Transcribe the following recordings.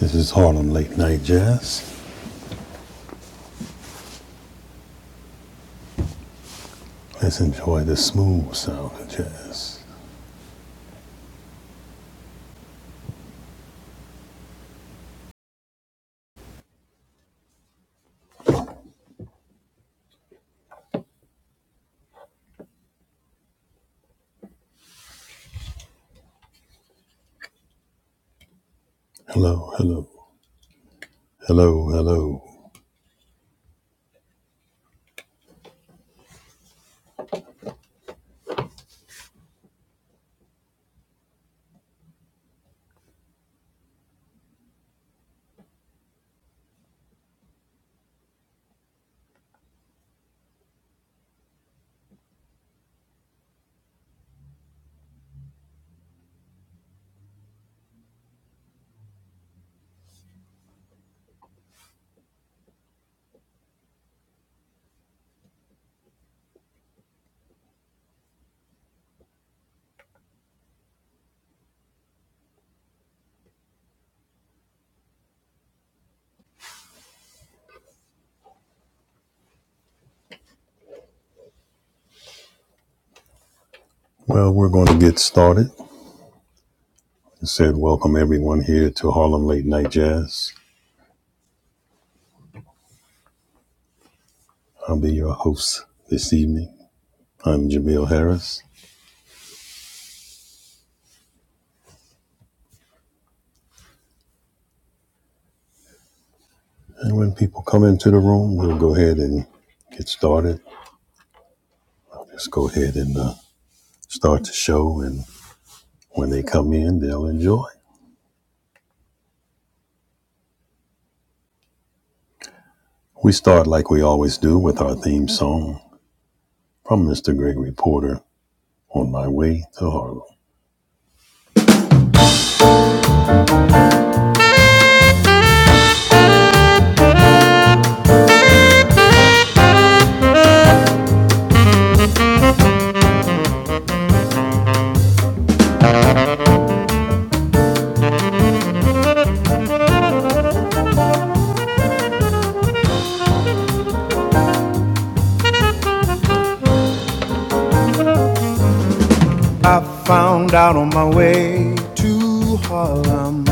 This is Harlem Late Night Jazz. Let's enjoy the smooth sound of jazz. Hello, hello, hello, hello. Well, we're going to get started. I said, welcome everyone here to Harlem Late Night Jazz. I'll be your host this evening. I'm Jamil Harris. And when people come into the room, we'll go ahead and get started. Just go ahead and uh, start the show. And when they come in, they'll enjoy. We start like we always do with our theme song from Mr. Gregory Porter. on my way to Harlem. I found out on my way to Harlem.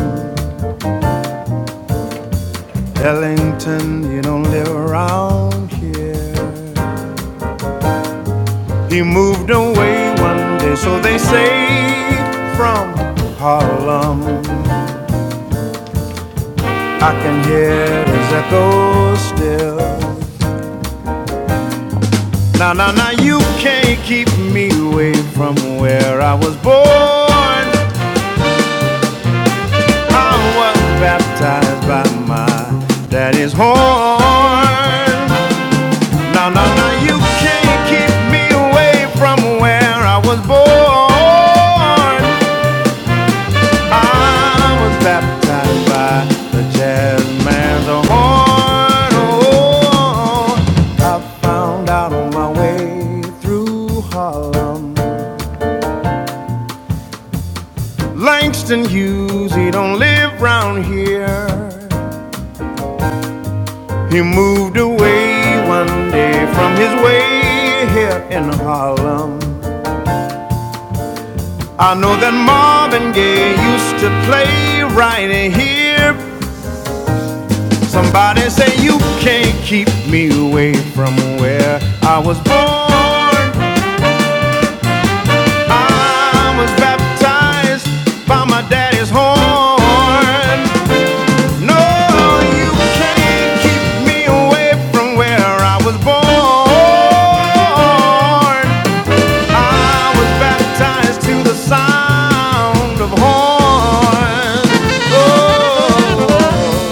Ellington, you don't live around here. He moved away one day, so they say, from Harlem. I can hear his echo still. Now, now, now, you can't keep me away from where I was born. I was baptized by my daddy's horn. No, no, no, you can't keep me away from where I was born. I was baptized by the jazz man's horn. Oh, I found out on my way through Harlem. Langston Hughes, he don't live round here. He moved away one day from his way here in Harlem. I know that Marvin Gaye used to play right here. Somebody say you can't keep me away from where I was born. I was baptized by my daddy's horn. No, you can't keep me away from where I was born. I was baptized to the sound of horns. Oh.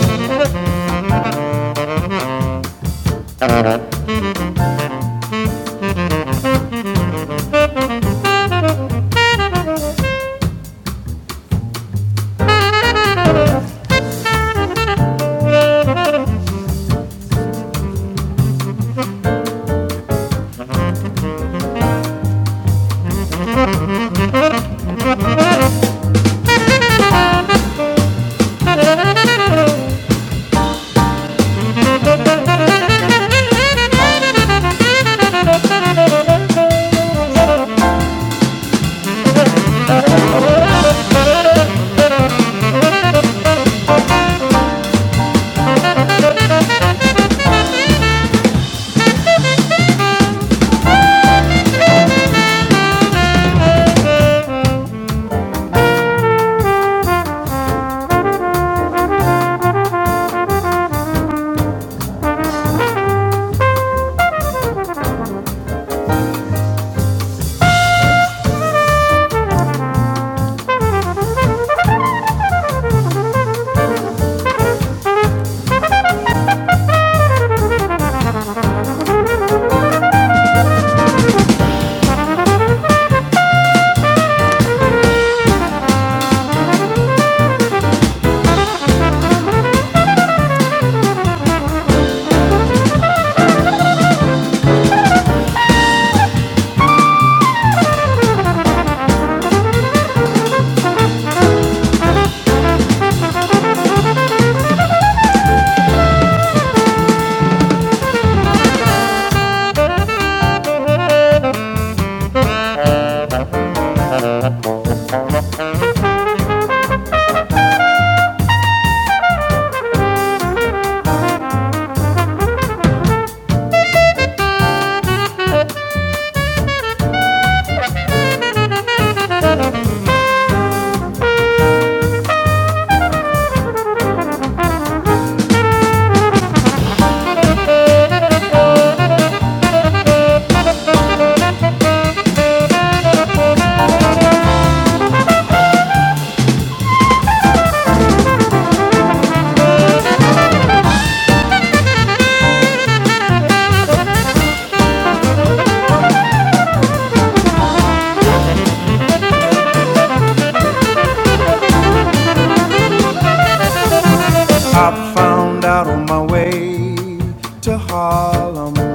I found out on my way to Harlem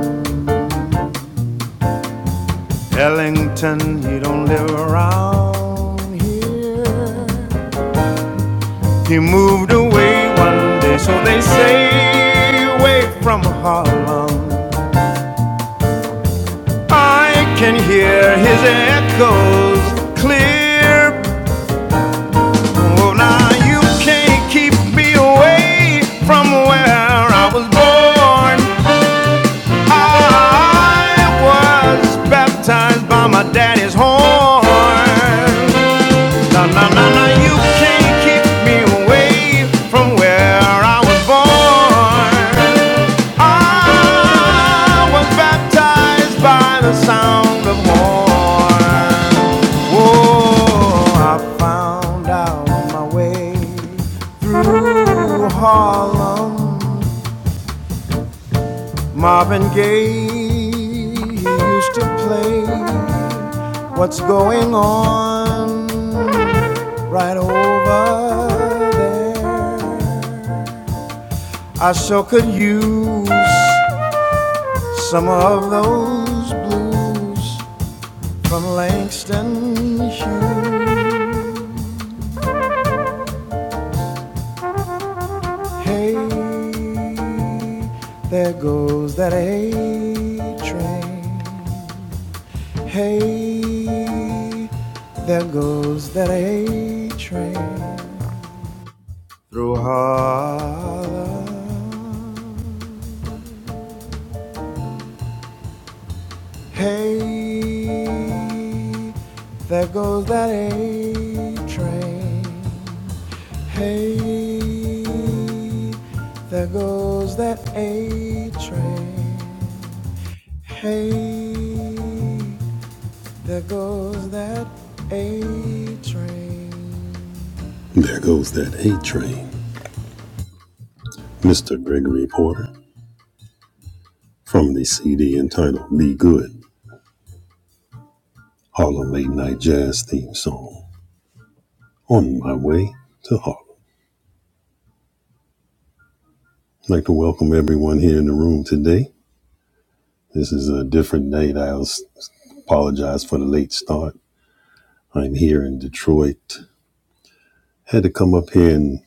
Ellington, he don't live around here. He moved away one day, so they say, away from Harlem. I can hear his echoes clear. Oh, now you can't keep me away from where I was born. I was baptized by my daddy's horn. Na na na na, you can't keep me away from where I was born. I was baptized by the sound of horn. Oh, I found out my way through Harlem Marvin Gaye used to play What's Going On right over there. I sure could use some of those blues from Langston Hughes. Hey, there goes that A train. Hey, there goes that A train through Harlem. Hey, there goes that A train. Hey, there goes that A train. Hey, there goes that A train. There goes that A train. Mr. Gregory Porter from the CD entitled Be Good, Harlem Late Night Jazz Theme Song. On my way to Harlem. I'd like to welcome everyone here in the room today. This is a different night. I apologize for the late start. I'm here in Detroit. Had to come up here and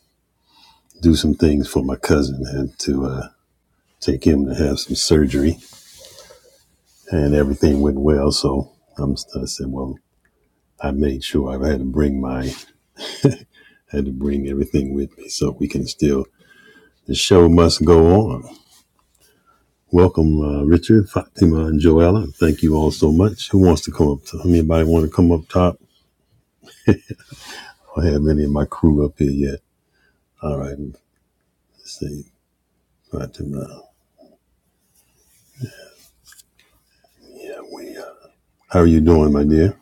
do some things for my cousin. Had to uh, take him to have some surgery, and everything went well. So I'm, I said, well, I made sure I had to bring my I had to bring everything with me so we can still, the show must go on. Welcome, uh, Richard, Fatima, and Joella. Thank you all so much. Who wants to come up to, anybody want to come up top? I don't have any of my crew up here yet. All right, let's see, Fatima. Yeah, we, uh, how are you doing, my dear?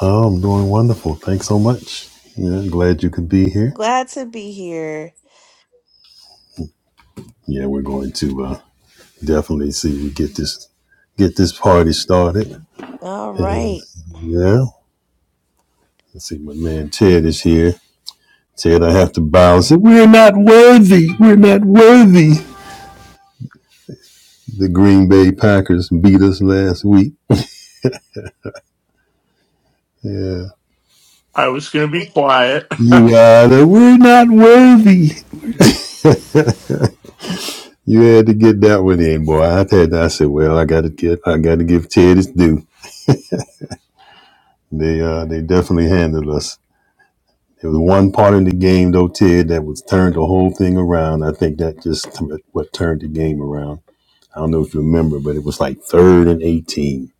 Oh, I'm doing wonderful. Thanks so much. Yeah, glad you could be here. Glad to be here. Yeah, we're going to uh, definitely see if we get this get this party started. All And right. yeah, let's see, my man Ted is here. Ted, I have to bow and say, we're, we're not worthy. The Green Bay Packers beat us last week. Yeah. I was going to be quiet. You are the, we're not worthy. You had to get that one in, boy. I had to, I said, well, I gotta get, I gotta give Ted his due. They, uh, they definitely handled us. There was one part in the game though, Ted, that was turned the whole thing around. I think that just what turned the game around. I don't know if you remember, but it was like third and 18.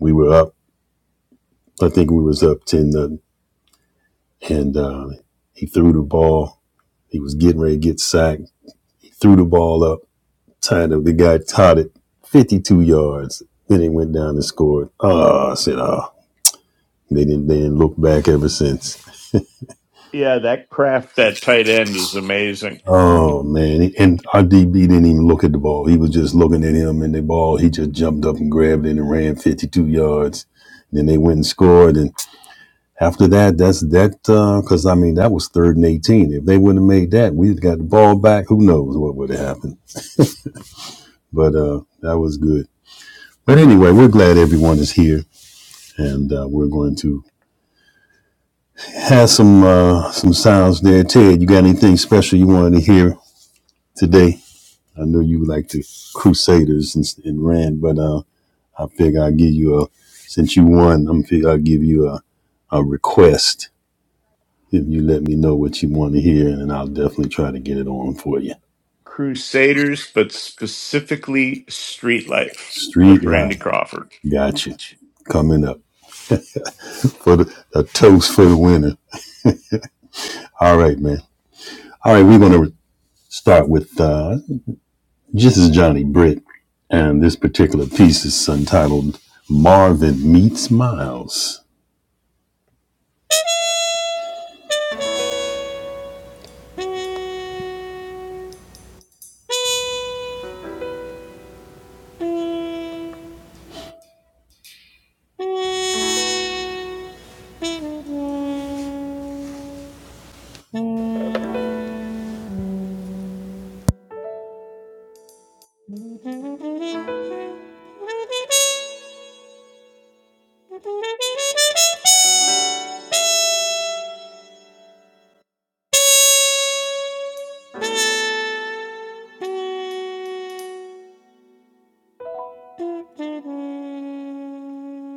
We were up. I think we was up 10, uh, and uh, he threw the ball. He was getting ready to get sacked. He threw the ball up, tied up. The guy caught it 52 yards. Then he went down and scored. Oh, I said, oh. They didn't, they didn't look back ever since. yeah, that craft, that tight end is amazing. Oh, man. And our DB didn't even look at the ball. He was just looking at him and the ball. He just jumped up and grabbed it and ran 52 yards. Then they went and scored. And after that, that's that, because uh, I mean, that was third and 18. If they wouldn't have made that, we'd got the ball back. Who knows what would have happened? but uh, that was good. But anyway, we're glad everyone is here, and uh, we're going to have some uh, some sounds there. Ted, you got anything special you wanted to hear today? I know you like the Crusaders and, and Rand, but uh, I figure I'll give you a since you won, I'm figure I'll give you a a request if you let me know what you want to hear, and I'll definitely try to get it on for you. Crusaders, but specifically Street Life Street with light, Randy Crawford. got you coming up for the a toast for the winner. All right, man. All right, we're gonna start with uh, just as Johnny Britt, and this particular piece is entitled Marvin Meets Miles.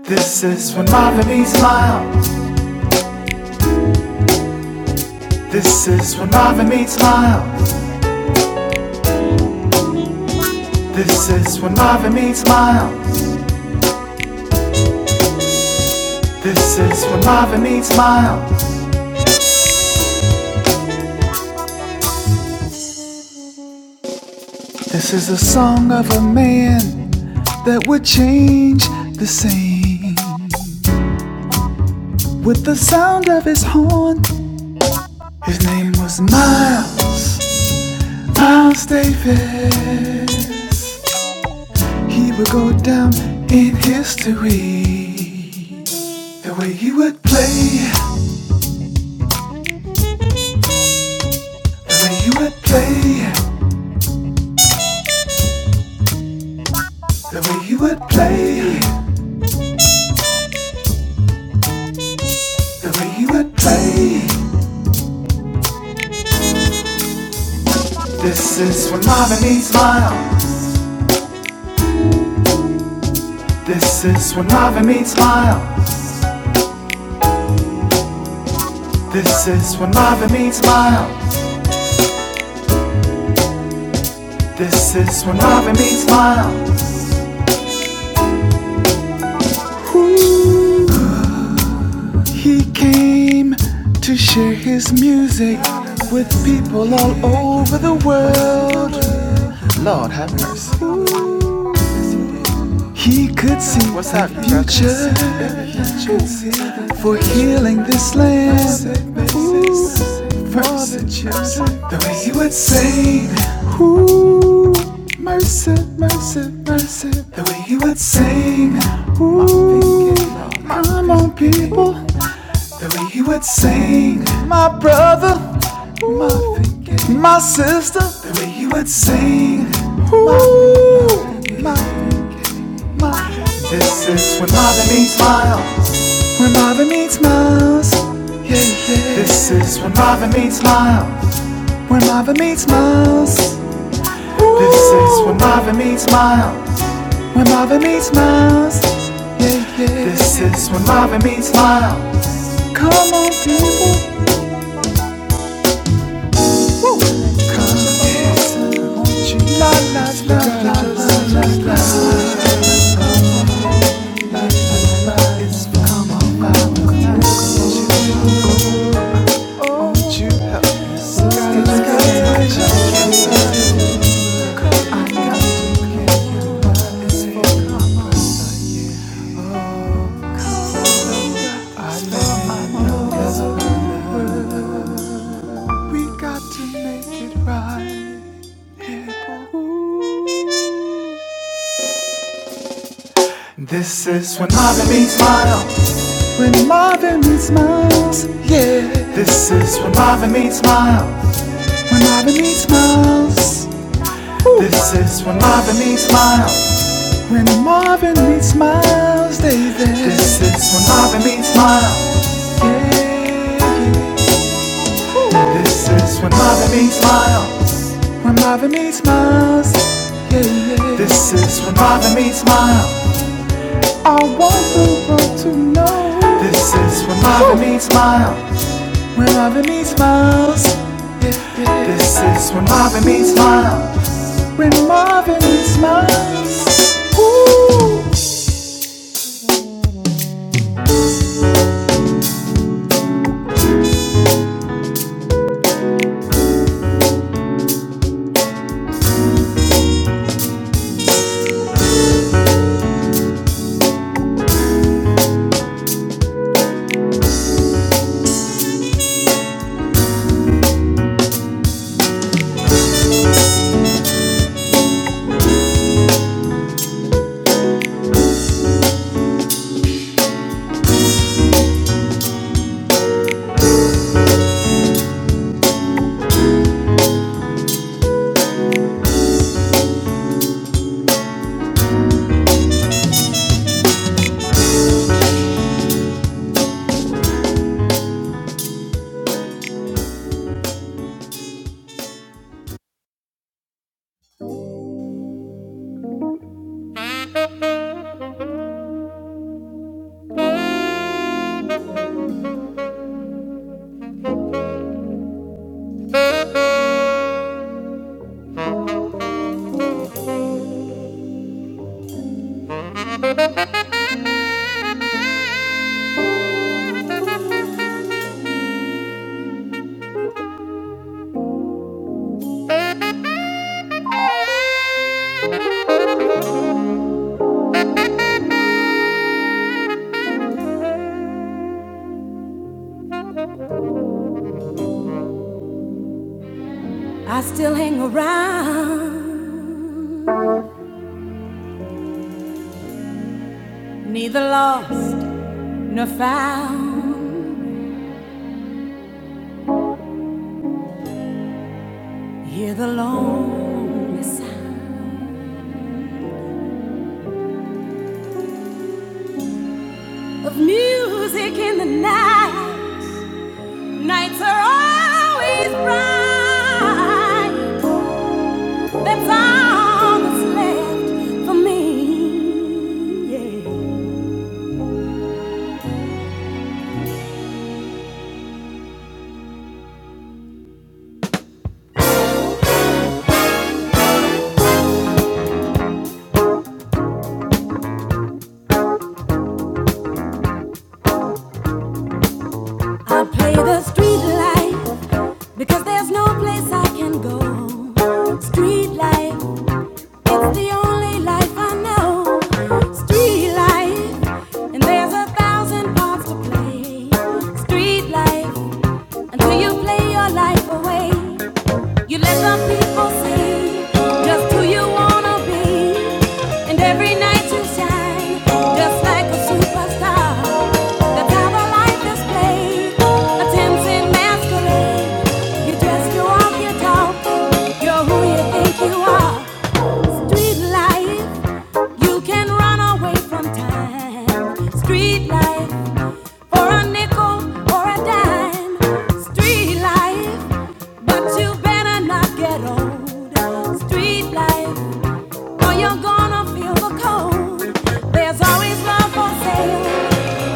This is when Marvin meets Miles. This is when Marvin meets Miles. This is when Marvin meets Miles. This is when Marvin meets Miles. This is a song of a man that would change the scene with the sound of his horn. His name was Miles, Miles Davis. He would go down in history. The way he would play, the way he would play, the way he would play. The way you would play. This is when Marvin meets Miles. This is when Marvin meets Miles. This is when Marvin meets Miles. This is when Marvin meets Miles. Ooh, he came to share his music with people all over the world. Lord have mercy. Ooh. He could see What's the future for healing this land. Ooh, from the way he would sing. Ooh, mercy, mercy, mercy. The way he would sing. Ooh, I'm on people. The way he would sing. My brother, ooh, my sister. The way he would sing. Ooh, my this is when Marvin meets Miles. When Marvin meets Miles. Yeah, yeah. This is when Marvin meets Miles. When Marvin meets Miles. This is when Marvin meets Miles. When Marvin meets Miles. Yeah, yeah. This is when Marvin meets Miles. Come on, people. La la la la la la la. You gotta I know. I know. We got to make it right. This is when Marvin meets Miles. When Marvin meets Miles, yeah. This is when Marvin meets Miles. When Marvin meets Miles. Ooh. This is when Marvin meets Miles. When Marvin meets Miles, David. This is when Marvin meets Miles. Yeah, yeah. This is when Marvin meets Miles. When Marvin meets Miles. Yeah, yeah. This is when Marvin meets Miles. I want the world to know This is when Marvin needs miles. when Marvin needs miles. This is when Marvin needs miles. When Marvin needs miles. Ooh. I still hang around, neither lost nor found. Hear the lonely sound of music in the night. Nights are always bright. That's all that's left for me. Yeah. I play the street life because there's no place I can go. Street life, it's the only life I know. Street life, and there's a thousand parts to play. Street life, until you play your life away. You let the people see just who you wanna be, and every night you shine just like a superstar. That's how the life is played, a tempting masquerade. You dress, you walk, you talk, you're who you think you are. Street life, you can run away from time. Street life, for a nickel or a dime. Street life. But you better not get old. Street life, or you're gonna feel the cold. There's always love for sale,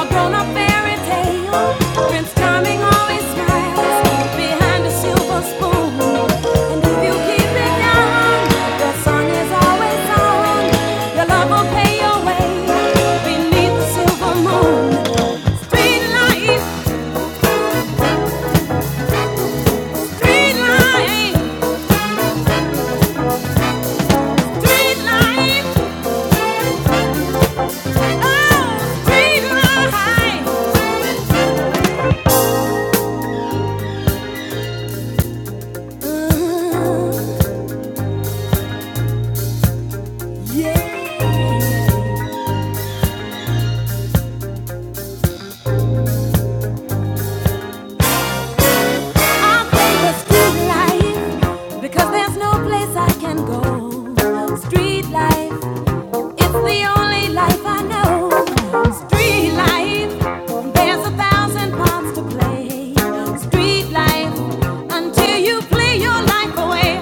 a grown up fairy tale. Prince Charming always smiles behind a silver spoon. And if you keep it down, the sun is always on. Your love will pay your way beneath the silver moon. Street life, street life, street life. Because there's no place I can go. Street life, it's the only life I know. Street life, there's a thousand parts to play. Street life, until you play your life away.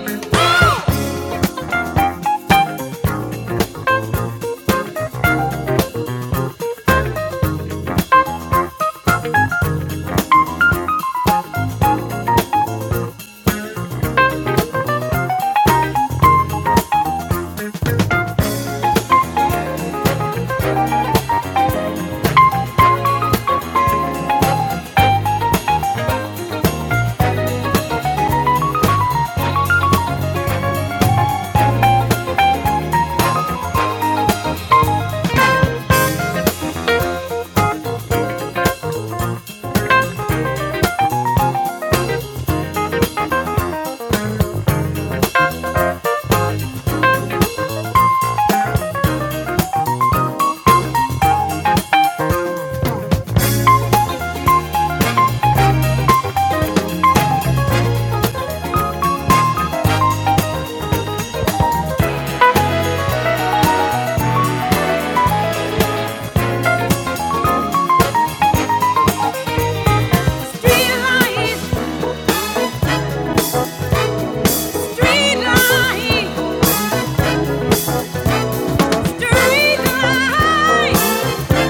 Street life, street life, street life.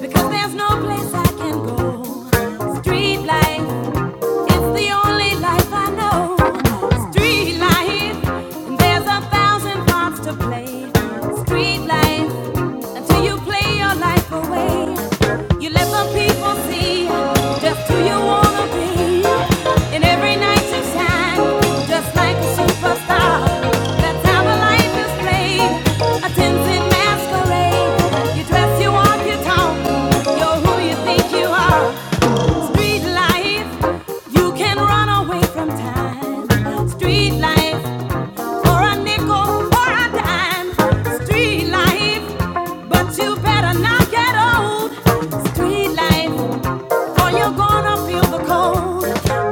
Because there's no place I can go. Street life. It's the only life I know. Street life, there's a thousand parts to play. Street life, until you play your life away. You let the people see just who you wanna be. And every night you shine, just like a superstar. That's how a life is played. A dancing masquerade. You dress, you walk, you talk. You're who you think you are. Street life. You can run away from time. Street life for a nickel or a dime. Street life, but you better not get old. Street life or you're gonna feel the cold.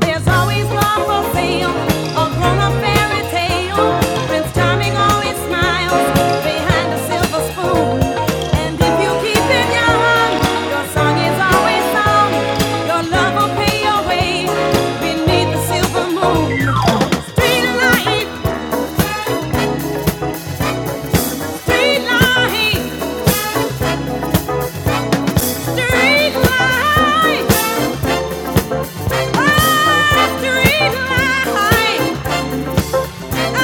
There's always love for sale, a grown-up fairy tale. Prince Charming always smiles behind a silver spoon. And if you keep it young, your song is always sung. Your love will pay your way beneath the silver moon. Street light, street light, street light, ah, street light. Yeah.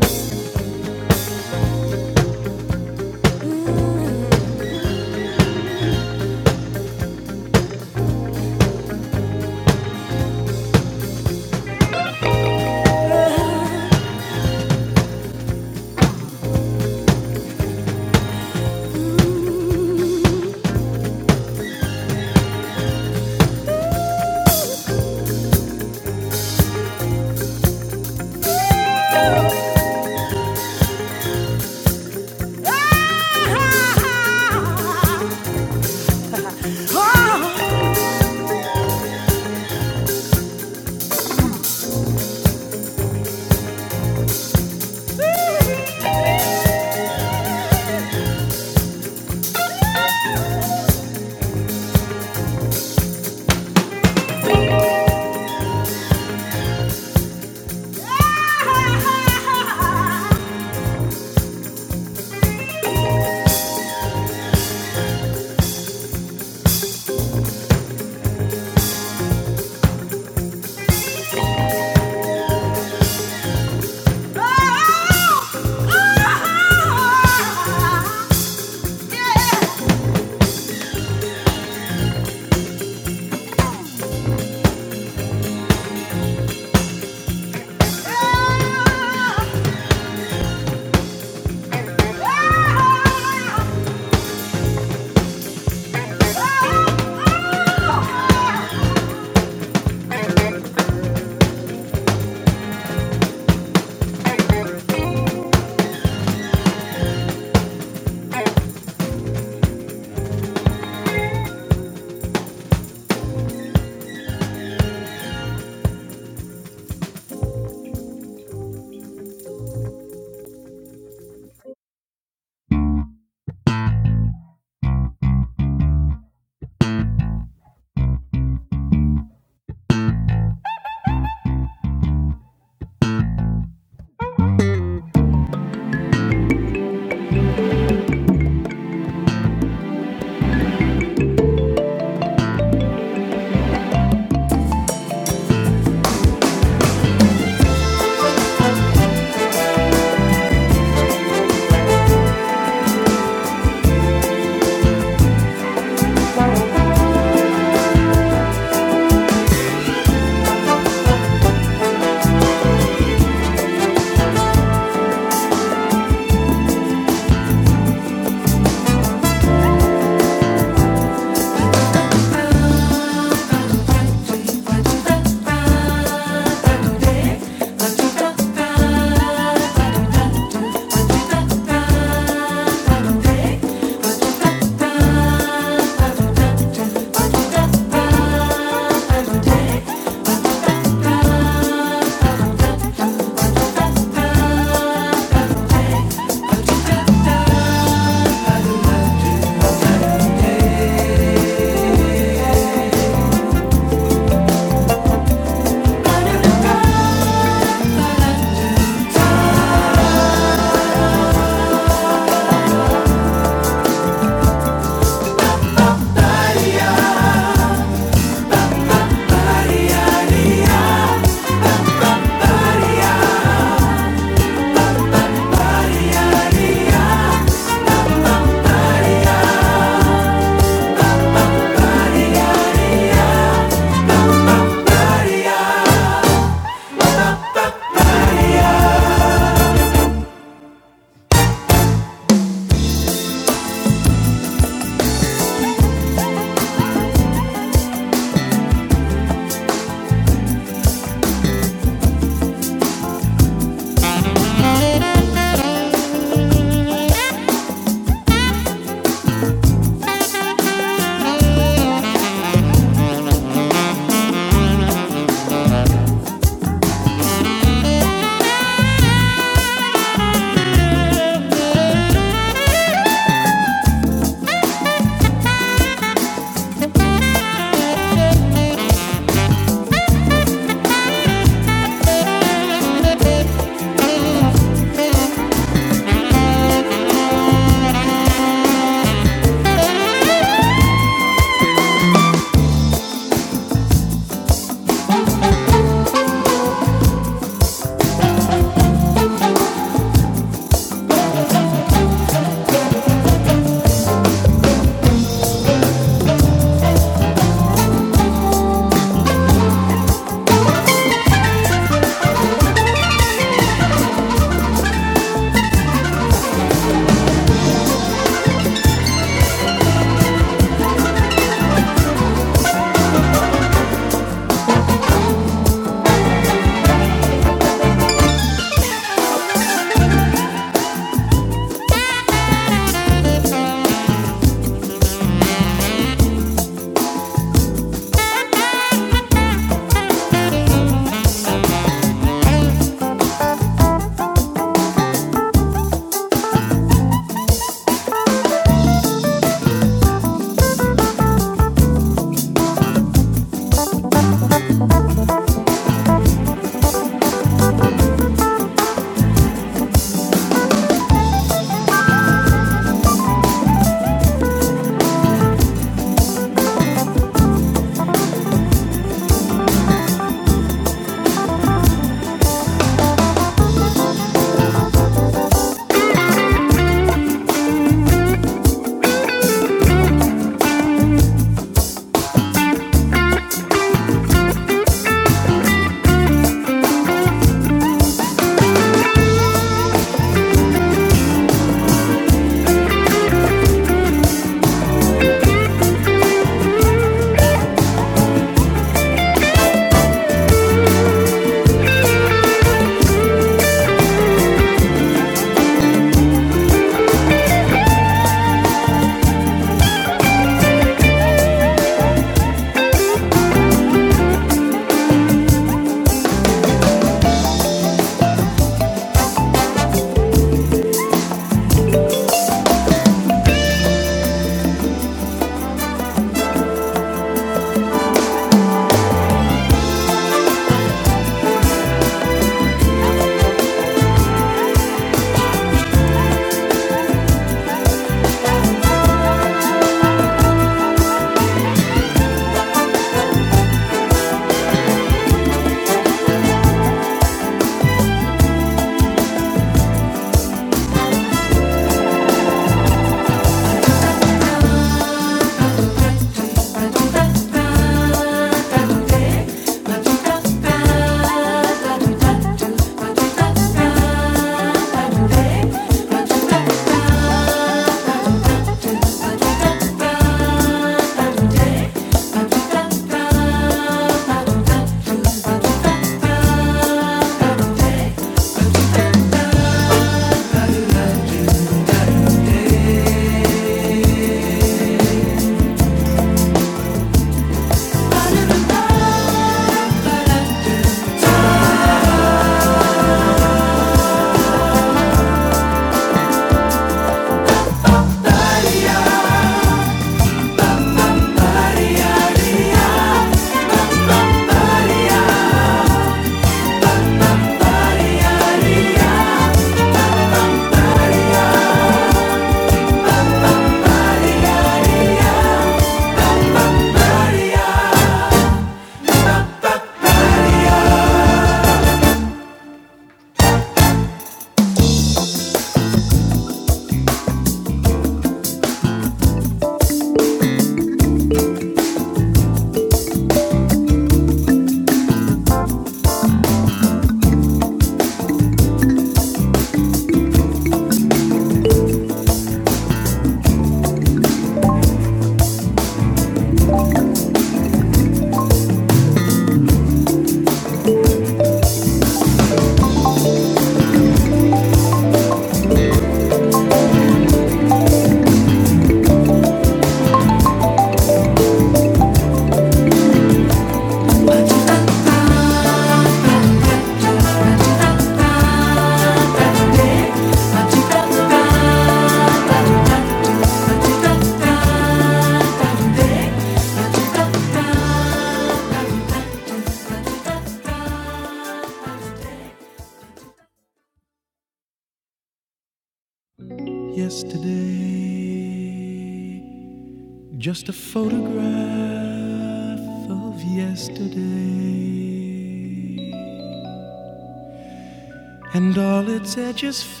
Its edges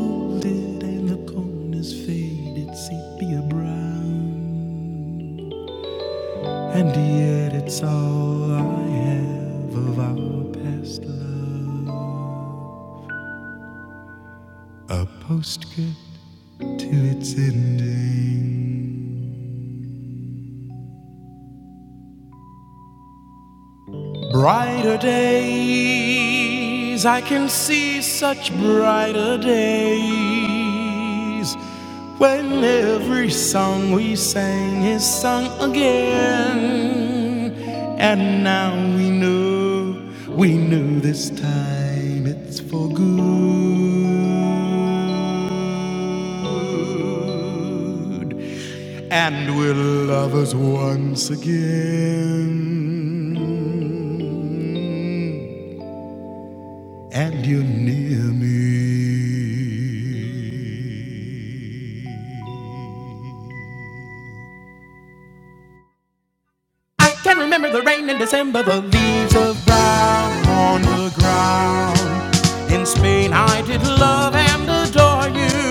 folded and the corners faded sepia brown. And yet it's all I have of our past love. Skirt to its ending. Brighter days, I can see such brighter days. When every song we sang is sung again. And now we know, we know this time it's for good. And we're lovers once again. and you near me. I can remember the rain in December, the leaves of brown on the ground. In Spain, I did love and adore you.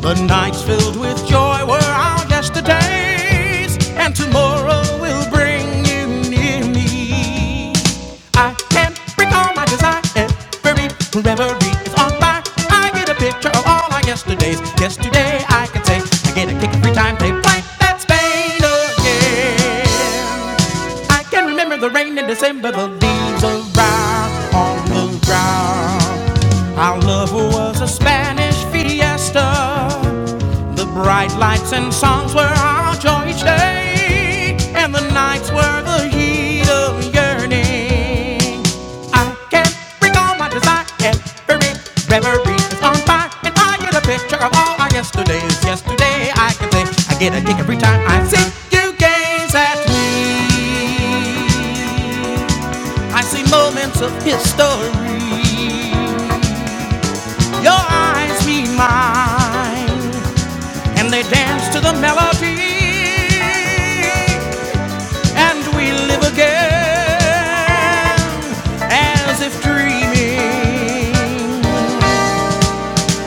The nights filled with joy were our yesterdays, and tomorrow will bring you near me. I can bring all my desire and every reverie is on fire. I get a picture of all our yesterdays. Yesterday I can say I get a kick every time they play that Spain again. I can remember the rain in December, the leaves around on the ground. Our love was a Spanish fiesta. The bright lights and songs were our joy each day, and the nights were the heat of yearning. I can recall my desire, every reverie is on fire, and I get a picture of all our yesterdays. Yesterday, I can say, I get a kick every time I see you gaze at me. I see moments of history. Your eyes meet mine and they dance to the melody, and we live again as if dreaming.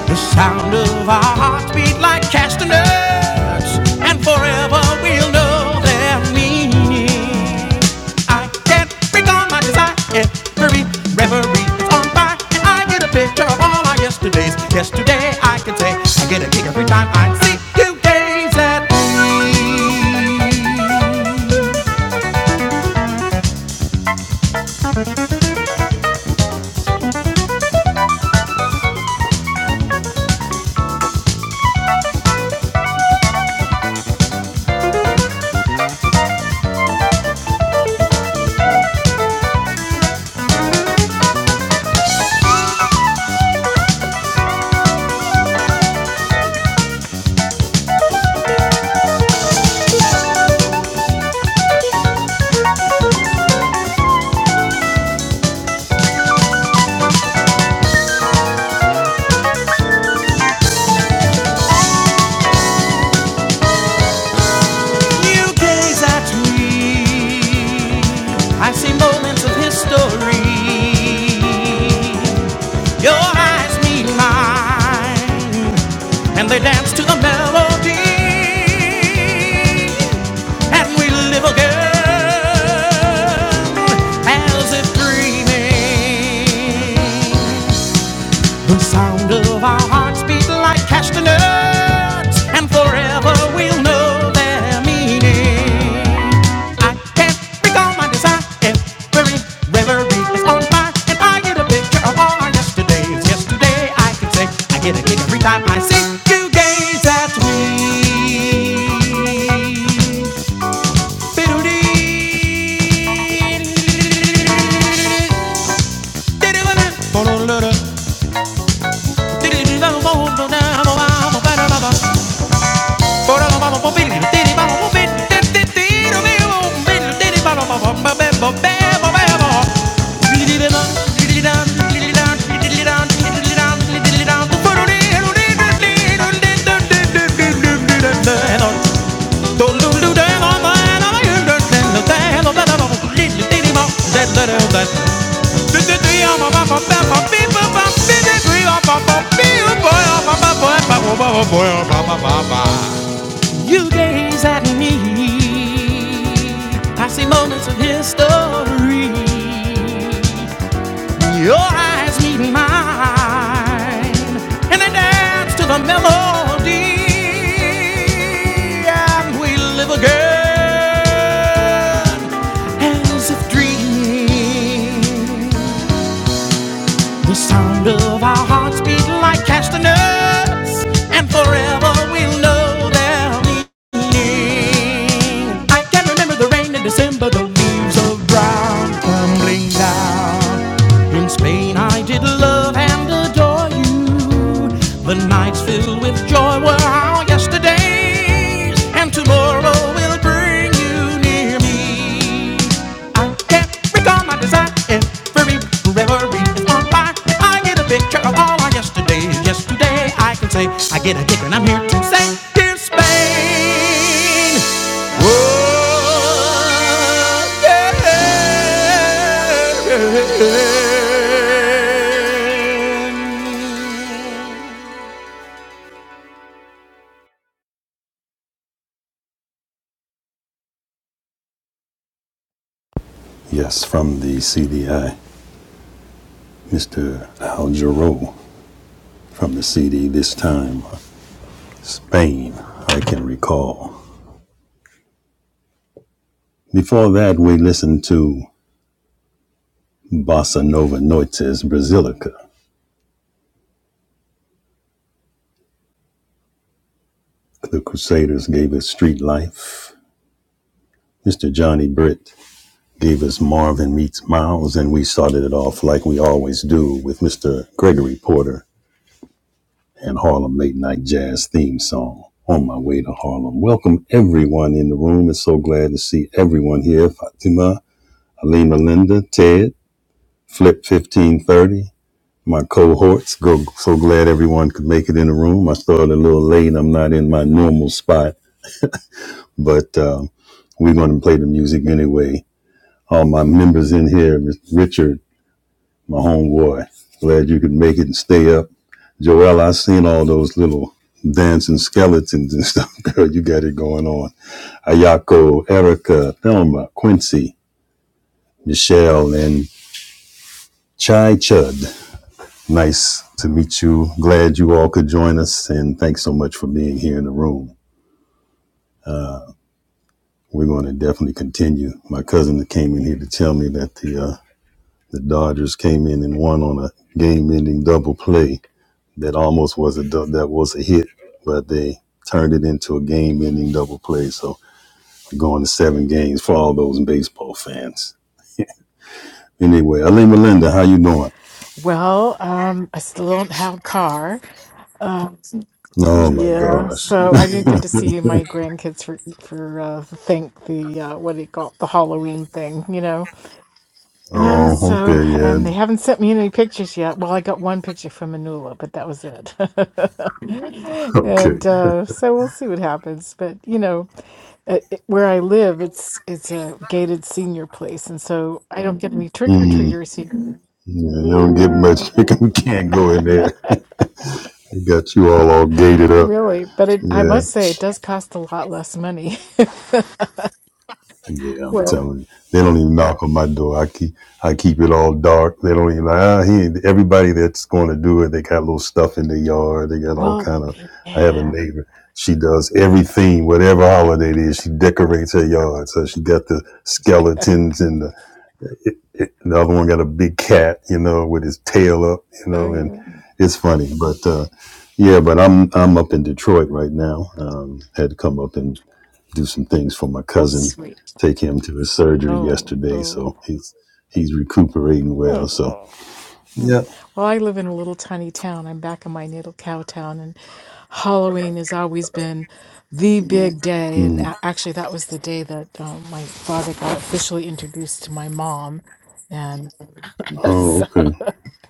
The sound of our hearts beat like castanets, and forever we'll know their meaning. I can't bring on my desire. Every reverie is on fire. And I get a picture of all our yesterdays. Yesterday I can say I get a kick every time I see you. there. New days I dream. I see moments of history. Your eyes meet mine, and they dance to the melody. And we live again as if dreaming. Sound of our hearts beat like castanets, and forever we'll know their meaning. I can't recall my desire, every reverie is on fire, and I get a picture of all our yesterdays. Yesterday I can say I get a kick every time I see you gaze at me. Bidoo-dee. Diddy-wa-doo. Diddy-doo-dum-bum-bum-bum-bum-bum-bum-bum. Ahora nos vamos por Billy, tiri, vamos por Billy, ti, ti, tiro, vivo, Billy, tiri, vamos, vamos, vamos, vamos, vamos, Billy, vamos. Liririrán, liririrán, liririrán, liririrán, liririrán, liririrán, tu fururi, eruri, ruri, ruri, ruri, ruri, ruri, ruri, ruri, ruri. Tolulure, mama, mama, yürü, yürü, yürü, yürü, yürü, liri, tiri, bam, de, de, de, de. Ti, ti, ti, ama, bam, bam, bam, bam, bi, bam, bam, ti, ti, ti, ama, bam, bi, bam, bam, bam, bam, bam, bam, bam, bam, bam, bam, bam, bam, bam, bam. You gaze at me. I see moments of history. Your eyes meet mine, and they dance to the melody. And we live again as if dreams the sound of our hearts beat like castanets, and forever we'll know their meaning. I can remember the rain in December, the leaves of brown tumbling down. In Spain, I did love and adore you. The nights filled with joy were our yesterdays, and tomorrow will bring you near me. I can't recall my desire every reverie is on fire. I get a picture of all our yesterdays. Yesterday I can say I get a kick and I'm here to say here's Spain. Whoa, yeah. Yes, from the CDI, Mr. Al Jarreau from the CD this time, Spain, I can recall. Before that, we listened to Bossa Nova Noites Brasilica. The Crusaders gave us Street Life. Mr. Johnny Britt gave us Marvin Meets Miles, and we started it off like we always do with Mr. Gregory Porter and Harlem Late Night Jazz theme song. On my way to Harlem. Welcome everyone in the room. It's so glad to see everyone here. Fatima, Alima Linda, Ted, Flip 1530, my cohorts. Go, so glad everyone could make it in the room. I started a little late. I'm not in my normal spot, but um, we're going to play the music anyway. All my members in here, Mr. Richard, my homeboy, glad you could make it and stay up. Joel, I seen all those little dancing skeletons and stuff. Girl, you got it going on. Ayako, Erica, Thelma, Quincy, Michelle, and Chai Chud. Nice to meet you. Glad you all could join us, and thanks so much for being here in the room. We're going to definitely continue. My cousin came in here to tell me that the uh, the Dodgers came in and won on a game-ending double play that almost was a du- that was a hit, but they turned it into a game-ending double play. So we're going to seven games for all those baseball fans. Anyway, Aline Melinda, how you doing? Well, um, I still don't have a car. Um, Oh my yeah, gosh. so I didn't get to see my grandkids for for uh, the thing, the uh, what do you call it, the Halloween thing, you know. Uh, Oh, so, okay, yeah, and they haven't sent me any pictures yet. Well, I got one picture from Manula, but that was it. okay. And uh, so we'll see what happens. But you know, uh, it- where I live, it's it's a gated senior place, and so I don't get any trick or Hmm. treaters here. Yeah, you don't get much. You can't go in there. They got you all all gated up. Really, but it, I Yeah, must say it does cost a lot less money. yeah. I'm Well, telling you, they don't even knock on my door. I keep I keep it all dark. They don't even like ah, he. ain't-" Everybody that's going to do it, they got little stuff in their yard. They got all well, kind of. I have a yeah. neighbor. She does everything, whatever holiday it is. She decorates her yard. So she got the skeletons and the it, it, the other one got a big cat, you know, with his tail up, you Oh, know, and yeah. it's funny. But uh, yeah, but I'm I'm up in Detroit right now. Um, had to come up and do some things for my That's cousin. sweet. Take him to his surgery Oh, yesterday, oh, so he's he's recuperating well. So oh. oh. Well, yeah. I live in a little tiny town. I'm back in my natal cow town, and Halloween has always been the big day. And Mm. a- actually, that was the day that um, my father got officially introduced to my mom. And Oh, okay.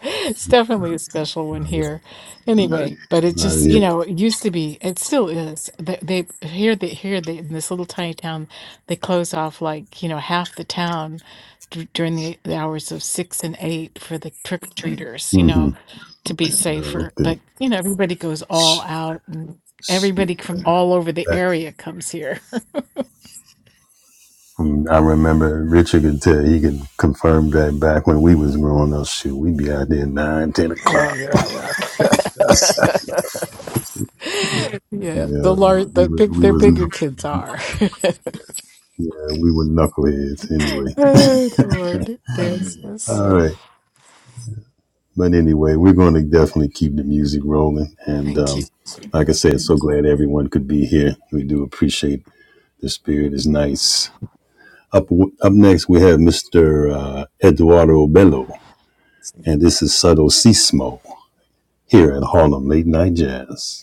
It's definitely a special one here. Right. Anyway, Right. but it Not just, you yet. know, it used to be, it still is. They, they here they here they in this little tiny town, they close off like, you know, half the town d during the, the hours of six and eight for the trick-or-treaters, you Mm-hmm. know, to be No, safer. okay. But, you know, everybody goes Sh- all out and sh- everybody from all over the area comes here. And I remember Richard could tell he could confirm that back when we was growing up, shoot, we'd be out there nine, ten Oh o'clock. yeah. Yeah, Yeah, the large, we the were, big, we their was bigger knuck- kids are. yeah, we were knuckleheads anyway. Oh, Lord. Yes, yes. All right, but anyway, we're going to definitely keep the music rolling, and Thank you. um, like I said, so glad everyone could be here. We do appreciate the spirit is nice. Up up next, we have Mr. Uh, Eduardo Bello, and this is Subtle Sismo here at Harlem Late Night Jazz.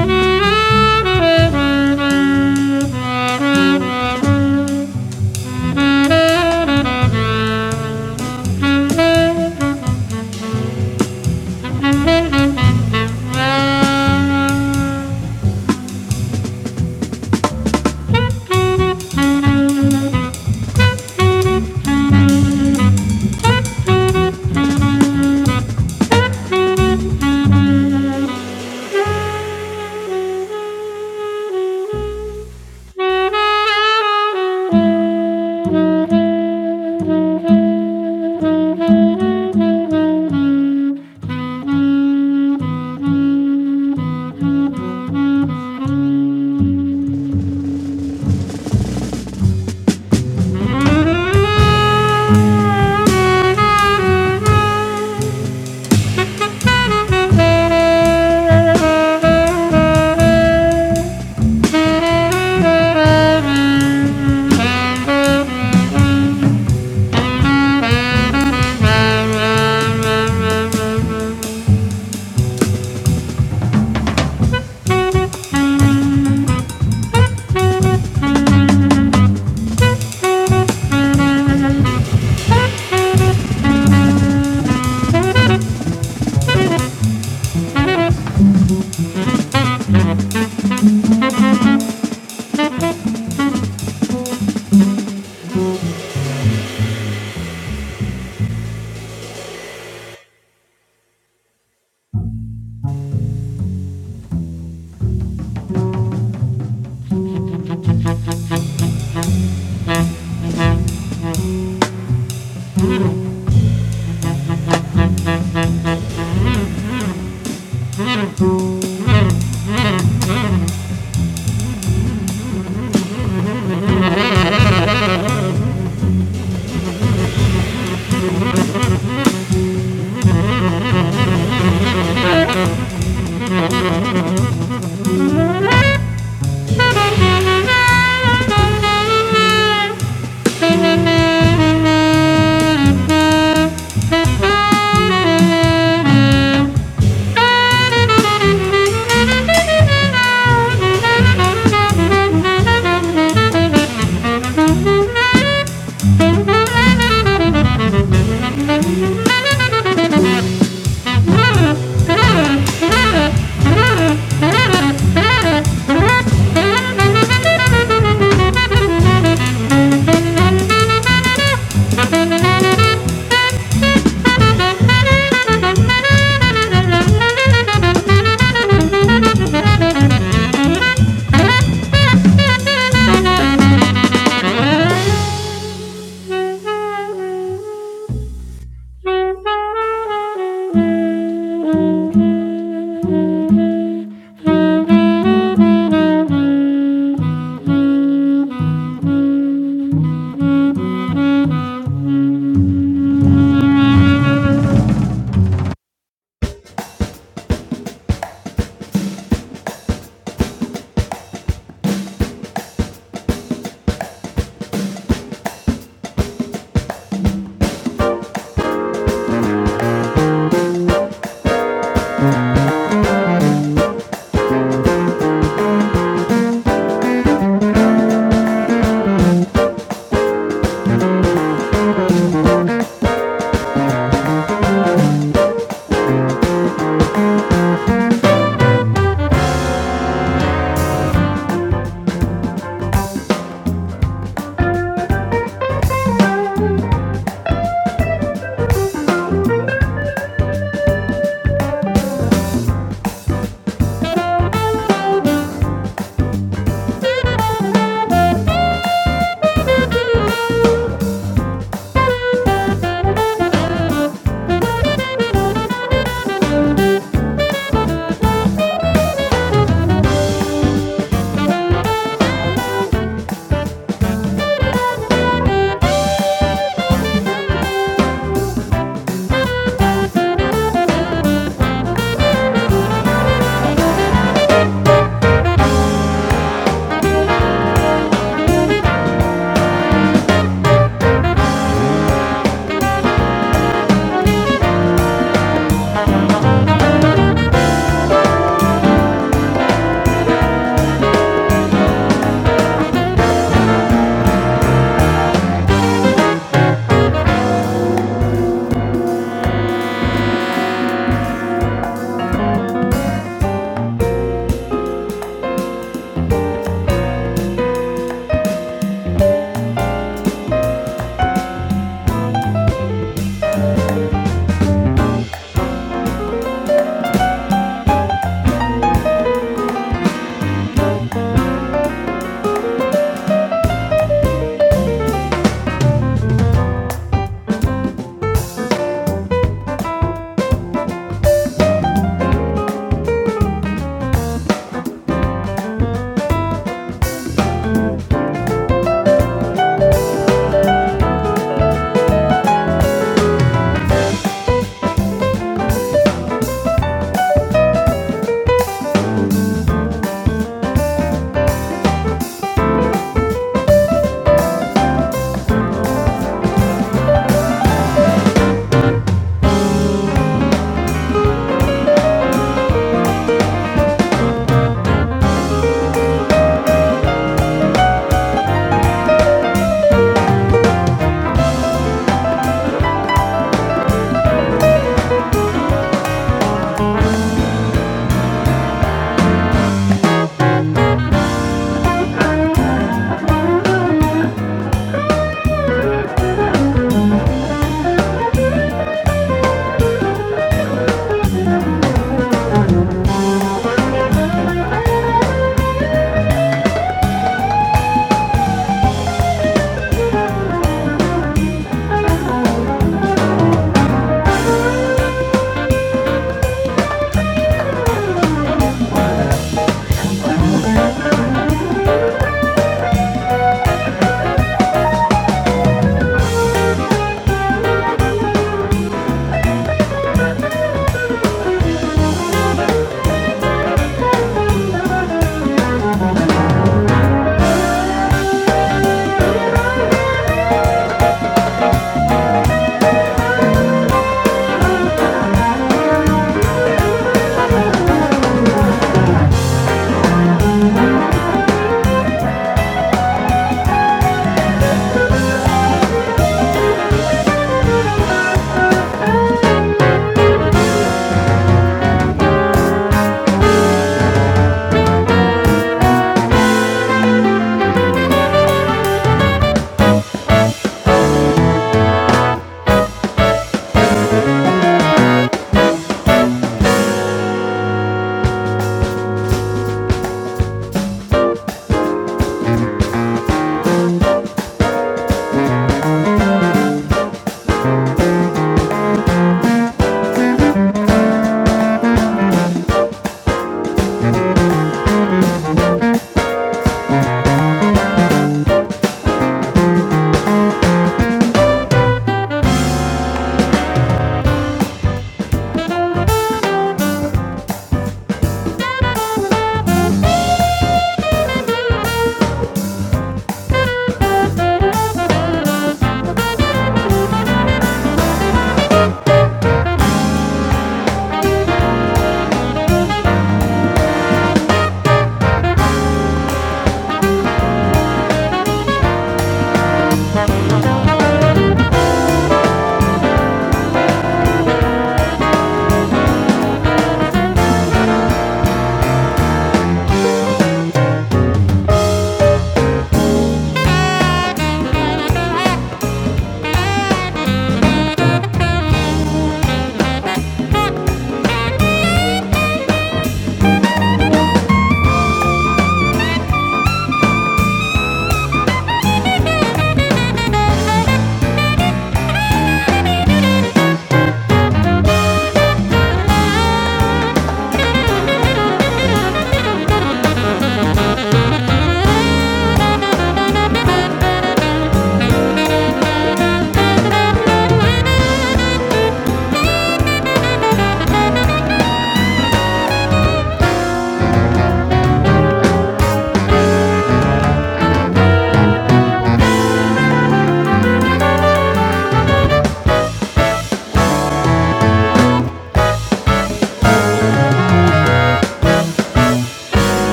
Thank you. Thank you.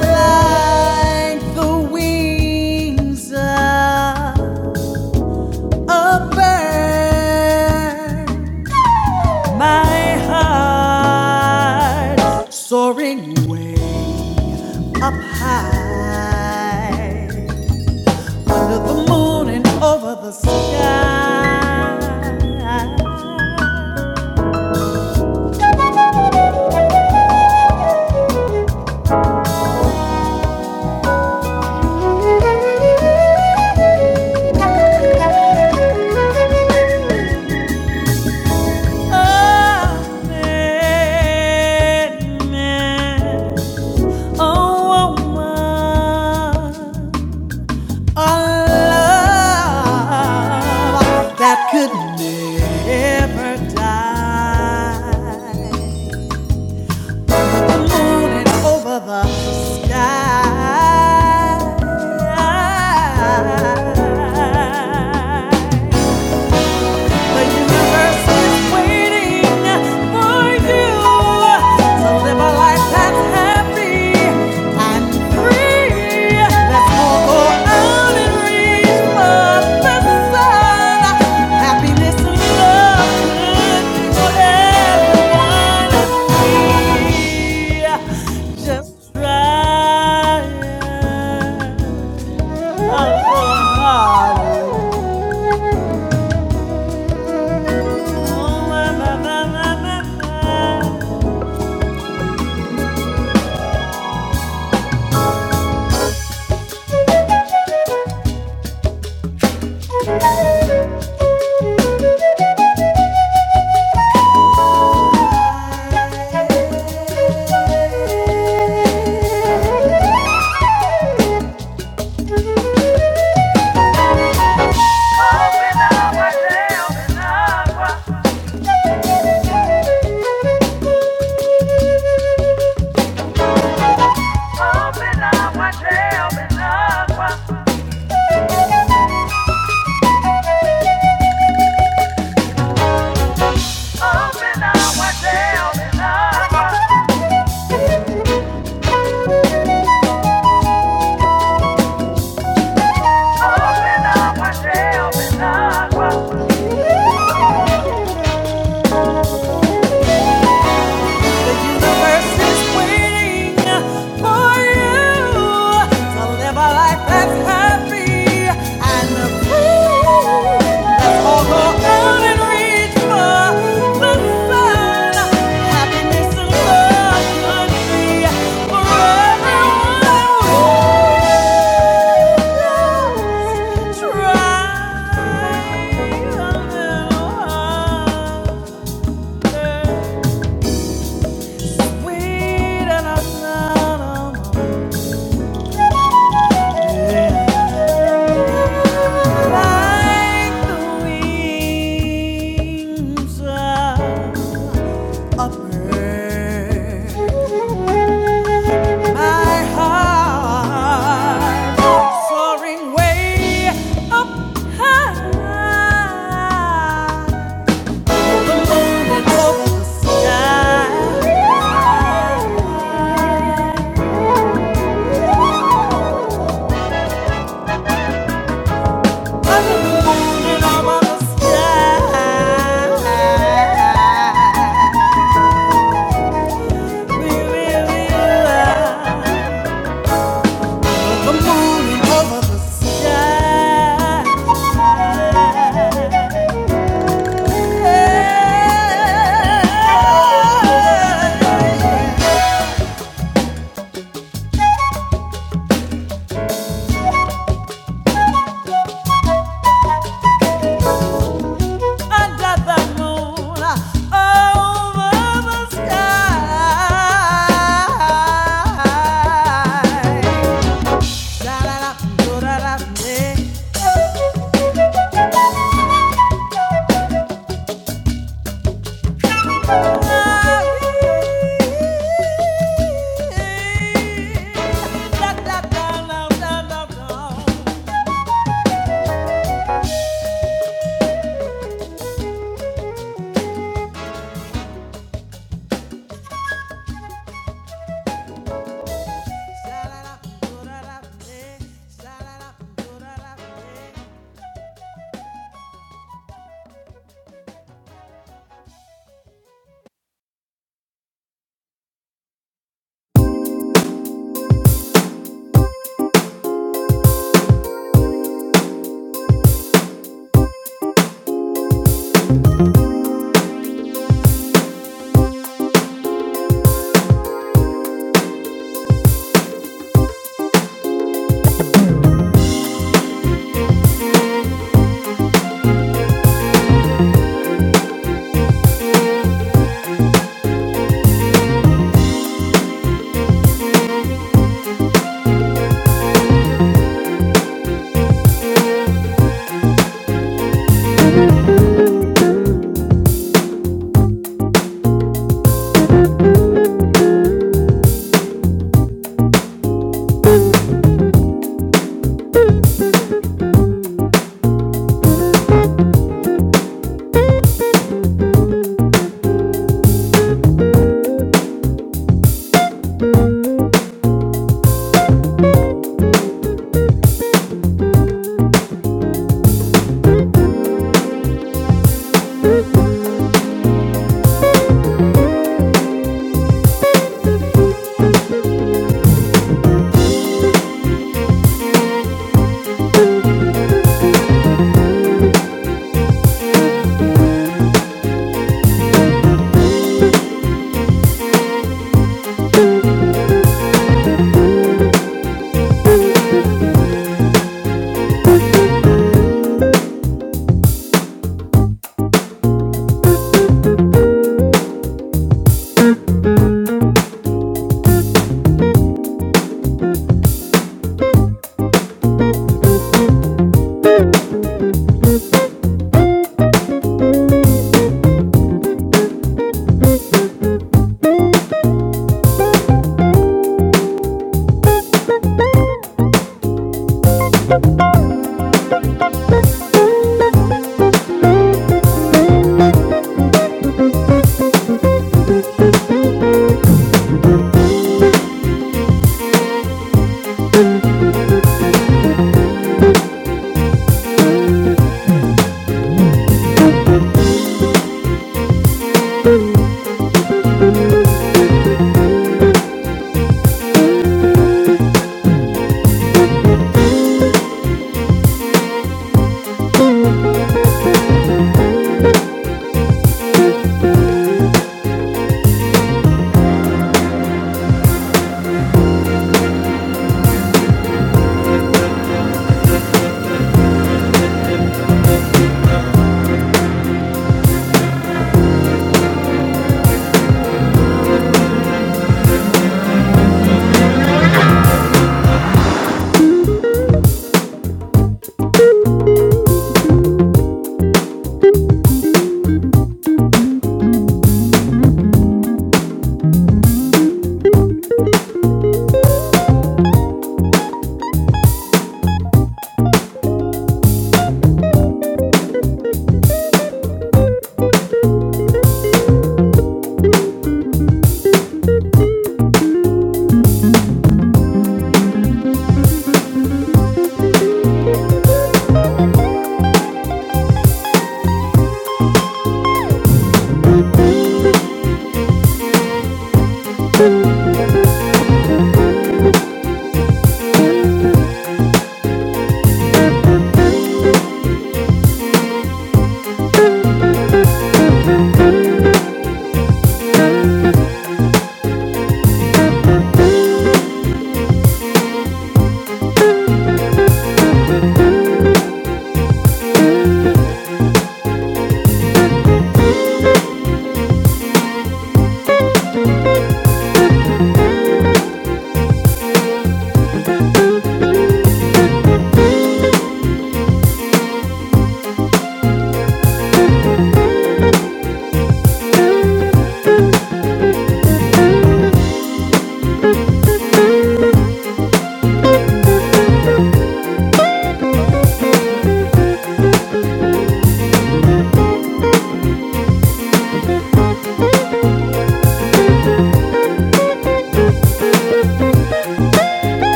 Like the wings of a bird, my heart soaring way up high under the moon and over the sky. Oh, man, man, oh woman. A love that could never die. Morning over the sky. The universe is waiting for you. So live a life that's happy and free. Let's all go out and reach for the sun. Happiness and love good for everyone and free. Just try Oh, oh, oh. Earth is waiting for you to live a life that's happy and free. Let's all go out and reach for the sun. Happiness and love could be for everyone. Try a little Like the wings of a bird, I hide, soaring way up high. Sky, the moon and above the sky. Under the moon, over the sky. Da-da-da, do-da-da, yeah. Da-da-da, da-da-da.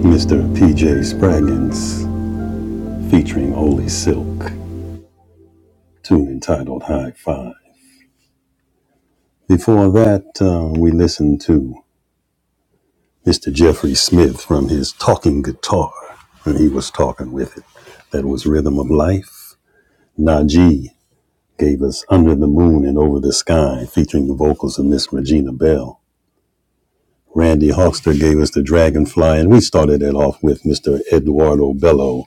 Mr. PJ Spraggins featuring Holy Silk, tune entitled High Five. Before that, uh, we listened to Mr. Jeffrey Smith from his talking guitar, and he was talking with it. That was Rhythm of Life. Najee gave us Under the Moon and Over the Sky, featuring the vocals of Miss Regina Bell. Randy Hawkster gave us The Dragonfly, and we started it off with Mr. Eduardo Bello.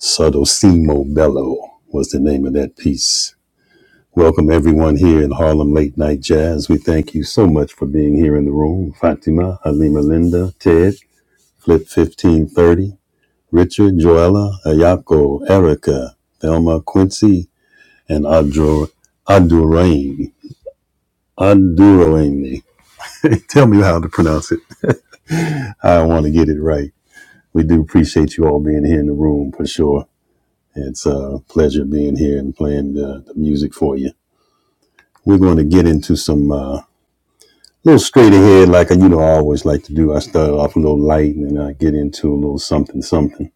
Sodosimo Bello was the name of that piece. Welcome everyone here in Harlem Late Night Jazz. We thank you so much for being here in the room. Fatima, Halima Linda, Ted, Flip 1530, Richard, Joella, Ayako, Erica, Thelma Quincy, and Adro Adurain. Adurain. Tell me how to pronounce it. I want to get it right. We do appreciate you all being here in the room for sure. It's a pleasure being here and playing the, the music for you. We're going to get into some. uh, A little straight ahead, like I, you know, I always like to do. I start off a little light and then I get into a little something, something.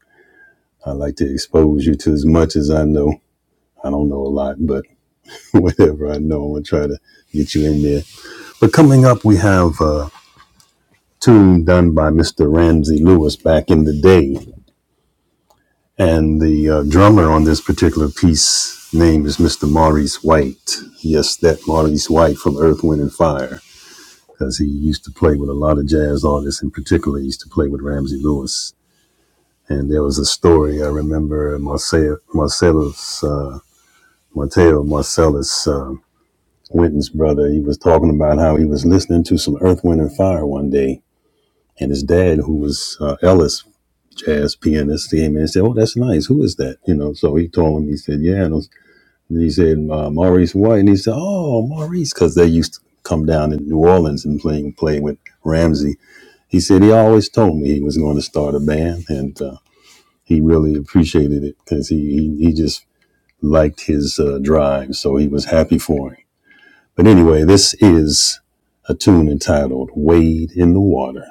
I like to expose you to as much as I know. I don't know a lot, but whatever I know, I'm going to try to get you in there. But coming up, we have a tune done by Mr. Ramsey Lewis back in the day. And the uh, drummer on this particular piece name is Mr. Maurice White. Yes, that Maurice White from Earth, Wind, and Fire. because he used to play with a lot of jazz artists, and particularly used to play with Ramsey Lewis. And there was a story I remember Marcel, Marcellus, uh, Mateo Marcellus uh, Winton's brother. He was talking about how he was listening to some Earth, Wind, and Fire one day, and his dad, who was uh, Ellis jazz pianist, came in and said, "Oh, that's nice. Who is that?" You know. So he told him. He said, "Yeah." And, and he said, uh, "Maurice White." And he said, "Oh, Maurice," because they used to come down in New Orleans and playing play with Ramsey He said he always told me he was going to start a band, and uh, he really appreciated it because he, he he just liked his uh, drive, so he was happy for him. But anyway, this is a tune entitled "Wade in the Water."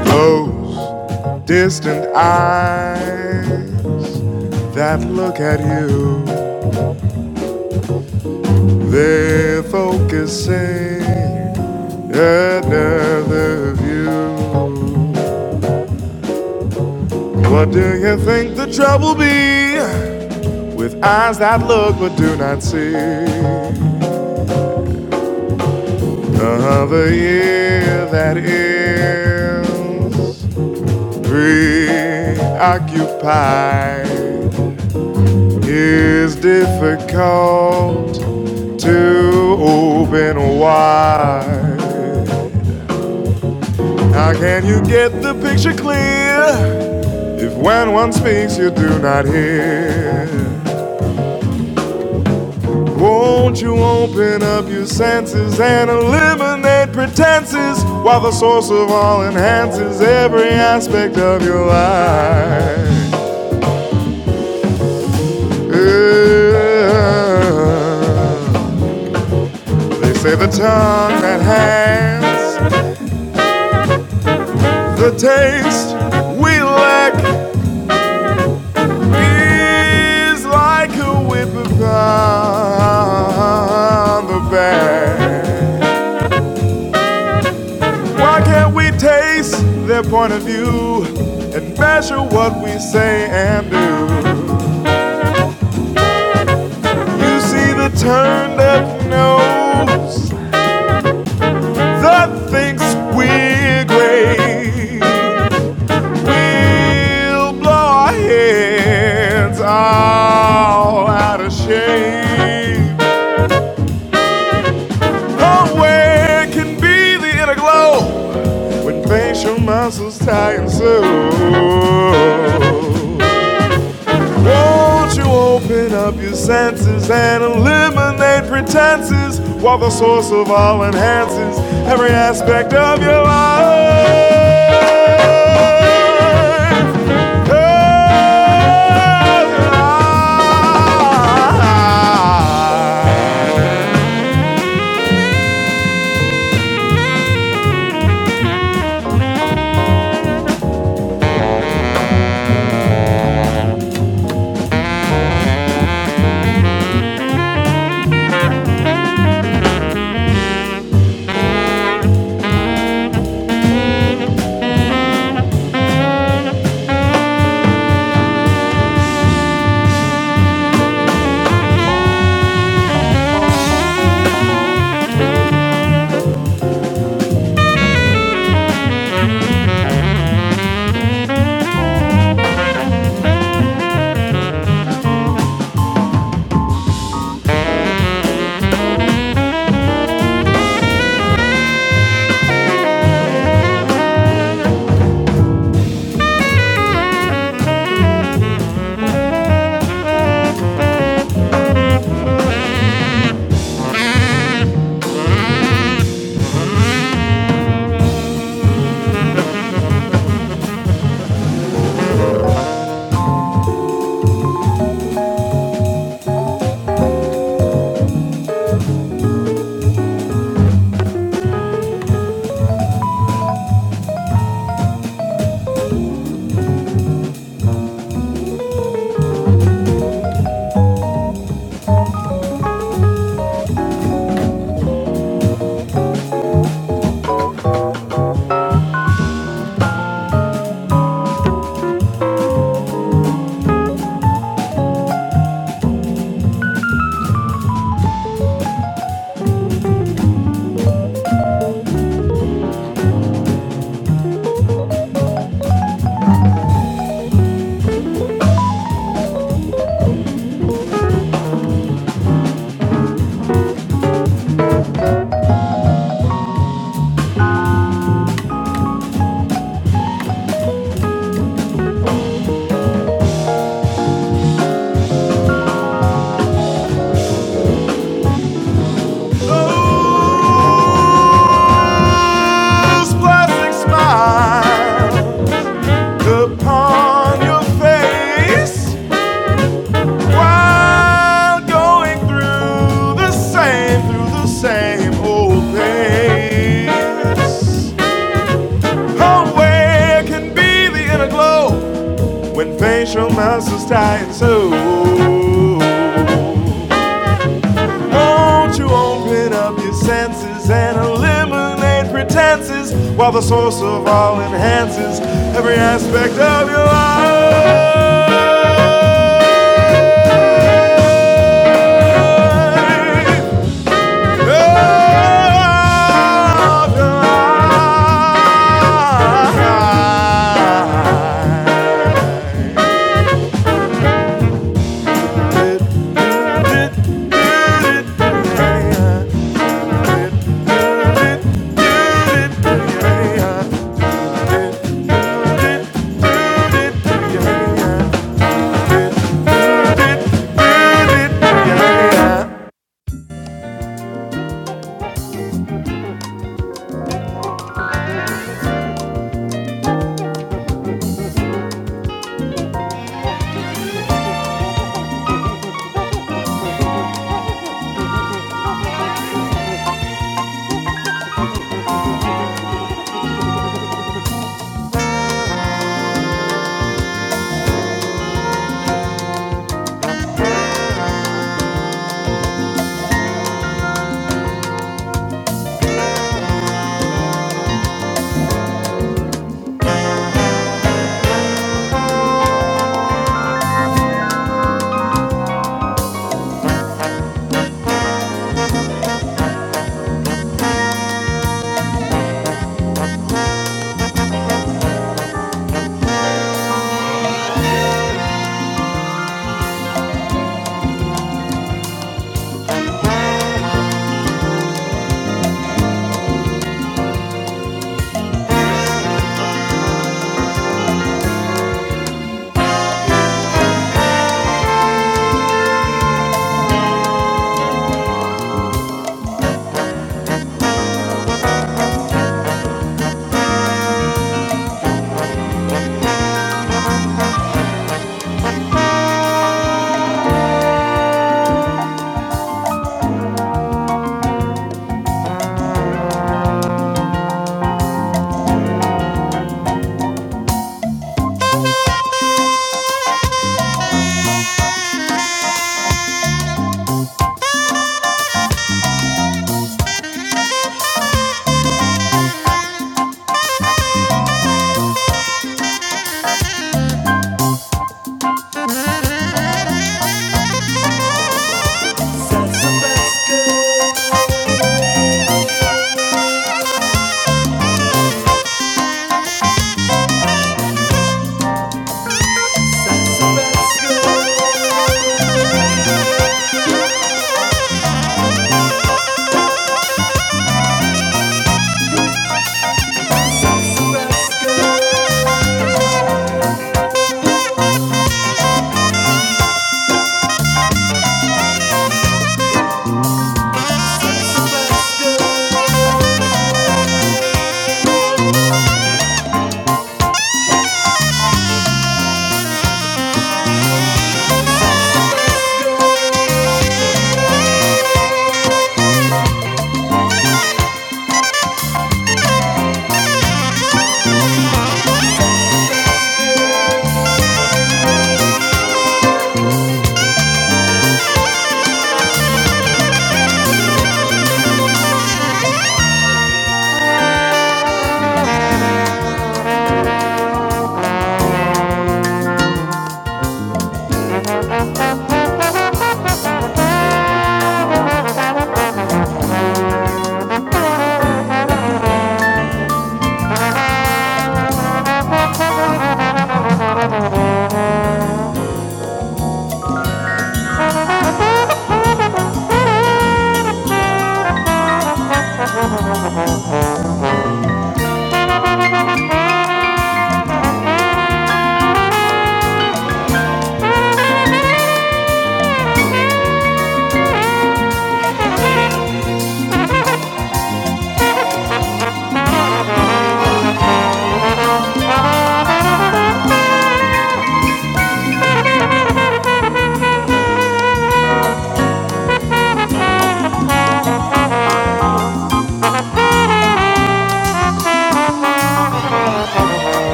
Those distant eyes that look at you, they're focusing another view. What do you think the trouble be with eyes that look but do not see? Another year that is preoccupied is difficult to open wide. How can you get the picture clear if when one speaks you do not hear? Won't you open up your senses and eliminate pretenses while the source of all enhances every aspect of your life? Yeah. They say the tongue enhances the taste we lack is like a whip upon the back. Why can't we taste their point of view and measure what we say and do? You see the turn that knows that thinks we're great. We'll blow our heads all out of shape. Oh, where can be the inner glow when facial muscles tie and sew? Won't you open up your senses and eliminate pretenses while the source of all enhances every aspect of your life? Hey, Whose plastic smile upon your face? while going through the same, through the same old things. Oh, can be the inner glow when facial muscles tie and so? Won't you open up your senses and eliminate pretenses while the source of all enhances every aspect of your life?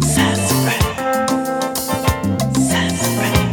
Sassafras, sassafras, sassafras.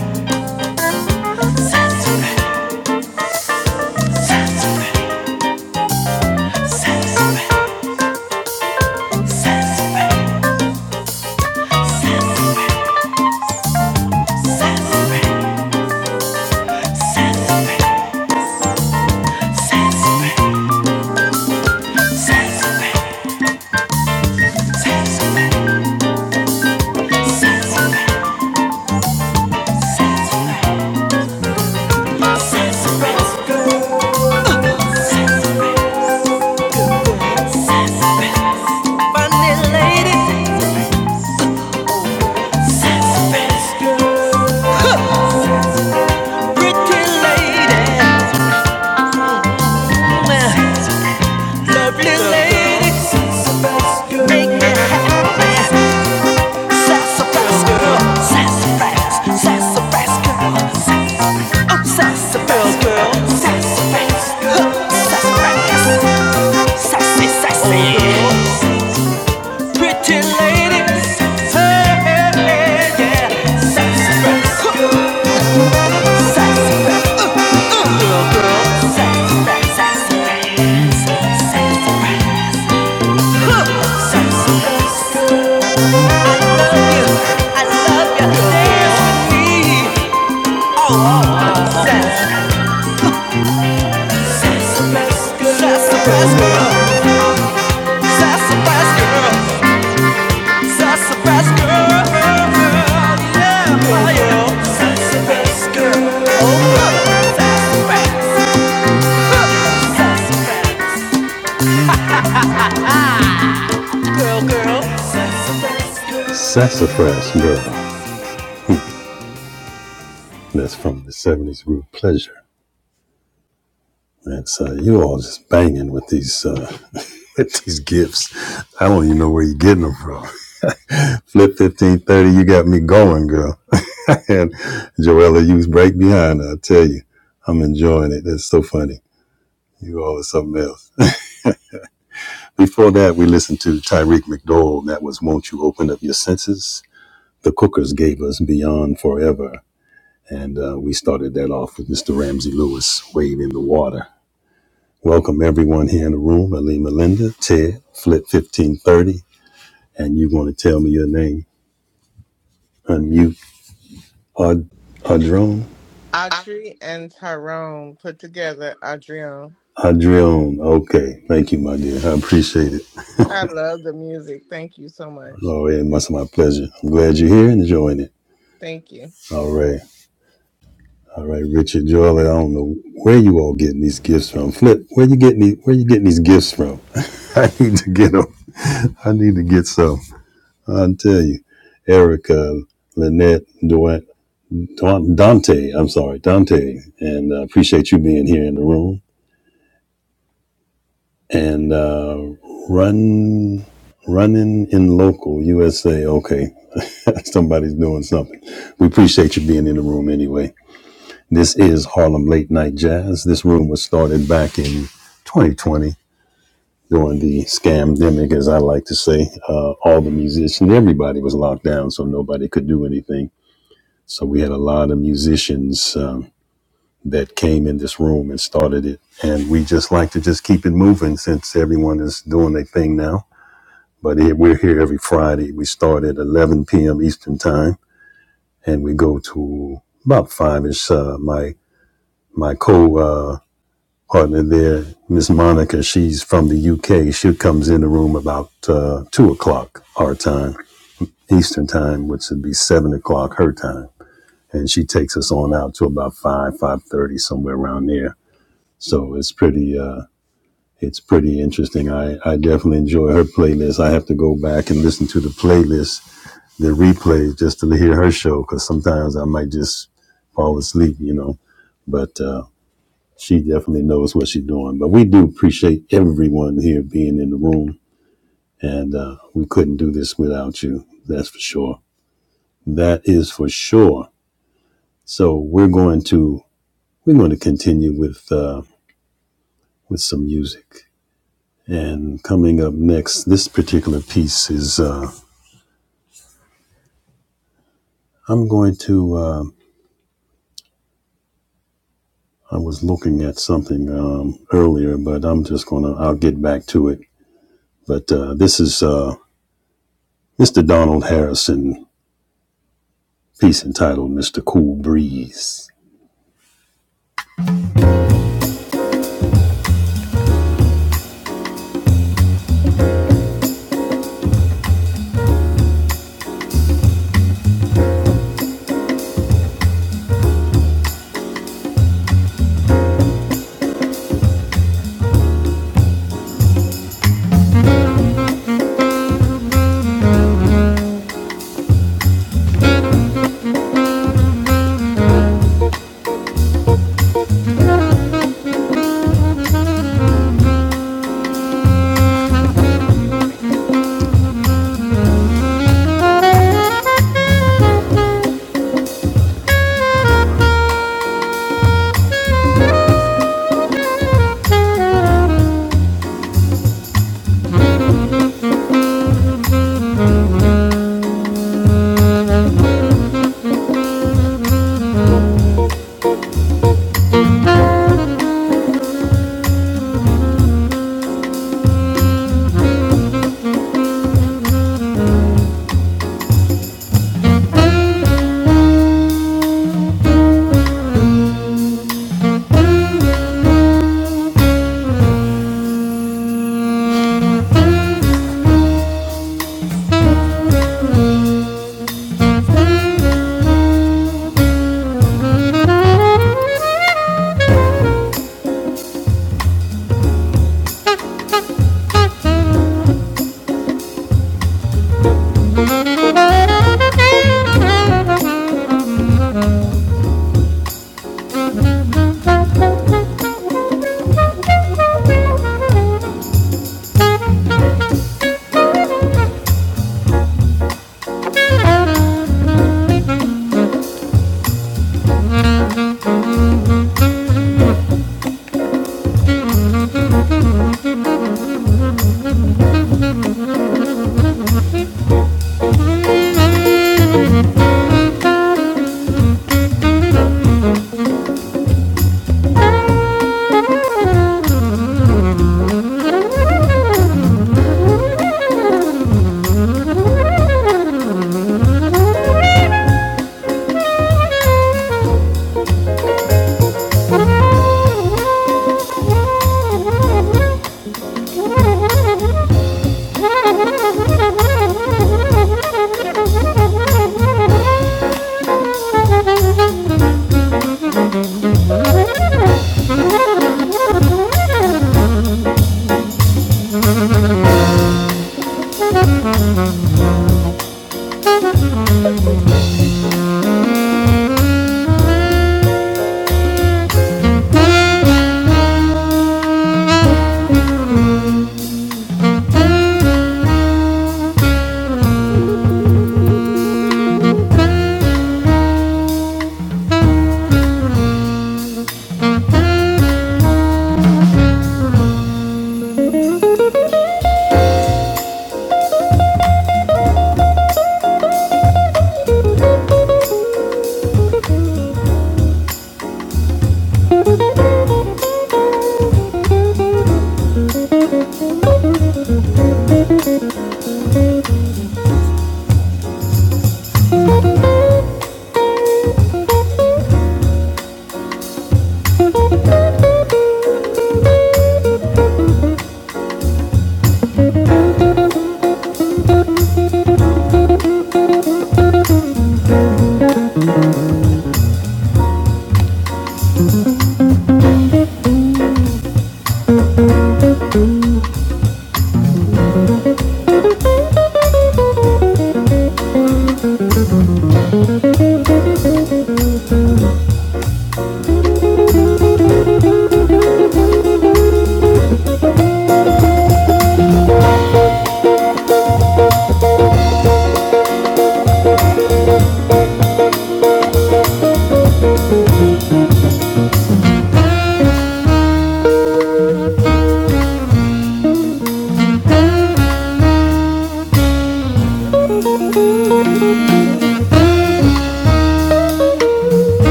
Pretty lady, Blue ladies make me happy. Sassafras girl, sassafras, sassafras girl, sassafras. I'm girl, sassafras, Look, sassafras, sassy, sassy. Pretty ladies, hey, hey, hey, yeah. Sassafras, look, sassafras, uh, uh, girl, girl. Sassafras, sassafras, Huh. Sassafras. Sassafras Girl. That's from the 70s group Pleasure. And so you all just banging with these uh, with these gifts. I don't even know where you're getting them from. Flip fifteen thirty, you got me going, girl. and Joella, you was right behind. her, I tell you, I'm enjoying it. That's so funny. You all are something else. Before that, we listened to Tyreek McDowell. That was "Won't You Open Up Your Senses." The Cookers gave us "Beyond Forever," and uh, we started that off with Mr. Ramsey Lewis, "Wave in the Water." Welcome everyone here in the room, Ali Melinda, Ted, Flip 1530, and you want to tell me your name. Unmute Ad- Adrone? Audrey and Tyrone put together Adrian. Adrione. Okay. Thank you, my dear. I appreciate it. I love the music. Thank you so much. Oh, yeah, it must be my pleasure. I'm glad you're here and enjoying it. Thank you. All right. All right, Richard Jordan. I don't know where you all getting these gifts from. Flip, where you getting these, where you getting these gifts from? I need to get them. I need to get some. I'll tell you. Erica, Lynette, Dwight. Dante, I'm sorry, Dante, and uh, appreciate you being here in the room. And uh, run, running in local USA. Okay, somebody's doing something. We appreciate you being in the room anyway. This is Harlem Late Night Jazz. This room was started back in 2020 during the scamdemic, as I like to say. Uh, all the musicians, everybody was locked down, so nobody could do anything. So we had a lot of musicians. Um, that came in this room and started it. And we just like to just keep it moving since everyone is doing their thing now. But here- we're here every Friday. We start at 11 p.m. Eastern time and we go to about five ish. Uh, my, my co, uh, partner there, Miss Monica, she's from the UK. She comes in the room about, uh, two o'clock our time, Eastern time, which would be seven o'clock her time. And she takes us on out to about five, five thirty, somewhere around there. So it's pretty. Uh, It's pretty interesting. I, I definitely enjoy her playlist. I have to go back and listen to the playlist, the replays, just to hear her show because sometimes I might just fall asleep, you know. But uh, she definitely knows what she's doing. But we do appreciate everyone here being in the room, and uh, we couldn't do this without you. That's for sure. That is for sure. So we're going to we're going to continue with uh, with some music. And coming up next, this particular piece is. Uh, I'm going to. Uh, I was looking at something um, earlier, but I'm just gonna. I'll get back to it. But uh, this is uh, Mr. Donald Harrison piece entitled "Mr. Cool Breeze."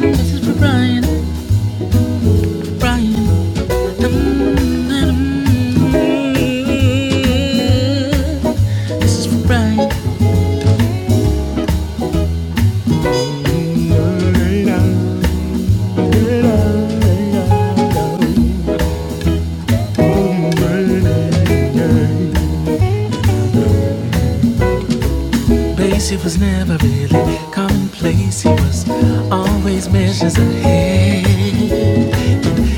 This is for Brian. This is for Brian. Basie was never really commonplace. He was always measures ahead.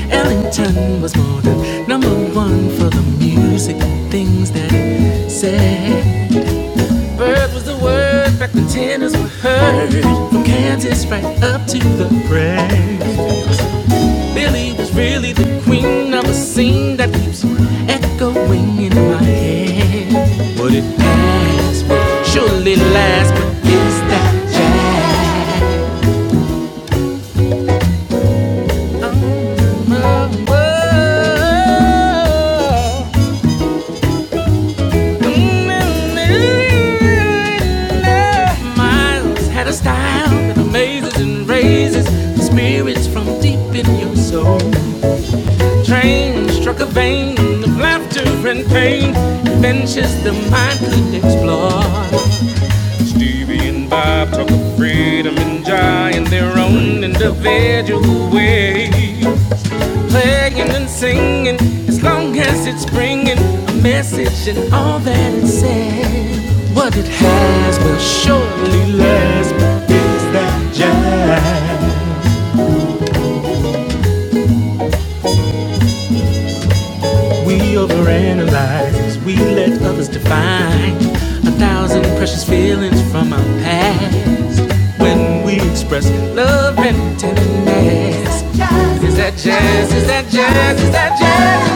Ellington was more than number one for the music and things that he said. Bird was the word back when tenors were heard. From Kansas right up to the prairie. Billy was really the queen of a scene that keeps echoing in my head. But it past will surely lasts? but is that jazz? Oh, oh, oh. Miles had a style that amazes and raises the spirits from deep in your soul. train struck a vein of laughter and pain, adventures the mind could explore. Stevie and Bob talk of freedom and joy in their own individual way. Playing and singing, as long as it's bringing a message and all that it says. What it has will surely last. but Is that jazz? We overanalyze, we let others define a thousand precious feelings from our past. When we express love and tenderness, is that jazz? Is that jazz? Is that jazz?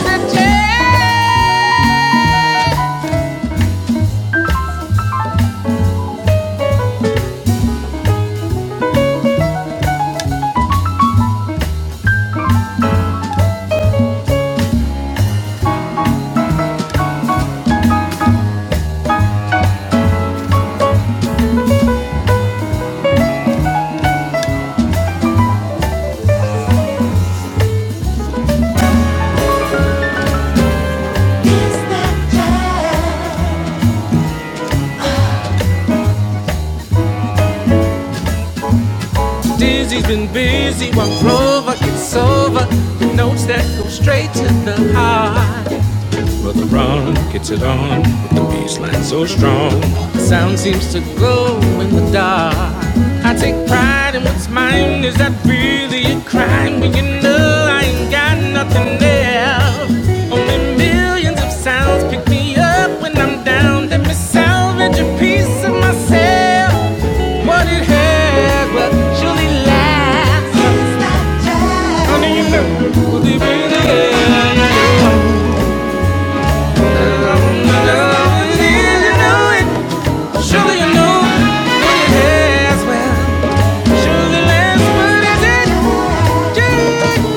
Dizzy's been busy while Clover gets over. The notes that go straight to the heart. Brother Ron gets it on with the bass line so strong. The sound seems to glow in the dark. I take pride in what's mine. Is that really a crime when you know I ain't got nothing left? Only millions of sounds pick me up when I'm down. Let me salvage a piece of myself. What it has will surely last. Honey, you know, we'll be really I'm in love with you know it. Surely you know what it is. Well, surely that's what it is. Surely that's what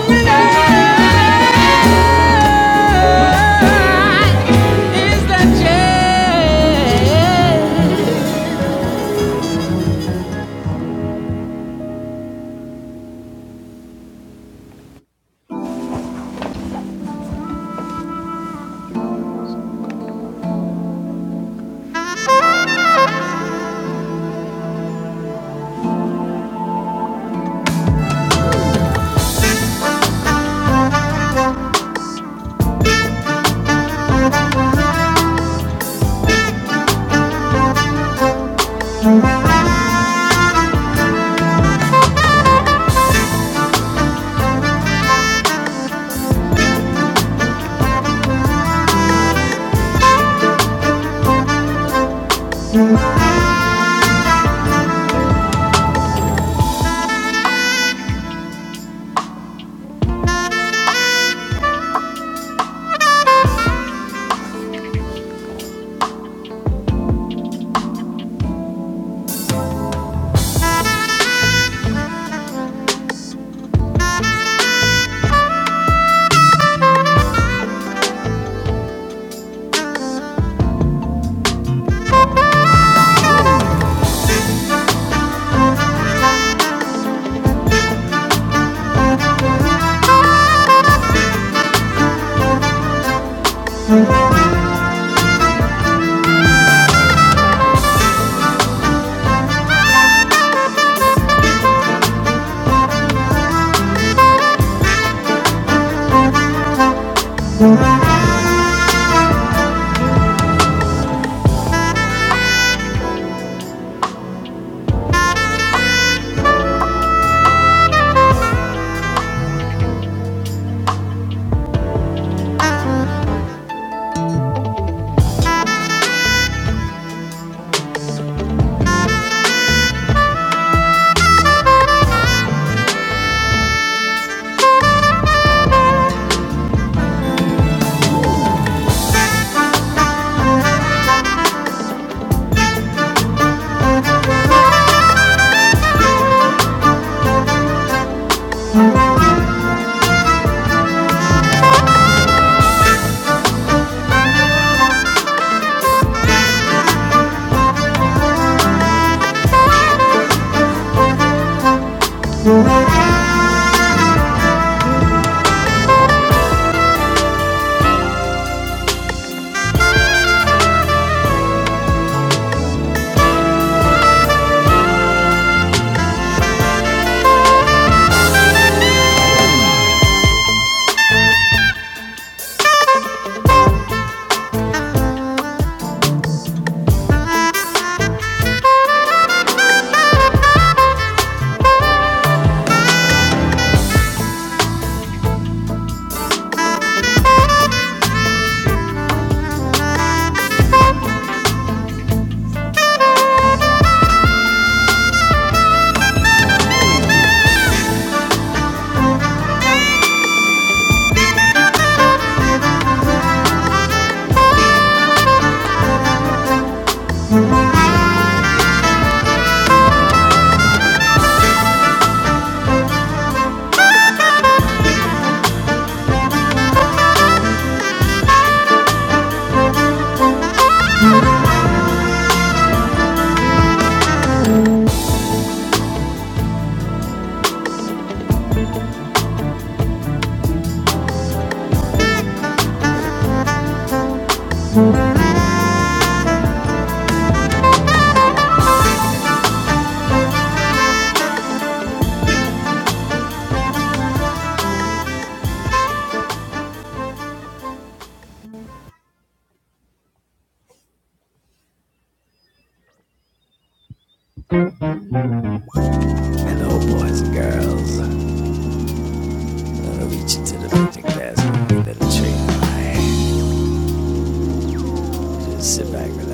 it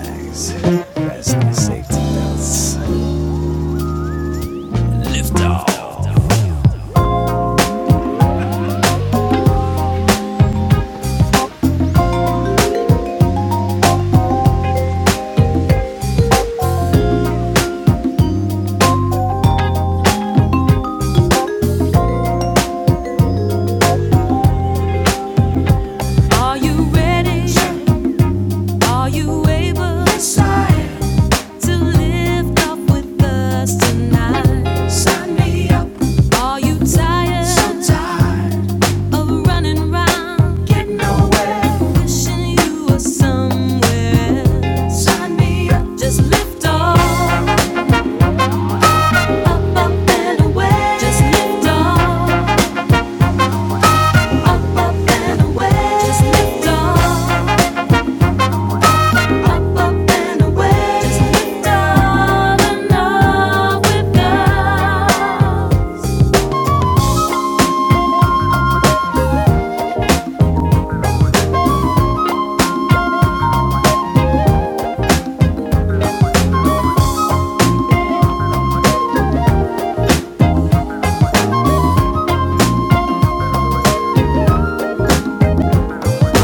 is. Are you ready? Are you able to lift off with us tonight? Are you tired of running round?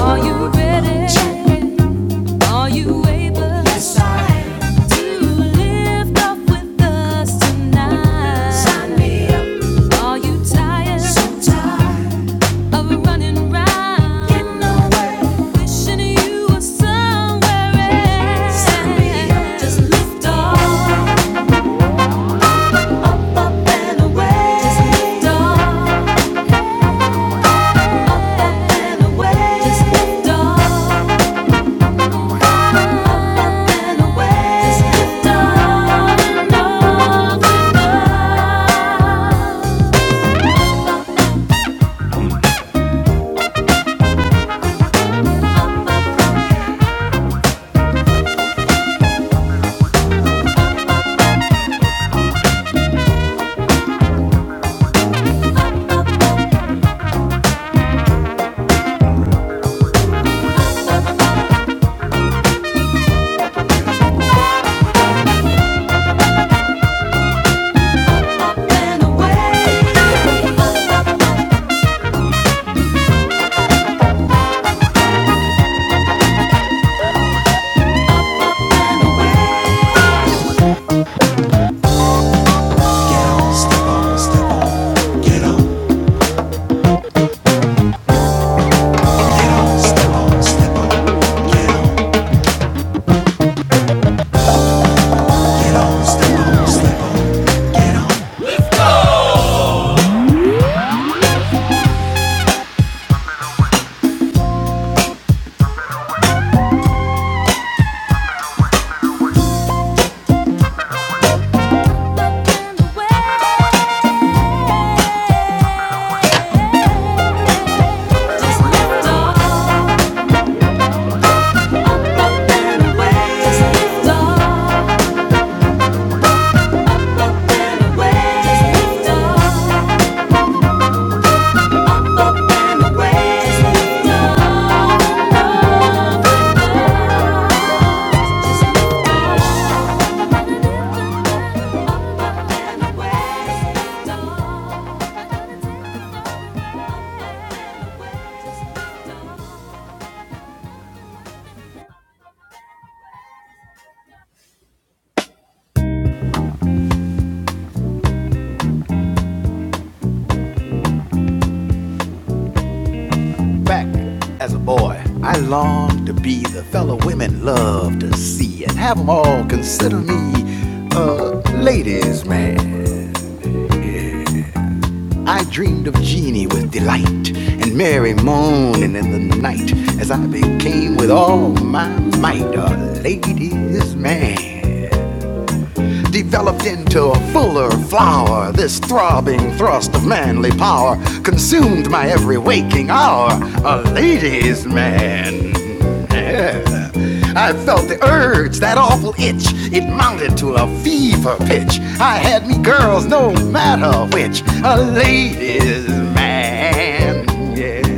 Are you ready? Check. Are you able to lift up with us tonight? Are you tired of running round, wishing you were somewhere else? Just lift off, just lift off, just lift off. Just lift off. Back as a boy, I longed to be the fellow women love to see and have them all consider me a ladies' man. I dreamed of Jeannie with delight and Mary moaning in the night as I became with all my might a lady's man developed into a fuller flower. This throbbing thrust of manly power consumed my every waking hour. A ladies' man. Yeah. I felt the urge, that awful itch. It mounted to a fever pitch. I had me girls, no matter which. A ladies' man. Yeah.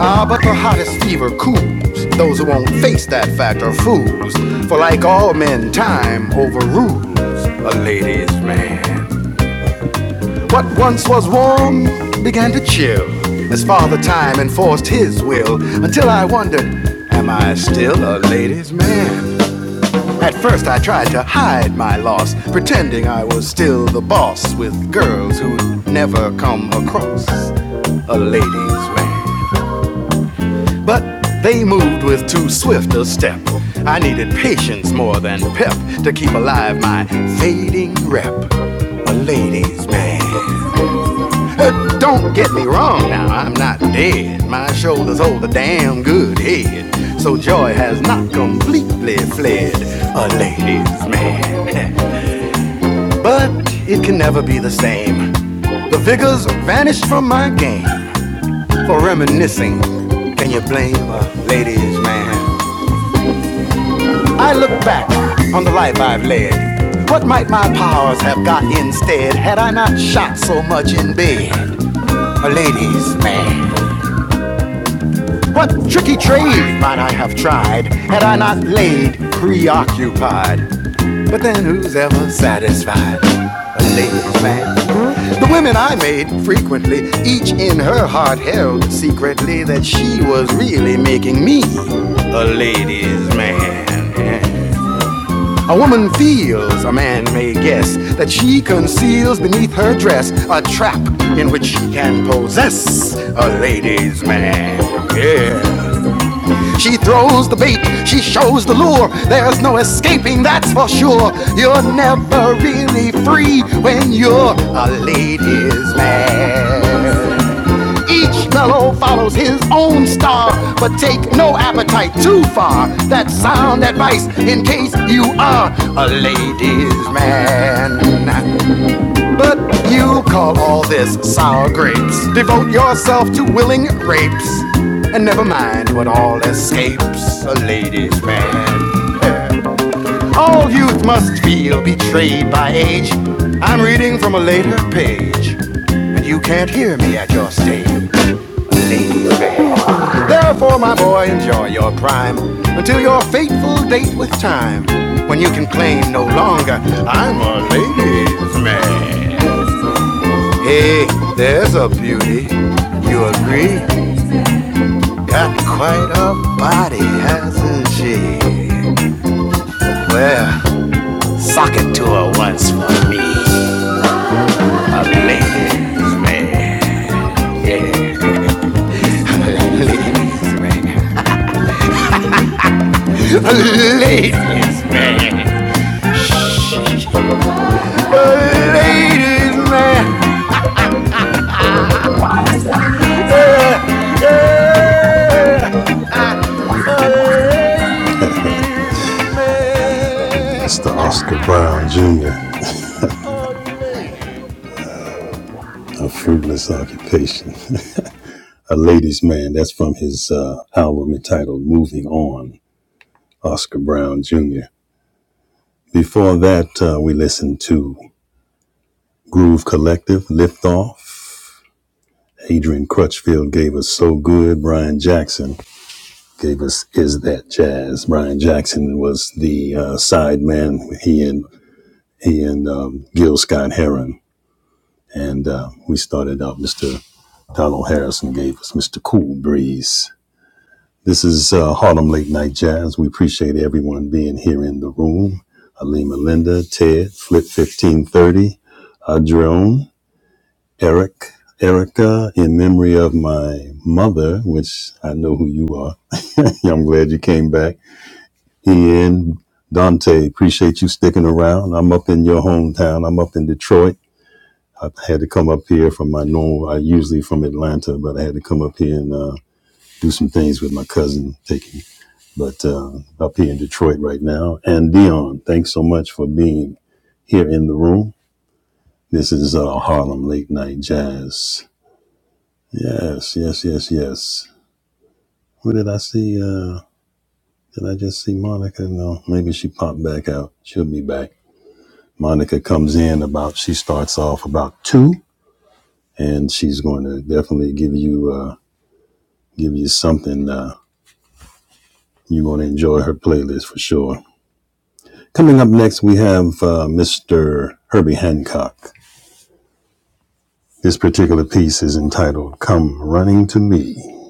Ah, but the hottest fever cools. Those who won't face that fact are fools. For like all men, time overrules a lady's man. What once was warm began to chill as Father Time enforced his will until I wondered, am I still a lady's man? At first, I tried to hide my loss, pretending I was still the boss with girls who'd never come across a lady's man. But they moved with too swift a step. I needed patience more than pep to keep alive my fading rep. A ladies' man. Uh, don't get me wrong now, I'm not dead. My shoulders hold a damn good head. So joy has not completely fled. A ladies' man. but it can never be the same. The vigors vanished from my game for reminiscing. Can you blame a ladies' man? I look back on the life I've led. What might my powers have got instead had I not shot so much in bed? A ladies' man. What tricky trade might I have tried had I not laid preoccupied? But then who's ever satisfied? A ladies' man. The women I made frequently, each in her heart held secretly that she was really making me a ladies' man. A woman feels, a man may guess, that she conceals beneath her dress a trap in which she can possess a ladies' man. Yeah. She throws the bait, she shows the lure. There's no escaping, that's for sure. You're never really free when you're a ladies' man. Each fellow follows his own star, but take no appetite too far. That's sound advice in case you are a ladies' man. But you call all this sour grapes. Devote yourself to willing rapes, and never mind what all escapes a ladies' man. All youth must feel betrayed by age. I'm reading from a later page, and you can't hear me at your stage. Ladies' man. Therefore, my boy, enjoy your prime until your fateful date with time, when you can claim no longer, I'm a ladies' man. Hey, there's a beauty, you agree? Got quite a body, hasn't she? Well, You were once for ladies, ladies' man. Mr. Oscar Brown Jr., a fruitless occupation. A ladies' man, that's from his uh, album entitled Moving On. Oscar Brown Jr. Before that, uh, we listened to Groove Collective, Lift Off. Adrian Crutchfield gave us So Good. Brian Jackson gave us Is That Jazz. Brian Jackson was the uh, side man. He and he and um, Gil Scott Heron. And uh, we started out. Mr. Donald Harrison gave us Mr. Cool Breeze. This is uh, Harlem Late Night Jazz. We appreciate everyone being here in the room. Alima Linda, Ted, Flip 1530, Adrone, Eric, Erica, in memory of my mother, which I know who you are. I'm glad you came back. Ian, Dante, appreciate you sticking around. I'm up in your hometown. I'm up in Detroit. I had to come up here from my normal, I usually from Atlanta, but I had to come up here and uh, do some things with my cousin, taking but uh, up here in Detroit right now. And Dion, thanks so much for being here in the room. This is uh, Harlem Late Night Jazz. Yes, yes, yes, yes. What did I see? Uh, did I just see Monica? No, maybe she popped back out. She'll be back. Monica comes in about. She starts off about two, and she's going to definitely give you uh, give you something. Uh, you're going to enjoy her playlist for sure. Coming up next, we have uh, Mr. Herbie Hancock. This particular piece is entitled Come Running to Me.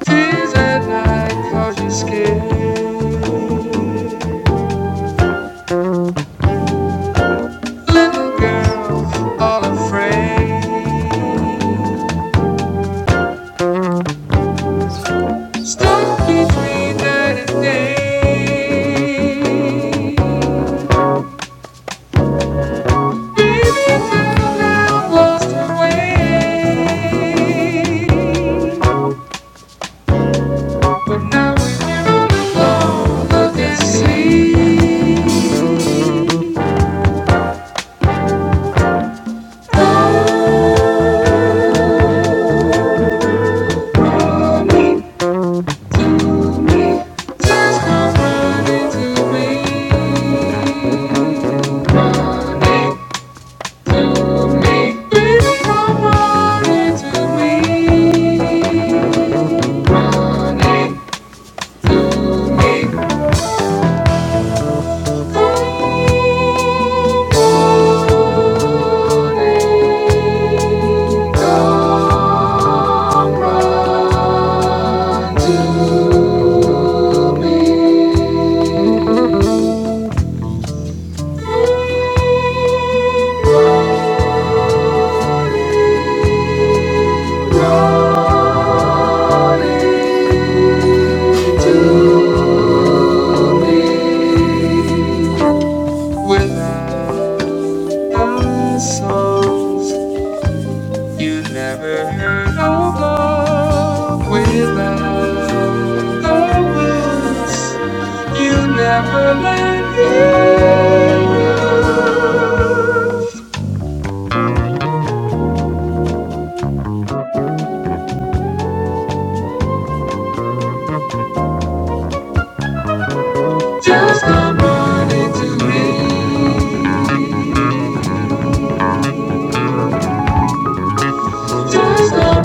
Tears at night cause you're scared. Little girls all afraid. Stuck between night and day. Baby, don't go always. You never let me go. Just come running to me. Just come running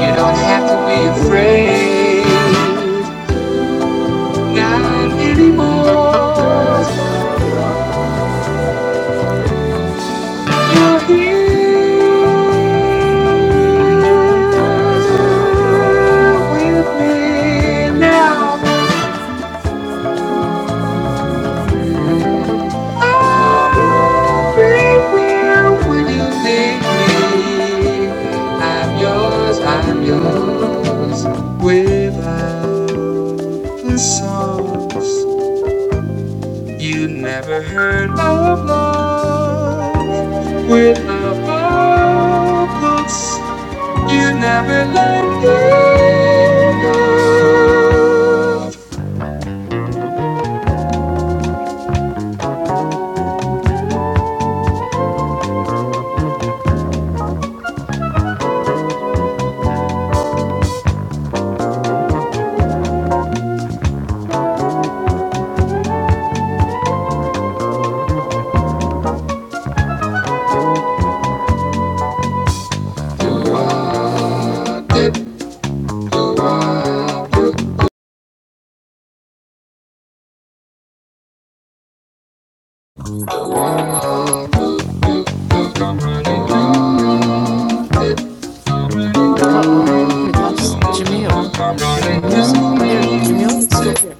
You don't have to be afraid. Not anymore. You're here with me now. I'll be here when you need me. I'm yours, I'm yours. Without the songs you never heard of love. With the books you never let me go. Uh oh, we lost Jamil and the music. Oh, there, Jamil is still there.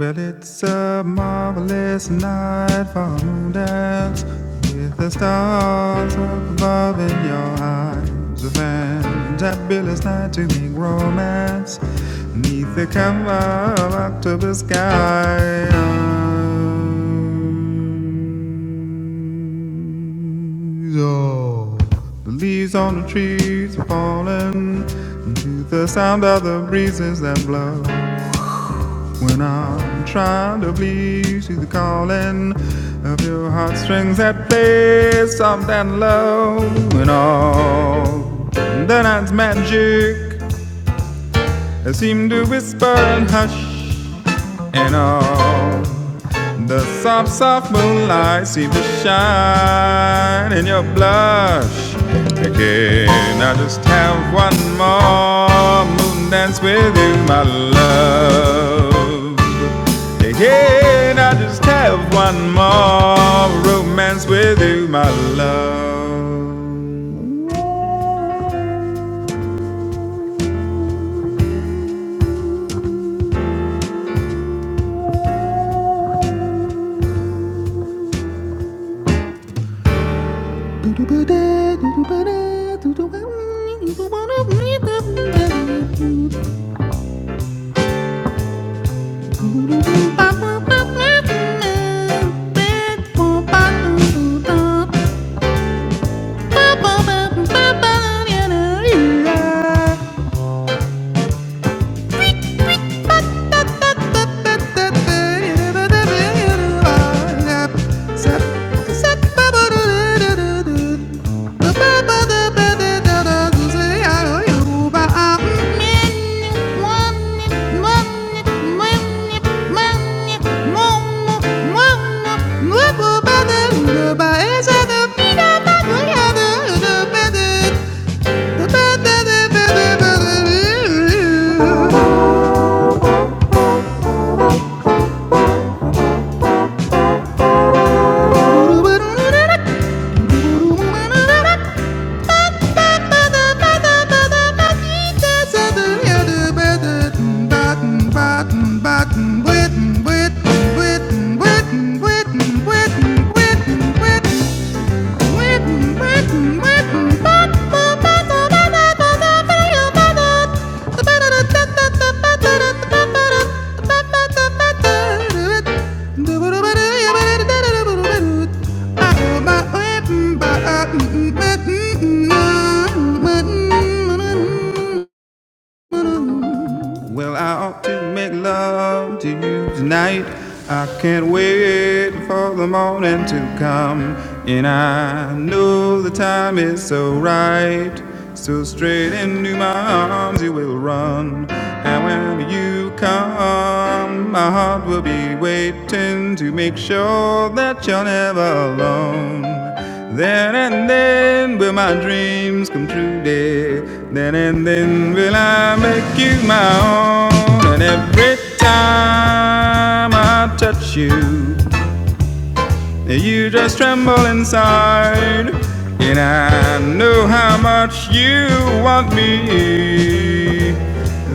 Well, it's a marvelous night for moonlight with the stars above in your eyes. A fantabulous night to make romance. Neath the cover to the girl strings that play. They seem to whisper and hush, and all the soft, soft moonlight seems to shine in your blush. Again, I just have one more moon dance with you, my love. Again, I just have one more romance with you, my love. Thank Bye. Well, I ought to make love to you tonight. I can't wait for the morning to come. And I know the time is so right. So straight into my arms you will run. And when you come, my heart will be waiting to make sure that you're never alone. Then and then. Will my dreams come true, dear? Then and then will I make you my own? And every time I touch you, you just tremble inside. And I know how much you want me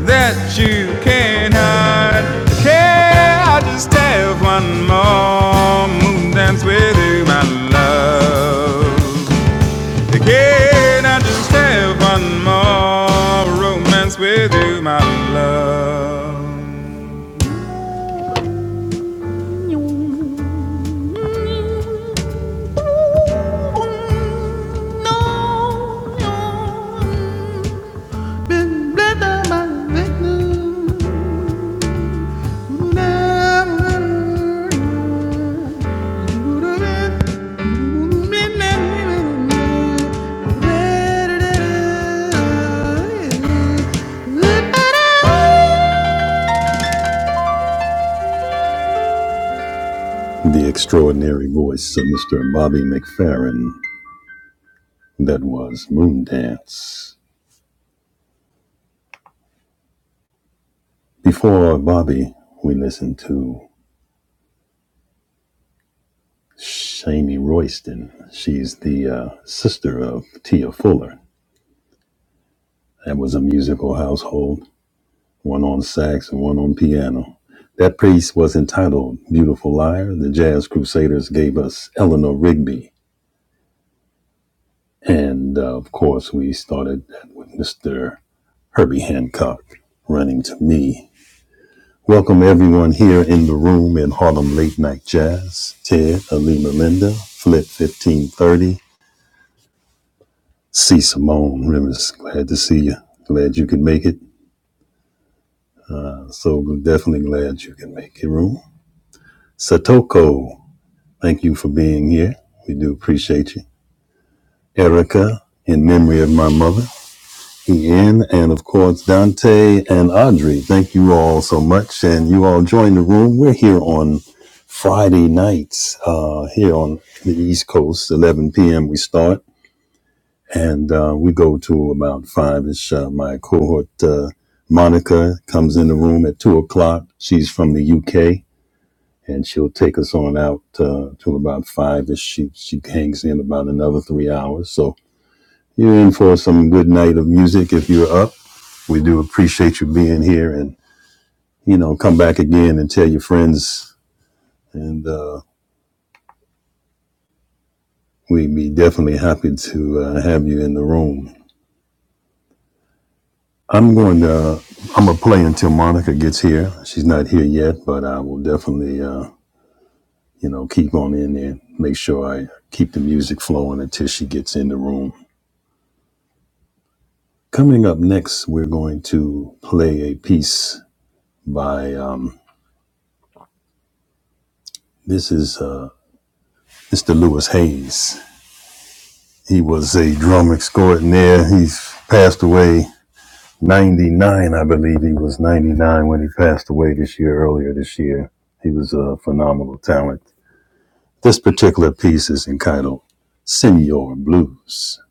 that you can't hide. Can I just have one more moon dance with you, my love? Can I just have one more romance with you, my love? The extraordinary voice of Mr. Bobby McFerrin. That was Moondance. Before Bobby, we listened to Shami Royston. She's the uh, sister of Tia Fuller. That was a musical household. one on sax and one on piano. That piece was entitled Beautiful Liar. The Jazz Crusaders gave us Eleanor Rigby. And uh, of course, we started with Mr. Herbie Hancock running to me. Welcome everyone here in the room in Harlem Late Night Jazz. Ted, Ali Melinda, Flip 1530, C. Simone Rivers. Glad to see you. Glad you could make it. So definitely glad you can make it, room. Satoko Thank you for being here. We do appreciate you. Erica, in memory of my mother, Ian, and of course Dante and Audrey. Thank you all so much. And you all join the room. We're here on Friday nights, uh, here on the East Coast, 11 p.m. we start. And uh, we go to about five ish. Uh, my cohort, uh, Monica, comes in the room at two o'clock. She's from the UK and she'll take us on out uh, to about five ish. She she hangs in about another three hours. So you're in for some good night of music if you're up. We do appreciate you being here, and you know, come back again and tell your friends, and uh, we'd be definitely happy to uh, have you in the room. I'm going to I'm gonna play until Monica gets here. She's not here yet, but I will definitely uh, you know keep on in there. Make sure I keep the music flowing until she gets in the room. Coming up next, we're going to play a piece by um, this is uh, Mr. Lewis Hayes. He was a drum extraordinaire. He's passed away 99, I believe. He was 99 when he passed away this year, earlier this year. He was a phenomenal talent. This particular piece is entitled Senor Blues.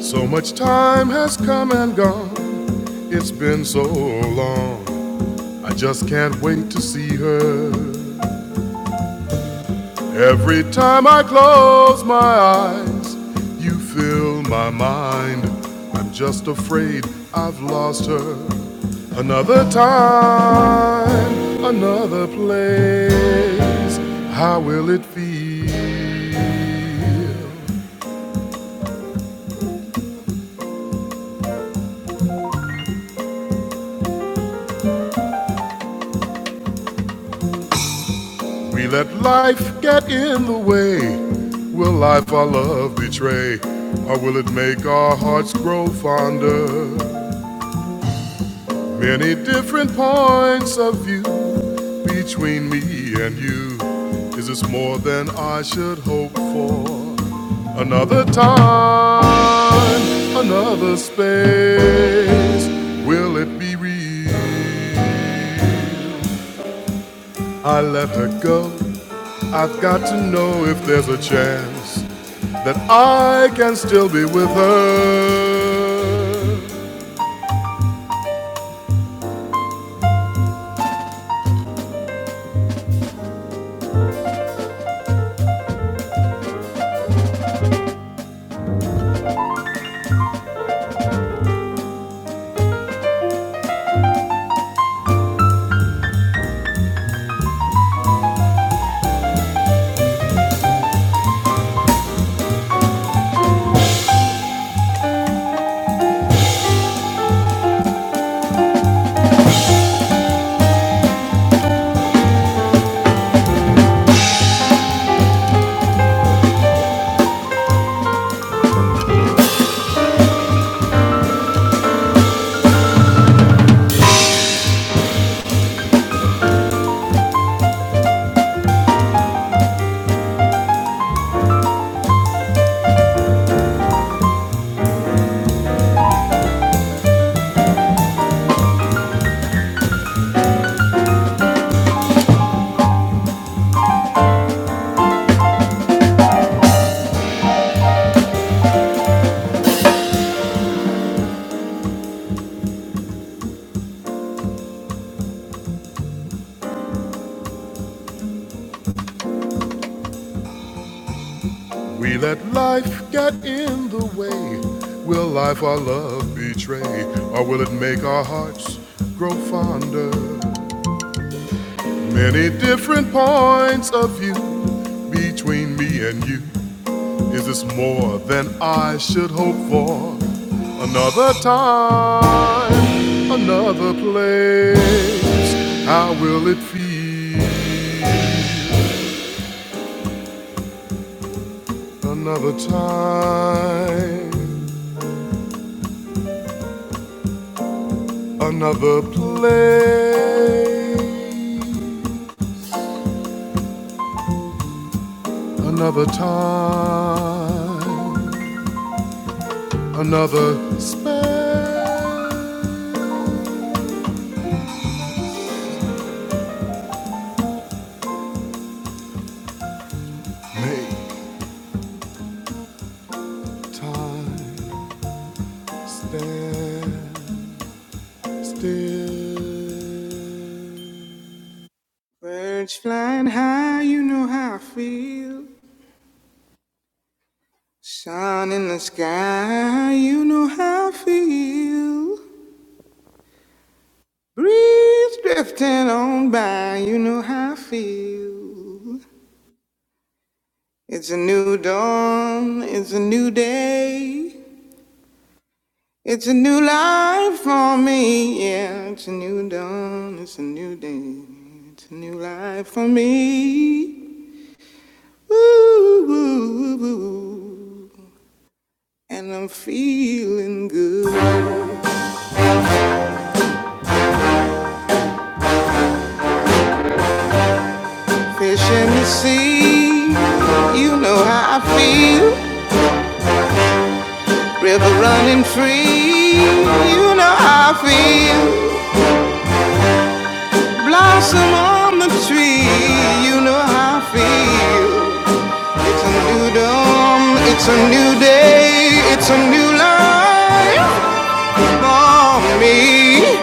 So much time has come and gone. It's been so long, I just can't wait to see her. Every time I close my eyes, you fill my mind. I'm just afraid I've lost her. Another time, another place, how will it feel? We let life get in the way. Will life our love betray? Or will it make our hearts grow fonder? Many different points of view between me and you. Is this more than I should hope for? Another time, another space. Will it be real? I let her go. I've got to know if there's a chance that I can still be with her. We let life get in the way. Will life our love betray? Or will it make our hearts grow fonder? Many different points of view between me and you. Is this more than I should hope for? Another time, another place. How will it feel? Another time Another place, another time, another space. Birds flying high, you know how I feel. Sun in the sky, you know how I feel. Breeze drifting on by, you know how I feel. It's a new dawn, it's a new day. It's a new life for me, yeah. It's a new dawn, it's a new day. It's a new life for me. Ooh, ooh, ooh, ooh. And I'm feeling good. Fish in the sea, you know how I feel. River running free, you know how I feel. Blossom on the tree, you know how I feel. Freedom, it's a new day, it's a new life for me,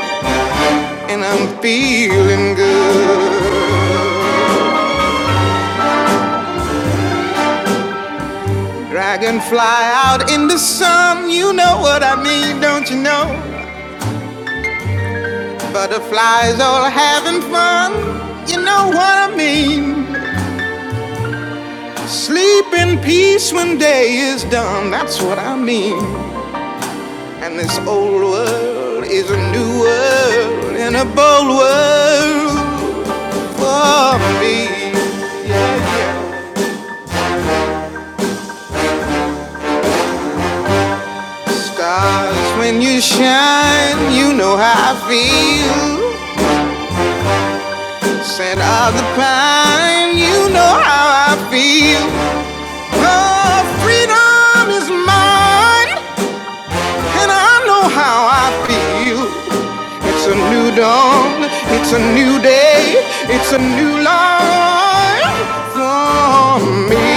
and I'm feeling good. Dragonfly out in the sun, you know what I mean, don't you know? Butterflies all having fun, you know what I mean. Sleep in peace when day is done, that's what I mean. And this old world is a new world and a bold world. for me. Yeah, yeah. Stars, when you shine, you know how I feel. Scent of the pine, you know how I feel. The freedom is mine, and I know how I feel. It's a new dawn, it's a new day, it's a new life for me.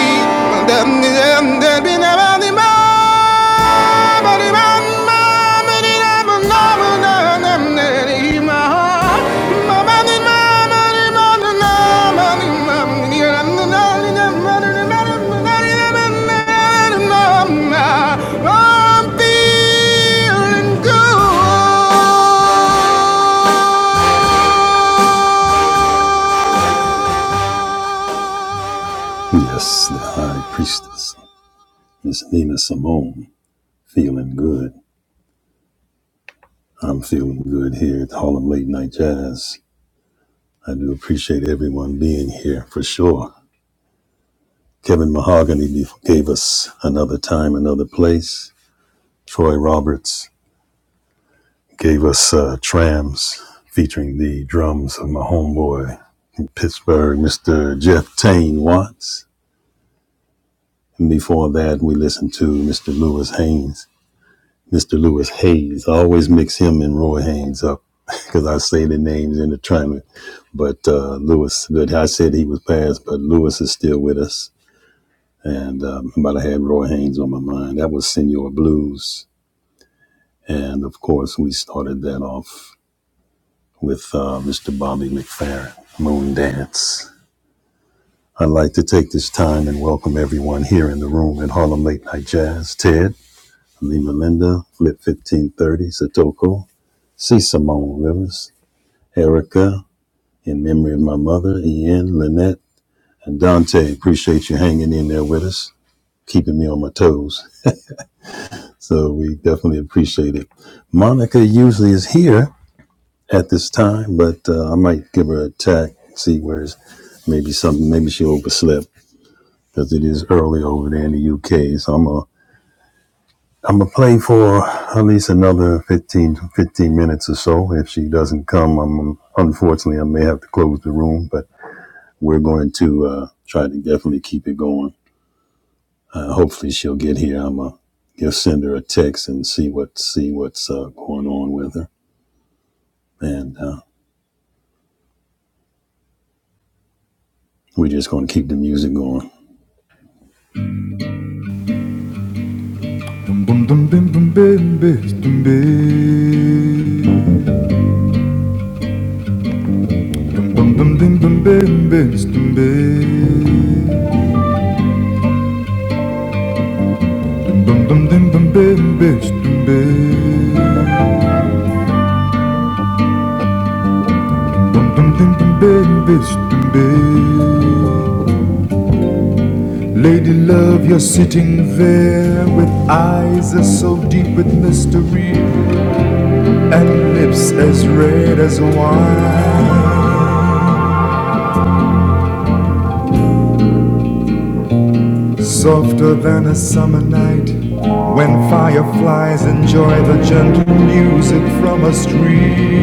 Yes, the high priestess. Miss Nina Simone, feeling good. I'm feeling good here at Harlem Late Night Jazz. I do appreciate everyone being here for sure. Kevin Mahogany be- gave us Another Time, Another Place. Troy Roberts gave us uh, Trams featuring the drums of my homeboy in Pittsburgh, Mr. Jeff Tane Watts. And before that, we listened to Mr. Lewis Haynes Mr. Lewis Hayes. I always mix him and Roy Haynes up because I say the names in the tournament. But uh, Lewis, but I said he was passed, but Lewis is still with us. And um, but I had Roy Haynes on my mind. That was Senor Blues, and of course we started that off with uh, Mr. Bobby McFerrin, Moon Dance. I'd like to take this time and welcome everyone here in the room at Harlem Late Night Jazz. Ted, Lima Linda, Flip 1530, Satoko, C. Simone Rivers, Erica, in memory of my mother, Ian, Lynette, and Dante. Appreciate you hanging in there with us, keeping me on my toes. So we definitely appreciate it. Monica usually is here at this time, but uh, I might give her a tack, see where it's maybe something, maybe she overslept because it is early over there in the UK. So I'm going to I'm gonna play for at least another 15 15 minutes or so. If she doesn't come, I'm unfortunately I may have to close the room, but we're going to uh, try to definitely keep it going. Uh, hopefully, she'll get here. I'm gonna just send her a text and see what see what's uh, going on with her, and uh, we're just going to keep the music going. Lady love, you're sitting there with eyes as so deep with mystery and lips as red as wine. Softer than a summer night when fireflies enjoy the gentle music from a stream.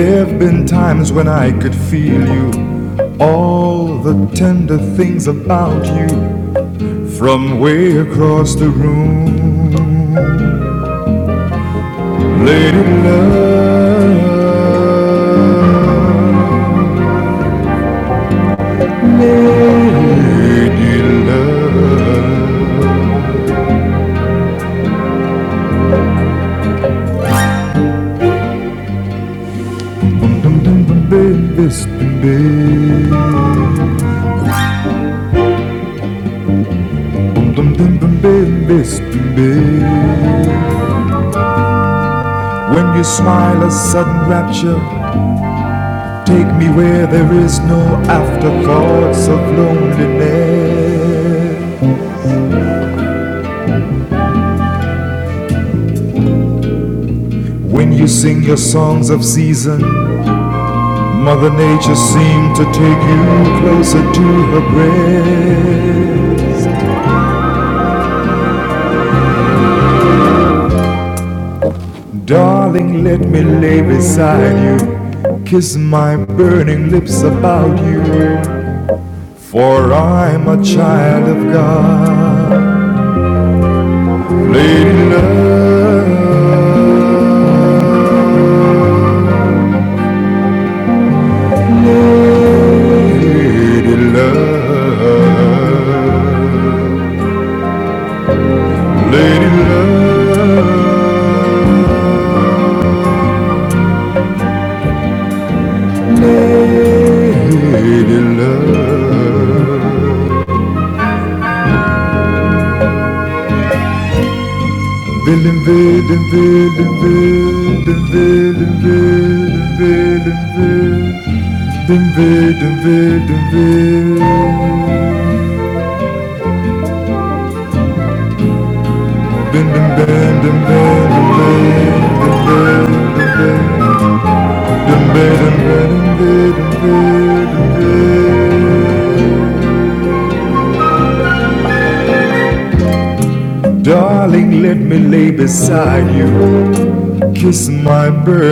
I could feel you, the dew, lady love, lady love. Boom dum dum bum baby, spin baby. Boom dum dum bum baby, spin baby. When you smile, a sudden rapture. Take me where there is no afterthoughts of loneliness. When you sing your songs of season, Mother Nature seemed to take you closer to her breast. Darling, let me lay beside you, kiss my burning lips about you, for I'm a child of God. Lady love, lady love, lady love, lady love. Darling, let me lay beside you, kiss my burning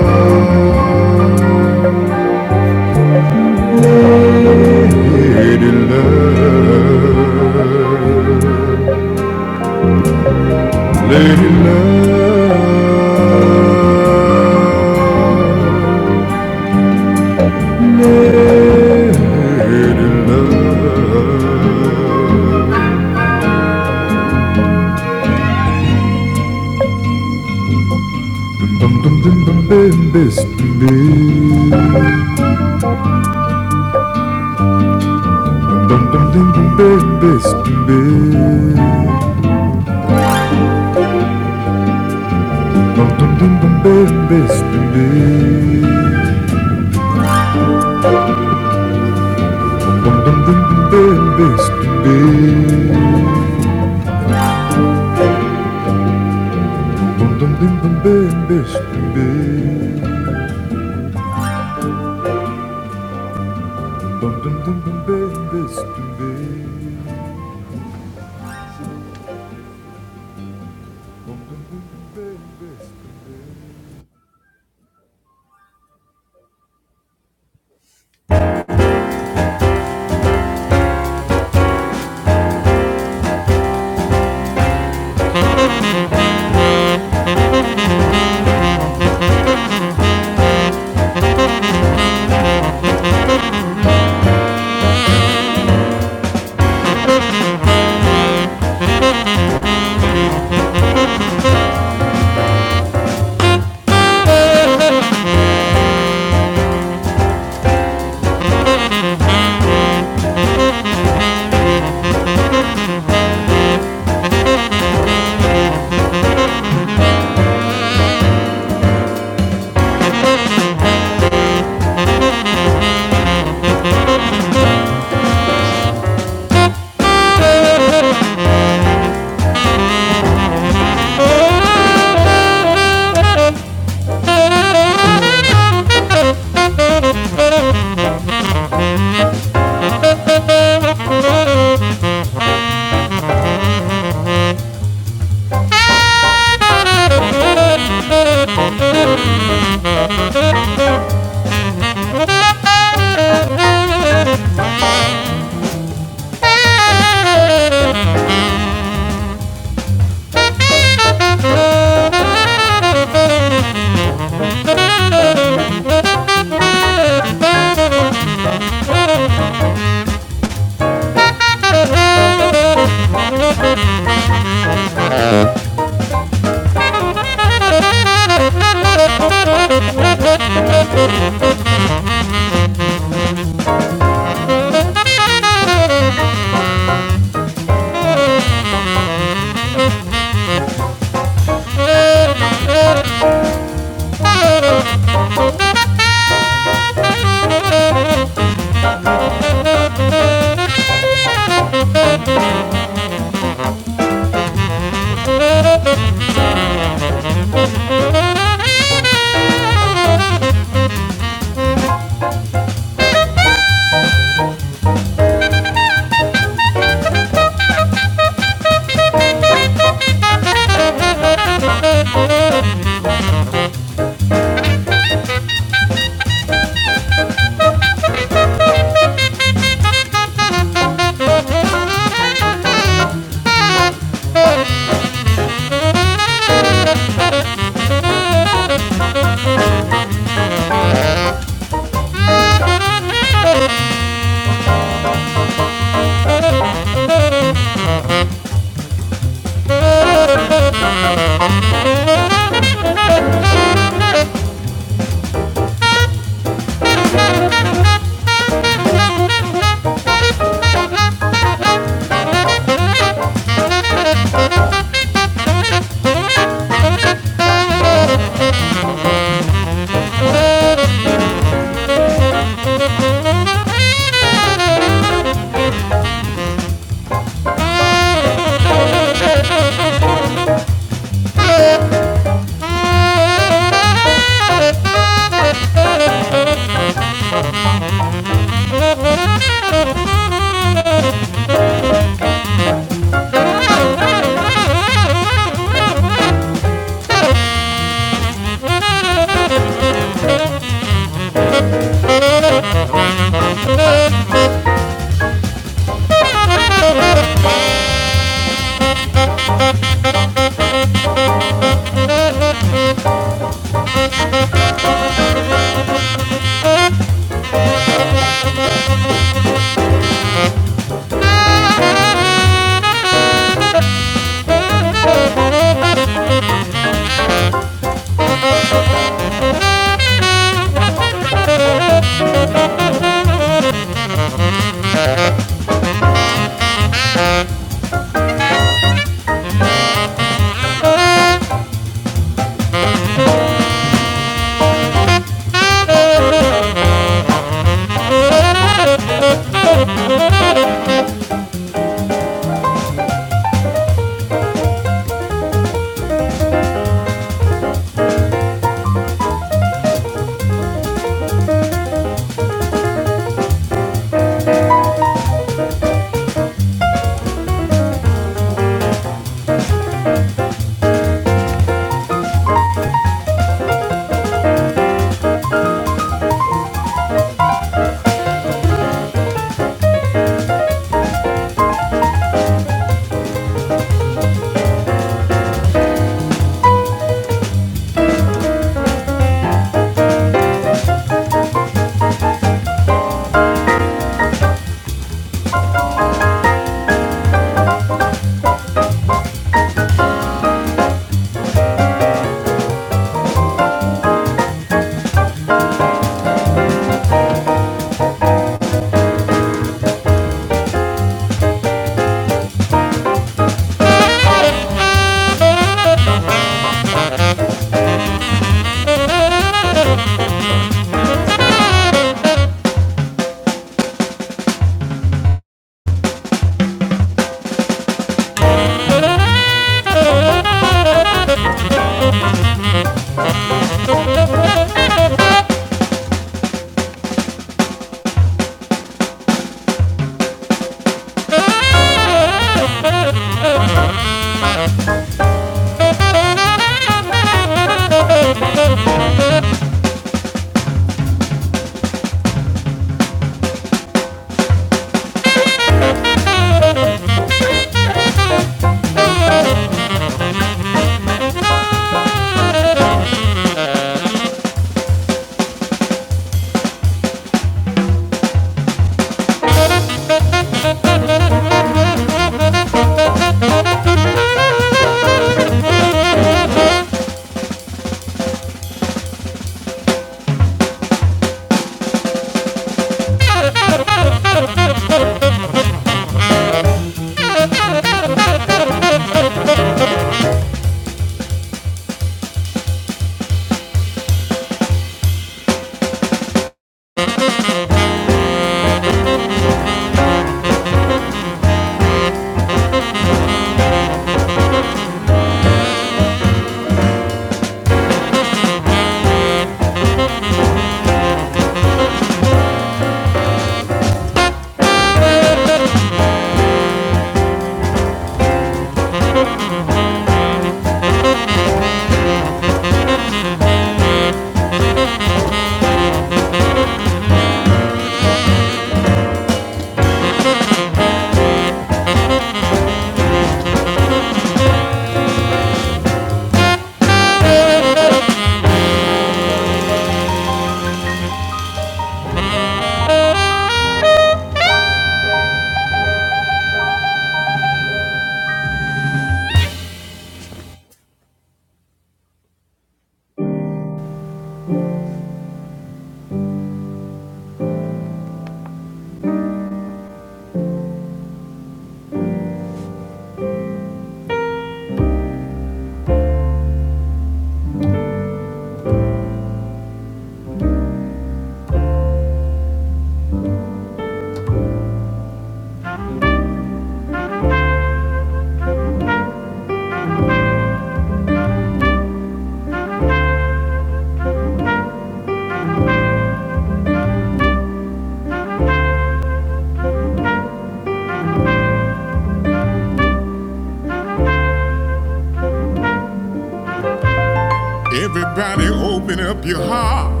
Everybody open up your heart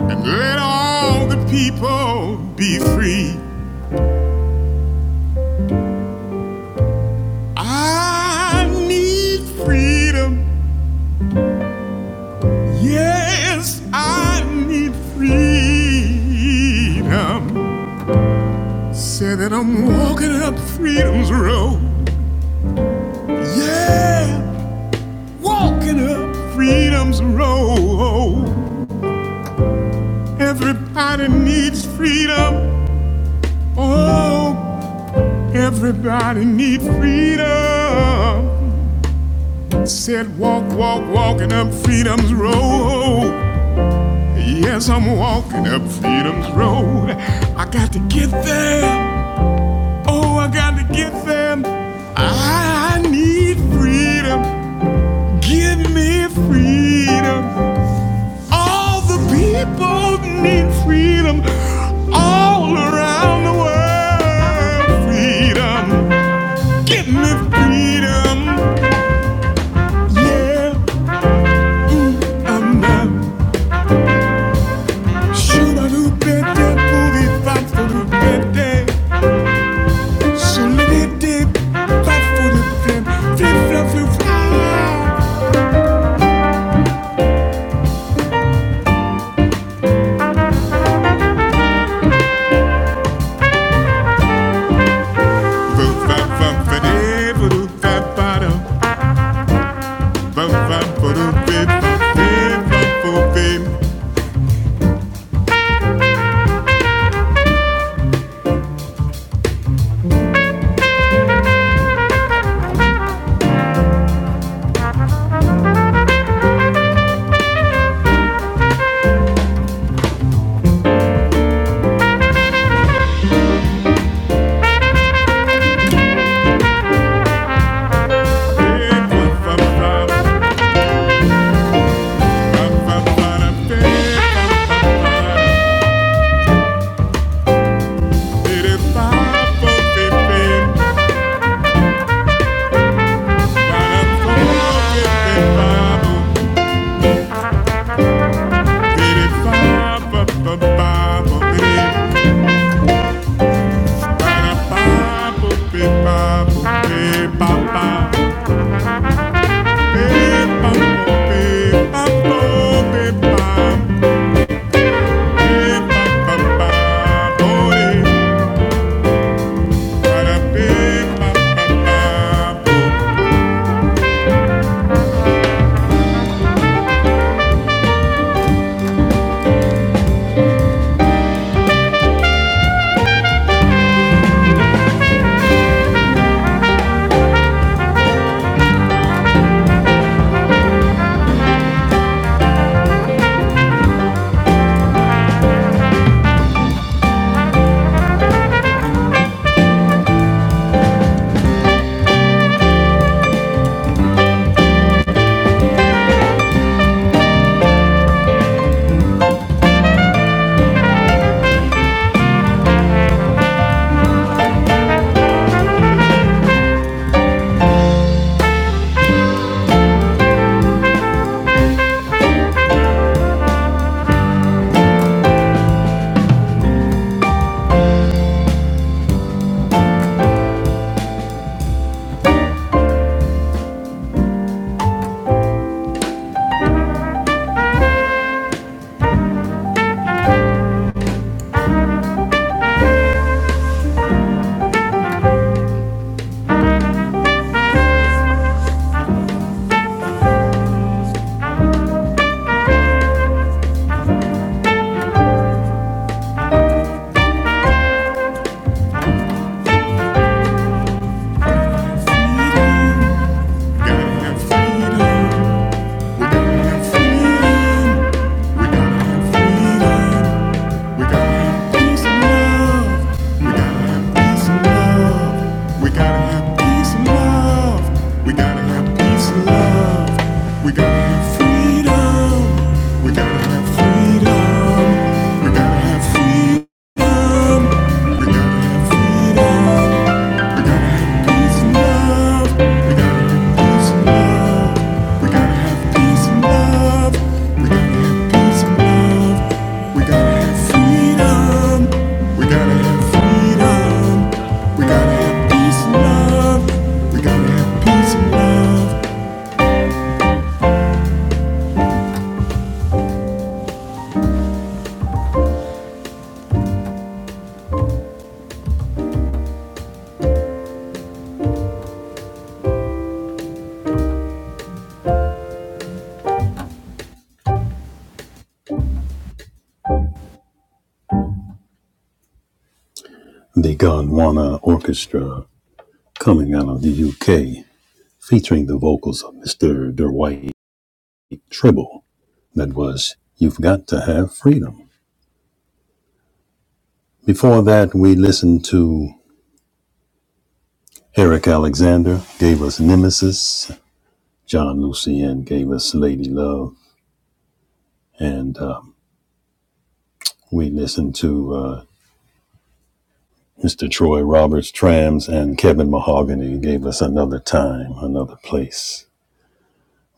and let all the people be free. I need freedom. Yes, I need freedom. Say that I'm walking up freedom's road. Yeah, walking up freedom's road. Everybody needs freedom. Oh, everybody needs freedom. Said, walk, walk, walking up freedom's road. Yes, I'm walking up freedom's road. I got to get there. Oh, I got to get there. I need freedom. Give me freedom. All the people need freedom. All around the world. Freedom. Give me freedom. Yeah. I'm not Got freedom. We gotta have peace and love. We gotta have peace and love. We gotta have freedom. We gotta have freedom. We gotta have peace and love. We gotta have peace and love. We gotta have peace and love. We gotta have peace and love. We gotta have freedom. The Gondwana Orchestra, coming out of the UK, featuring the vocals of Mr. Dwight Tribble. That was You've Got to Have Freedom. Before that, we listened to Eric Alexander, gave us Nemesis. John Lucien gave us Lady Love. And um, we listened to uh, Mr. Troy Roberts, Trams, and Kevin Mahogany gave us another time, another place.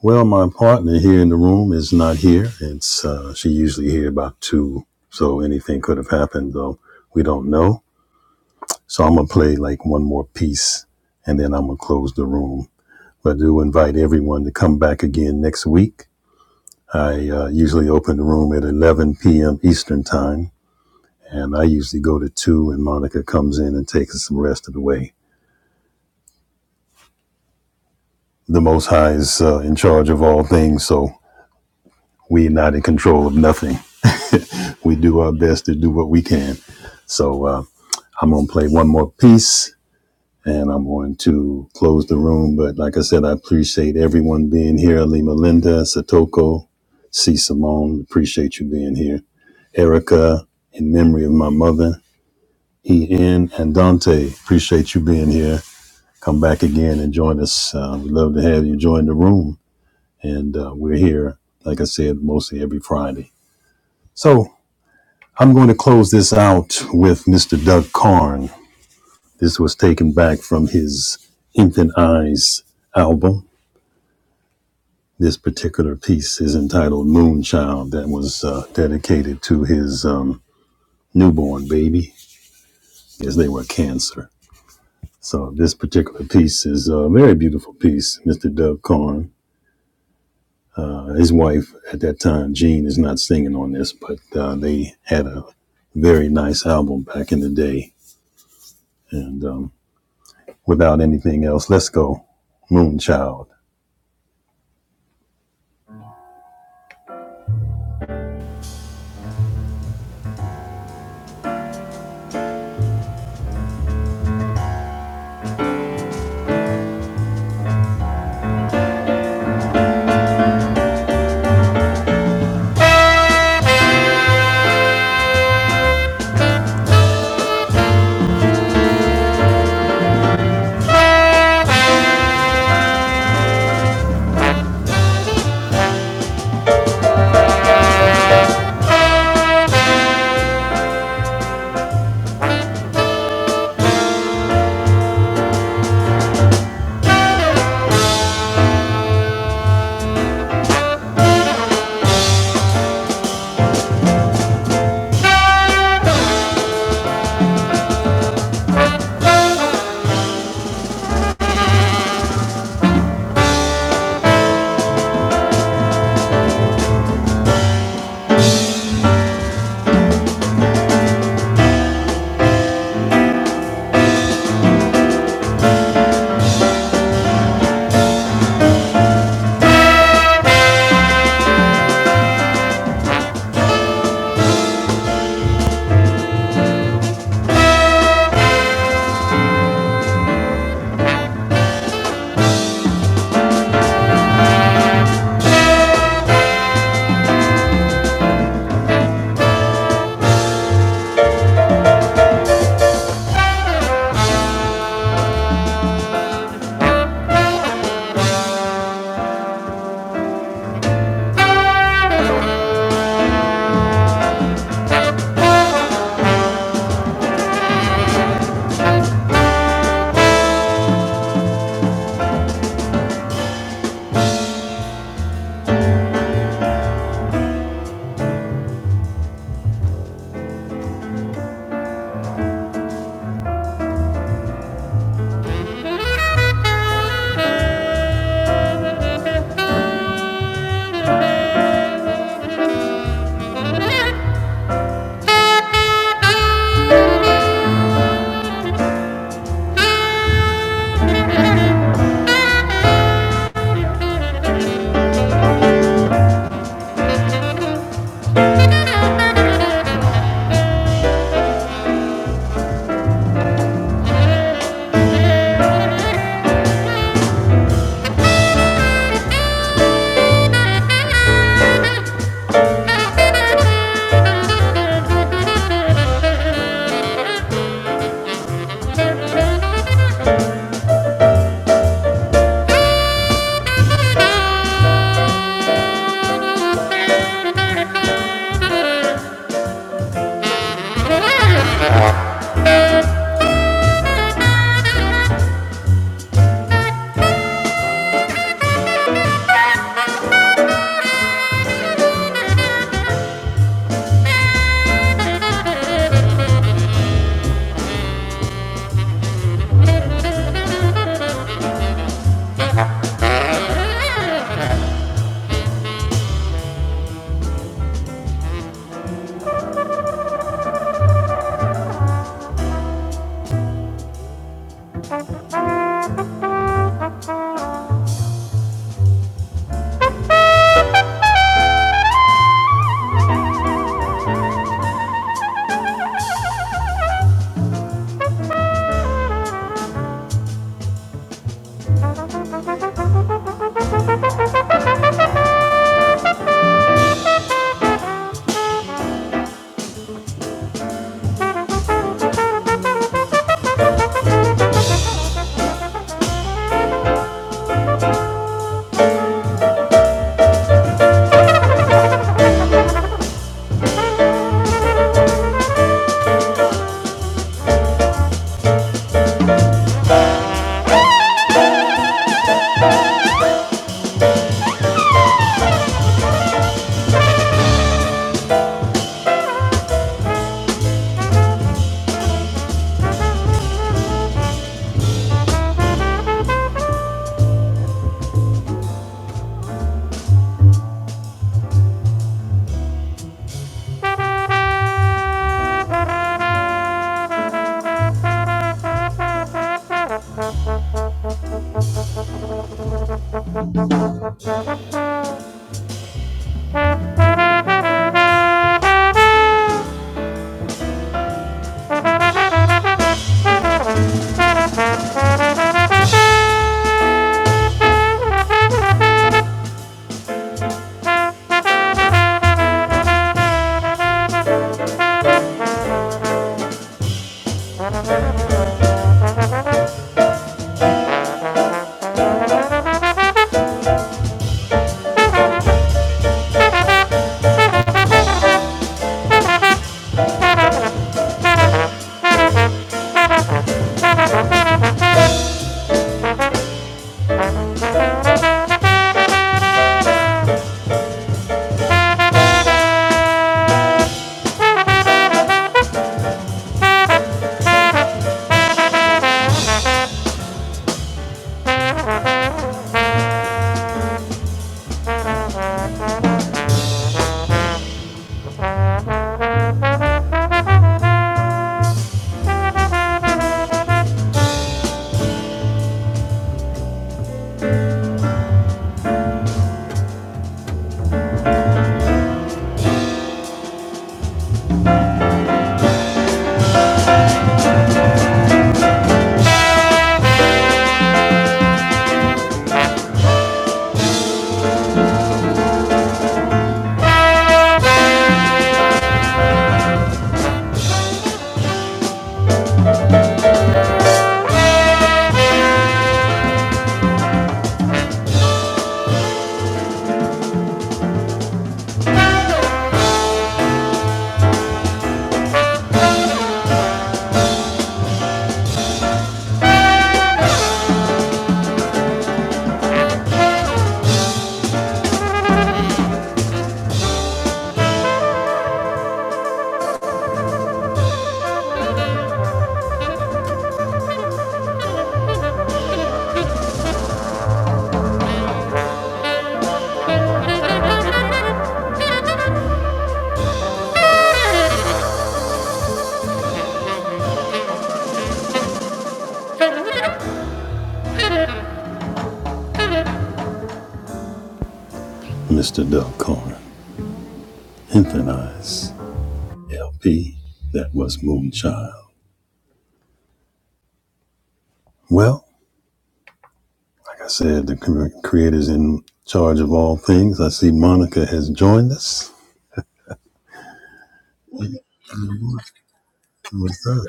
Well, my partner here in the room is not here. It's uh, she usually here about two, so anything could have happened though. We don't know. So I'm gonna play like one more piece, and then I'm gonna close the room. But I do invite everyone to come back again next week. I uh, usually open the room at 11 p.m. Eastern time, and I usually go to two, and Monica comes in and takes us the rest of the way. the Most High is uh, in charge of all things, so we're not in control of nothing. We do our best to do what we can. So uh, I'm going to play one more piece and I'm going to close the room. But like I said, I appreciate everyone being here. Lima Linda, Satoko, C. Simone, appreciate you being here. Erica, in memory of my mother, E.N. and Dante, appreciate you being here. Come back again and join us. Uh, we'd love to have you join the room. and uh, we're here, like I said, mostly every Friday. So I'm going to close this out with Mr. Doug Karn. This was taken back from his Infant Eyes album. This particular piece is entitled Moonchild, that was uh, dedicated to his um, newborn baby as they were cancer. So this particular piece is a very beautiful piece, Mr. Doug Karn. His wife at that time, Jean, is not singing on this, but uh, they had a very nice album back in the day. And um, without anything else, let's go, Moonchild. Thank you. Mr. Del Corn, Infinize, LP, that was Moonchild. Well, like I said, the creator's in charge of all things. I see Monica has joined us. What's up?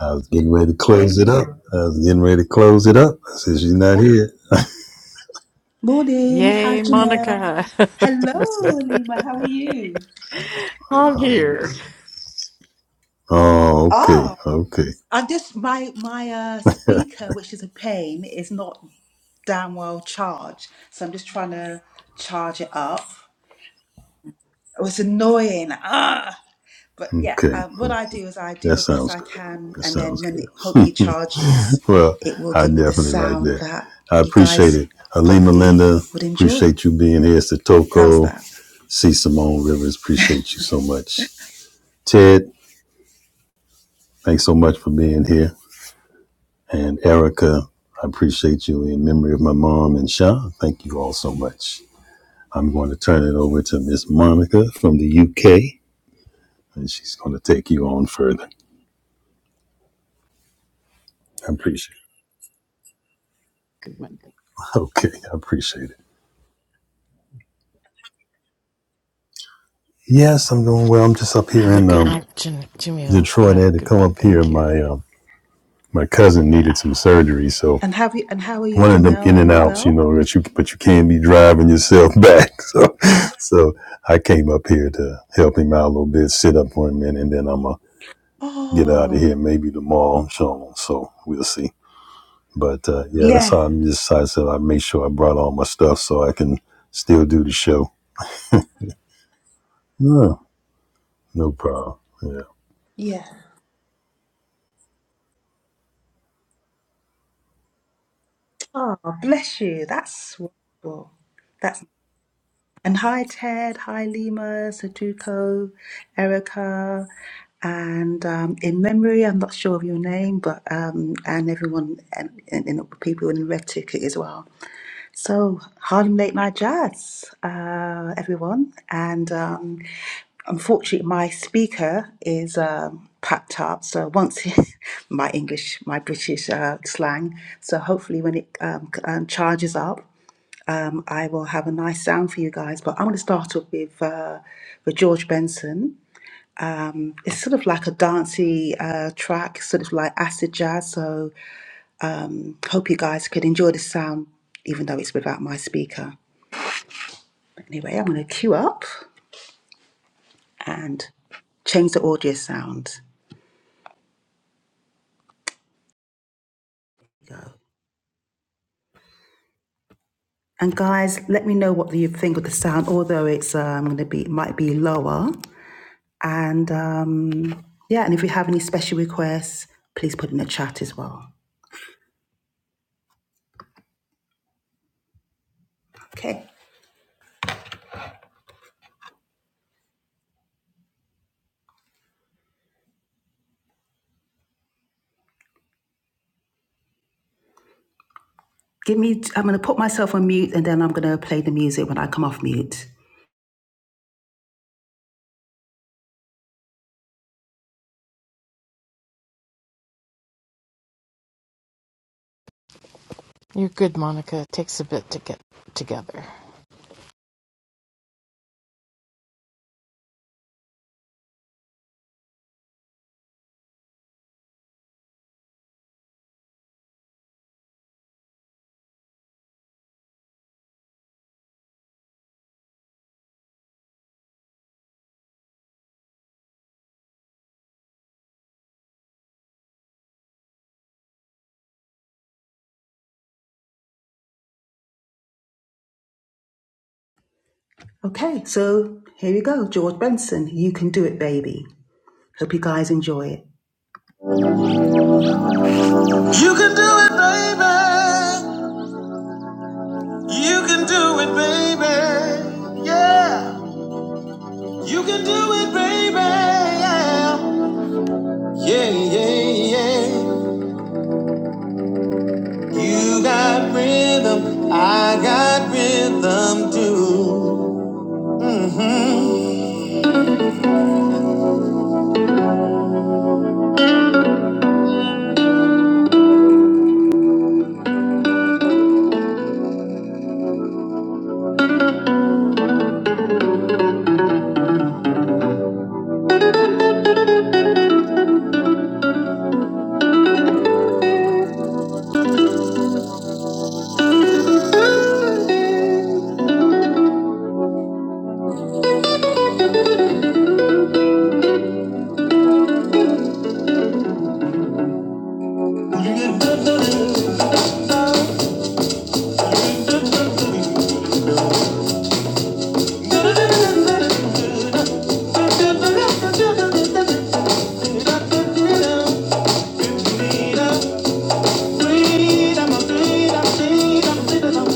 I was getting ready to close it up. I was getting ready to close it up. I said, she's not here. Morning, hi Yay, Jamel. Monica! Hello, Lima. How are you? I'm here. Oh, okay, Oh, okay, I just my my uh, speaker, which is a pain, is not damn well charged, so I'm just trying to charge it up. It was annoying. Ah, but yeah, okay, um, what I okay. do is I do That the best sounds I good. can, That and sounds then when it good. hopefully charges, Well, it will I give me the definitely like sound that. that I you appreciate guys it. Alima hopefully Linda, would enjoy. appreciate you being here. How's Satoko, that? C. Simone Rivers, appreciate you so much. Ted, thanks so much for being here. And Erica, I appreciate you in memory of my mom and Sean. Thank you all so much. I'm going to turn it over to Miss Monica from the UK, and she's going to take you on further. I appreciate it. Okay, I appreciate it. Yes, I'm doing well. I'm just up here Have a in good um, night, Jam- Jamil. Detroit. I Have a had to good come one. up here. Thank you. My um, my cousin needed Yeah, some surgery, so And have you? And how are you, one of them Jamel? in Are and you outs, you well? know, that you but you can't be driving yourself back. So, so I came up here to help him out a little bit, sit up for a minute, and then I'm gonna get Oh. out of here maybe tomorrow. I'm sure. So we'll see. But uh, yeah, that's Yeah, how I decided. I said I make sure I brought all my stuff so I can still do the show. Yeah, no problem. Yeah. yeah. Oh, bless you. That's wonderful. That's and hi Ted, hi Lima, Satuko, Erica, and um, in memory, I'm not sure of your name, but um, and everyone and, and, and people in the red ticket as well. So, Harlem Late Night Jazz, uh, everyone. And um, unfortunately, my speaker is um, packed up. So, once he, my English, my British uh, slang. So, hopefully, when it um, c- um, charges up, um, I will have a nice sound for you guys. But I'm going to start off with, uh, with George Benson. It's sort of like a dancey uh, track, sort of like acid jazz. So, um, hope you guys could enjoy the sound, even though it's without my speaker. Anyway, I'm going to queue up and change the audio sound. And guys, let me know what you think of the sound. Although it's um, going to be might be lower. And um, yeah, and if you have any special requests, please put in the chat as well. Okay. Give me. I'm going to put myself on mute, and then I'm going to play the music when I come off mute. you're good, Monica. It takes a bit to get together. Okay. So here we go. George Benson, you can do it, baby. Hope you guys enjoy it. You can do it, baby. You can do it, baby. Yeah. You can do it, baby. Yeah. Yeah, yeah, yeah. You got rhythm. I got rhythm too. Mm-hmm. Freedom, freedom, freedom, freedom, freedom.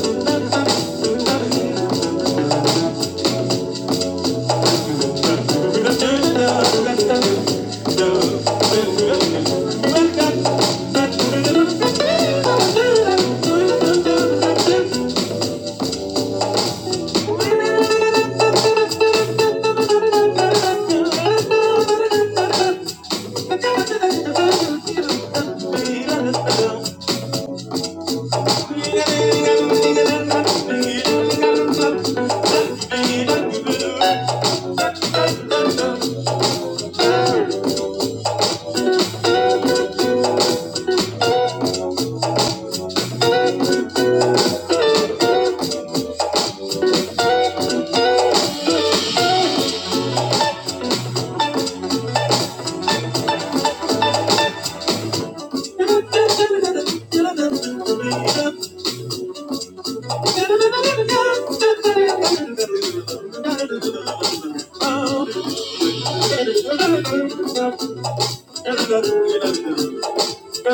Thank you. Thank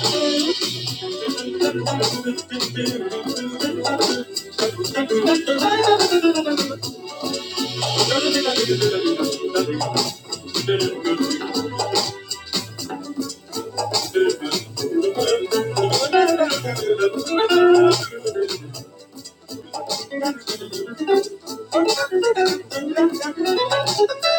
you. Thank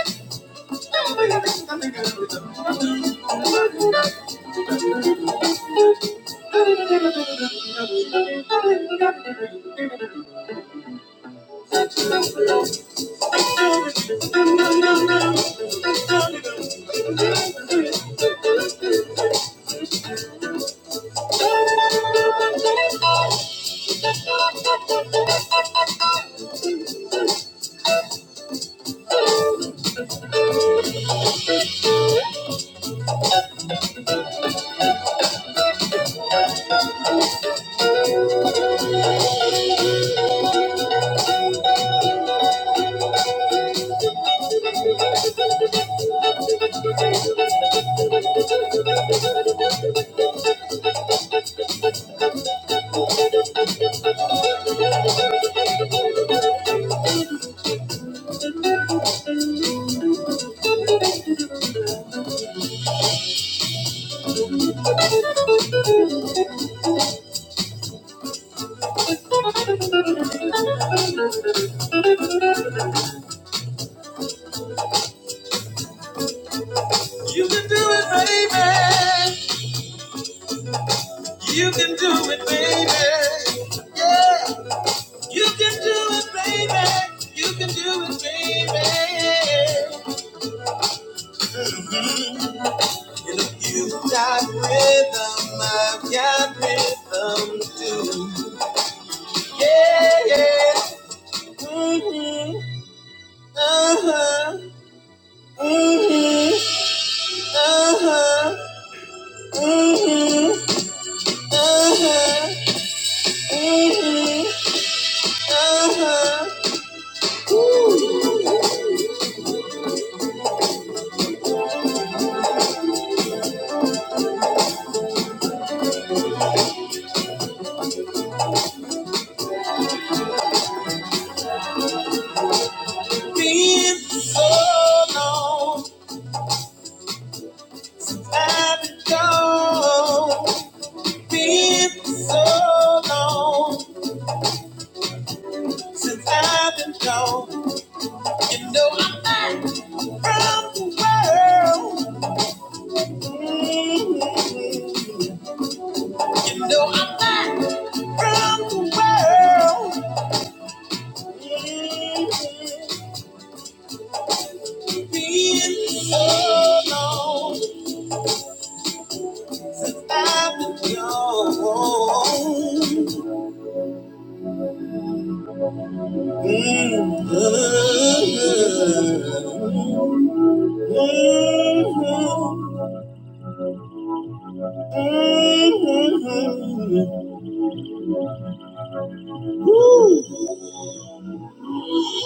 you. I'm Thank you. You can do it, baby. You can do it, baby. Yeah. You can do it, baby. You can do it, baby. You know, you've got rhythm. I've got rhythm too. Yeah, yeah. Mm-hmm. Uh-huh. Mm-hmm. Uh-huh. Uh-huh. so long I've been gone. Been so long since I've been gone. You know I'm not from the world. Mhm. You know I'm not from the world. Mhm. Been so long since I've been gone. Mhm. Mhm. Woo. Thank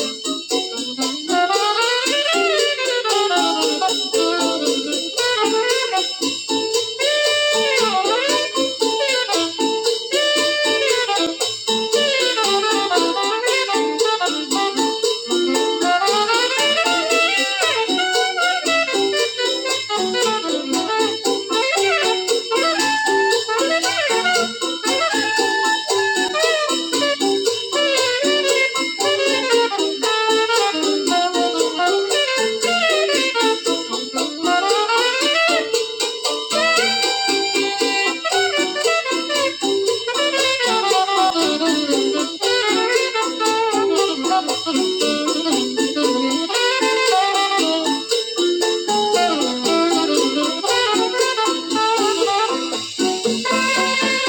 you. Thank you. Thank you. Thank you. Thank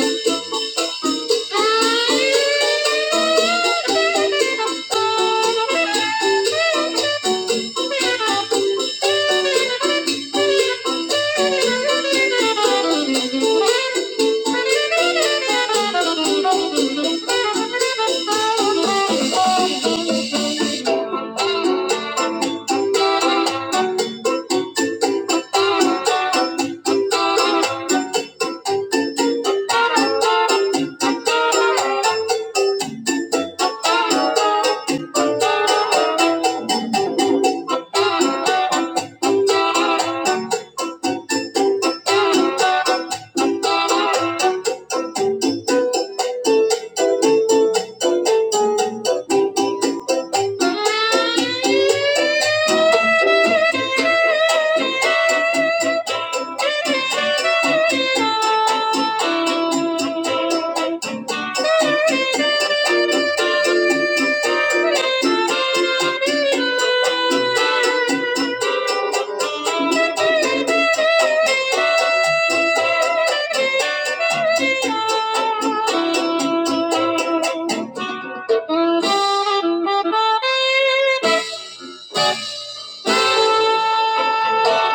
you. Thank you.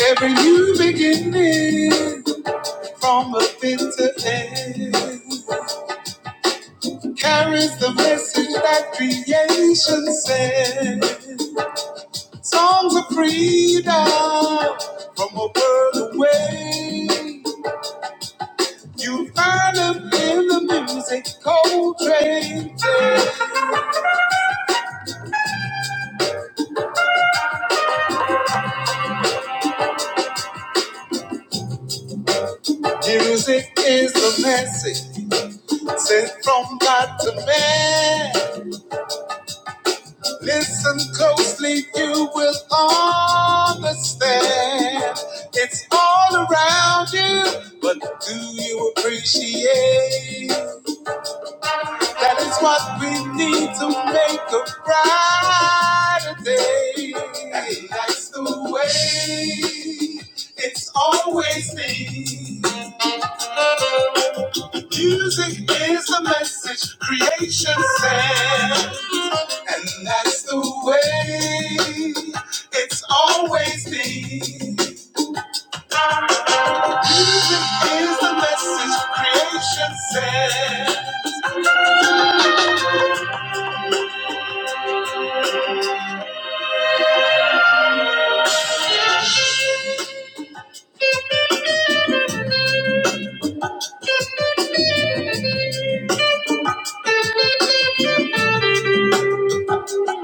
Every new beginning from a bitter end carries the message that creation sent. Songs of freedom from a world away. You find them in the music, Coltrane. Music is the message. Says from God to man, listen closely, you will understand. It's all around you, but do you appreciate? That is what we need to make a brighter day. And that's the way it's always been. Music is the message creation sends. And that's the way it's always been. Here's the message creation said.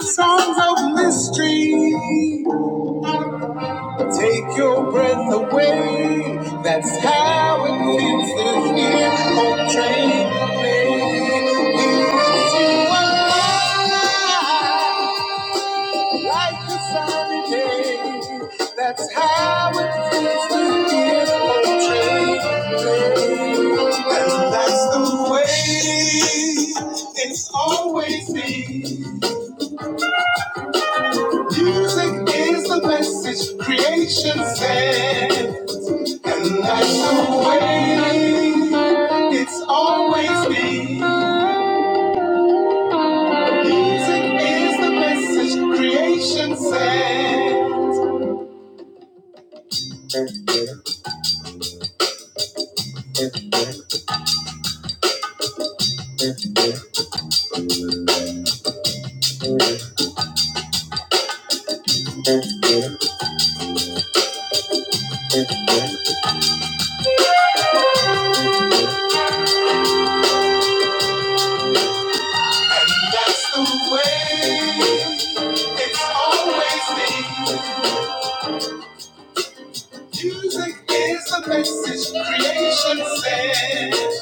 Songs of mystery Take your breath away. That's how it feels to hear a train play. It's you alive, like a sunny day. That's how it feels to hear a train play. And that's the way it's always been. Music is the message creation sent, and that's the way it's always been. Music is the message creation sent, that's the way it's always been. Music is the message creation sent.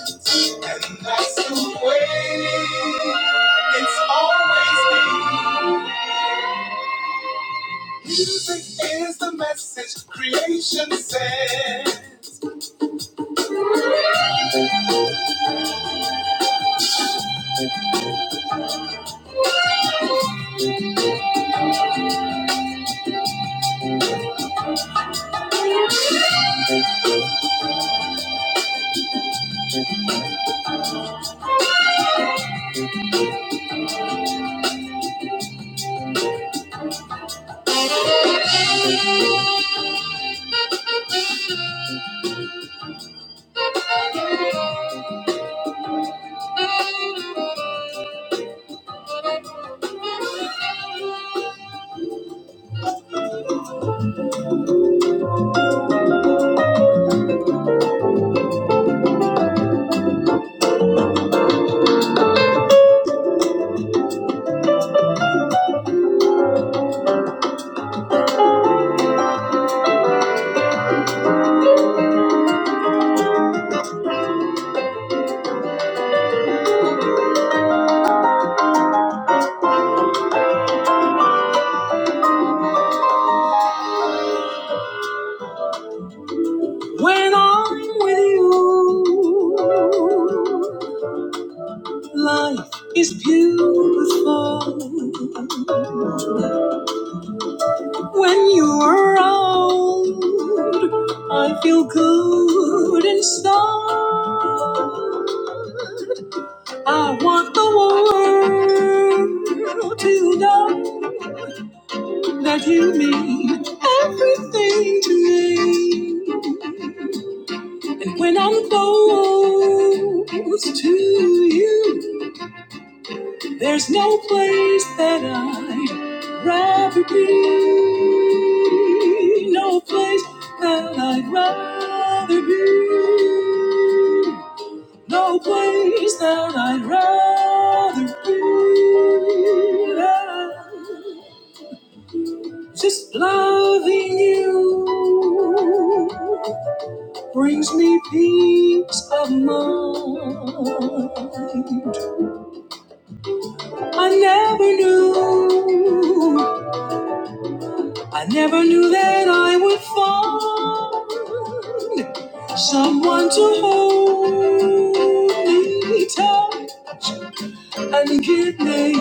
And That's the way it's always been. Music is the message creation sends. When I'm with you, life is beautiful. When you're around, I feel good inside. I want the world to know that you mean everything to me. And when I'm close to you, There's no place that I'd rather be. No place that I'd rather be. No place that I'd rather be. than Just loving you brings me peace of mind. I never knew I never knew that I would find someone to hold me tight and give me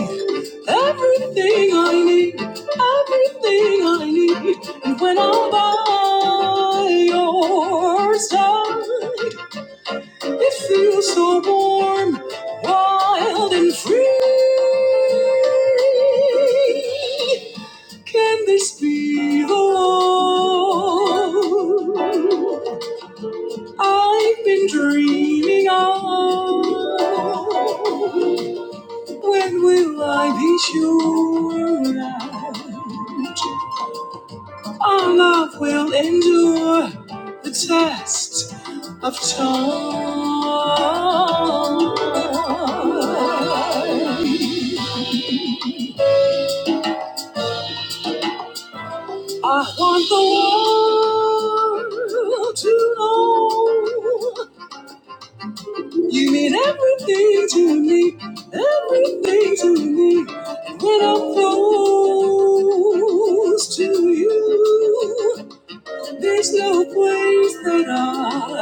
everything I need, everything I need. And when I'm by your side, it feels so warm, wild and free. Can this be the love I've been dreaming of? When will I be sure? that our love will endure the test of time. I want the world to know you mean everything to me, everything to me. And when I'm close to you, There's no place that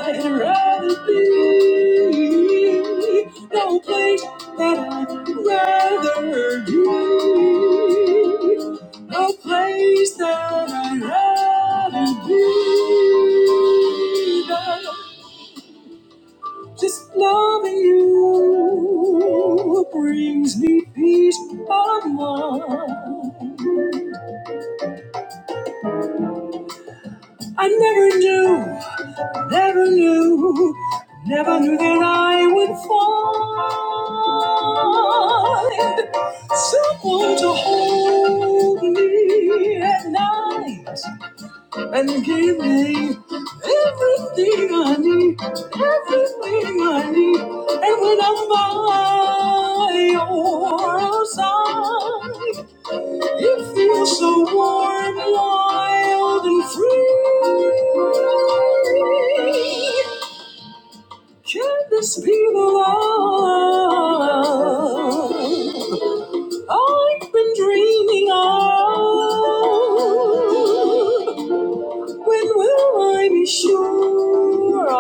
I'd rather be. No place that I'd rather be. No place that I'd rather be than just loving you brings me peace of mind. I never knew. Never knew, never knew that I would find someone to hold me at night and give me everything I need, everything I need. And when I'm by your side, it feels so warm, wild, and free. Can this be the love I've been dreaming of? When will I be sure of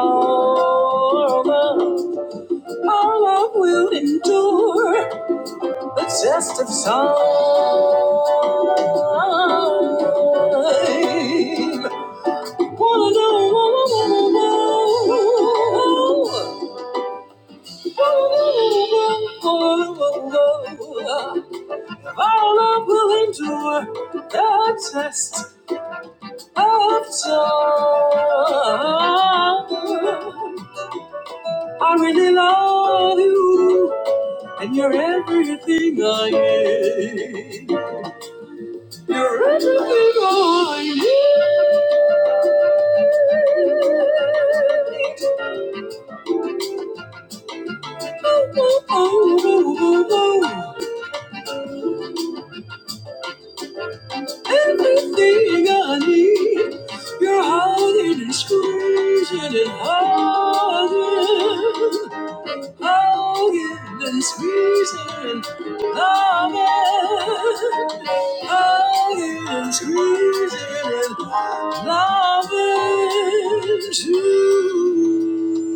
our love will endure the test of time? Wanna know, wanna, know, wanna know. All up will endure the test of time. I really love you, and you're everything I need. You're everything I need. Oh, oh, oh, oh, oh. Everything I need, you're hiding and squeezing and hugging, hugging and squeezing, loving, hugging and squeezing and loving too.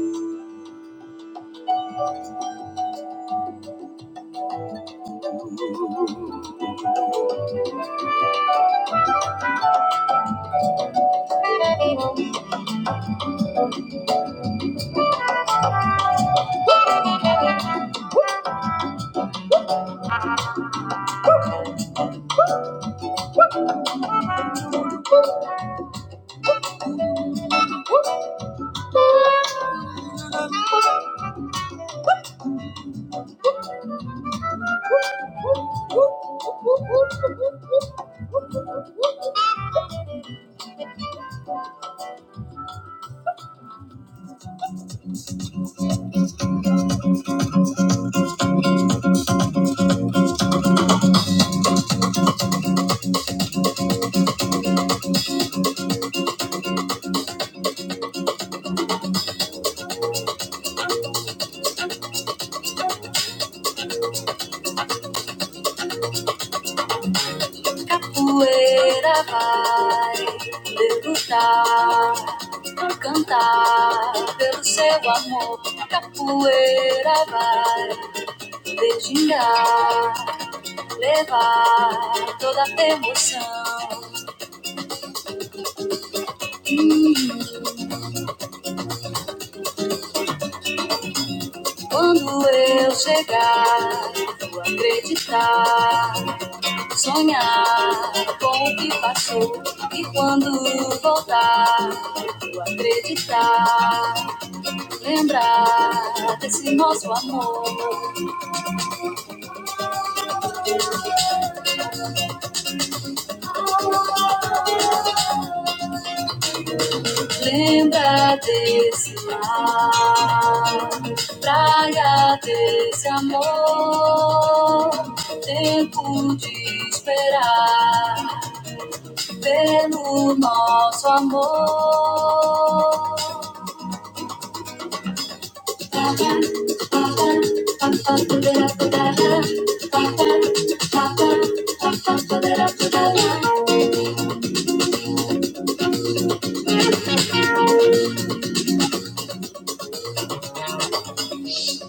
Capoeira vai debutar, cantar pelo seu amor. Capoeira vai dedinhar, levar toda a emoção. Hum, quando eu chegar, vou acreditar, sonhar com o que passou. E quando voltar, vou acreditar. Lembrar desse nosso amor, lembra desse mar, praia desse amor, tempo de esperar pelo nosso amor.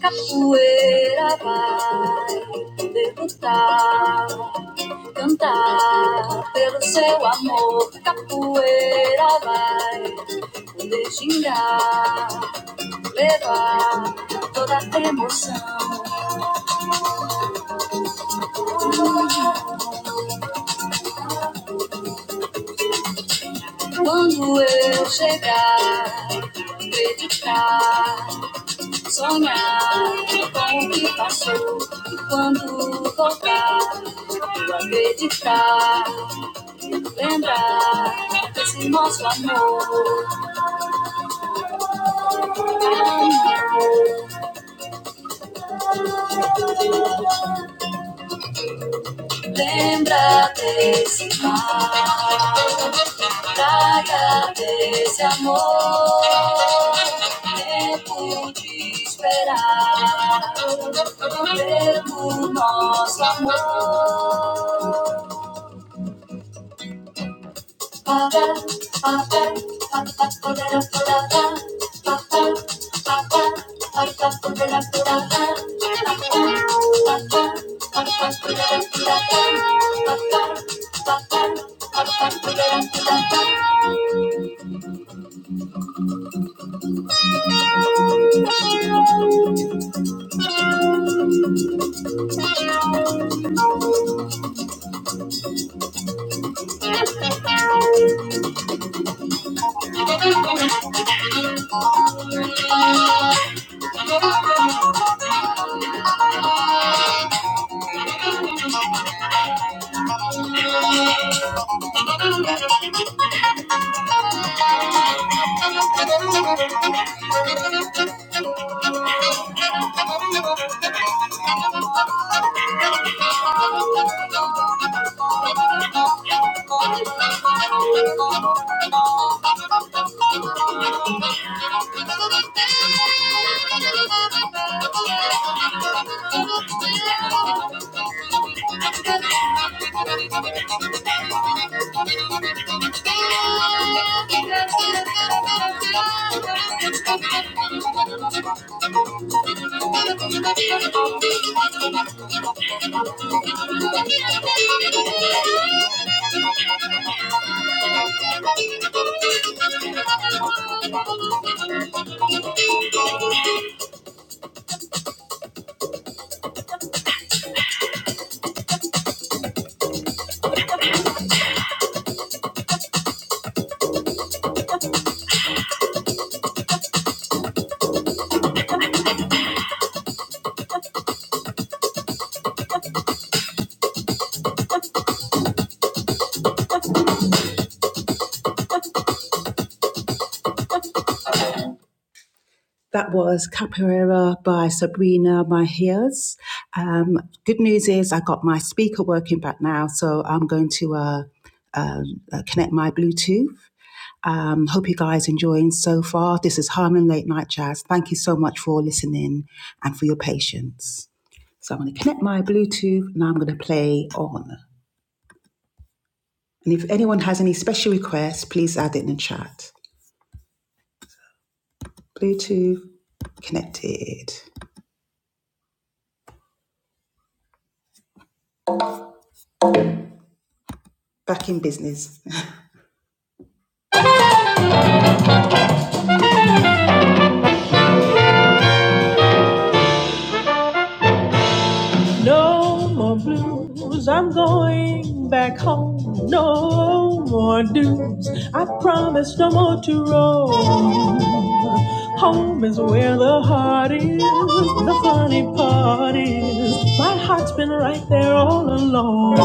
Capoeira vai debutar, cantar pelo seu amor. Capoeira vai poder xingar, levar toda a emoção. Quando eu chegar, acreditar, sonhar com o que passou. E quando voltar, eu acreditar. Lembrar desse nosso amor. amor. Lembra desse mar. Traga desse amor. Tempo de esperar. Pelo nosso amor. Thank you. Thank you. Thank you. That was Capoeira by Sabrina Mejias. Um, good news is I got my speaker working back now, so I'm going to uh, uh, uh, connect my Bluetooth. Um, hope you guys enjoying so far. This is Harlem Late Night Jazz. Thank you so much for listening and for your patience. So I'm going to connect my Bluetooth and I'm going to play on. And if anyone has any special requests, please add it in the chat. Bluetooth connected. Back in business. No more blues, I'm going back home. No more dues, I promise no more to roam. Home is where the heart is, the funny part is, my heart's been right there all along.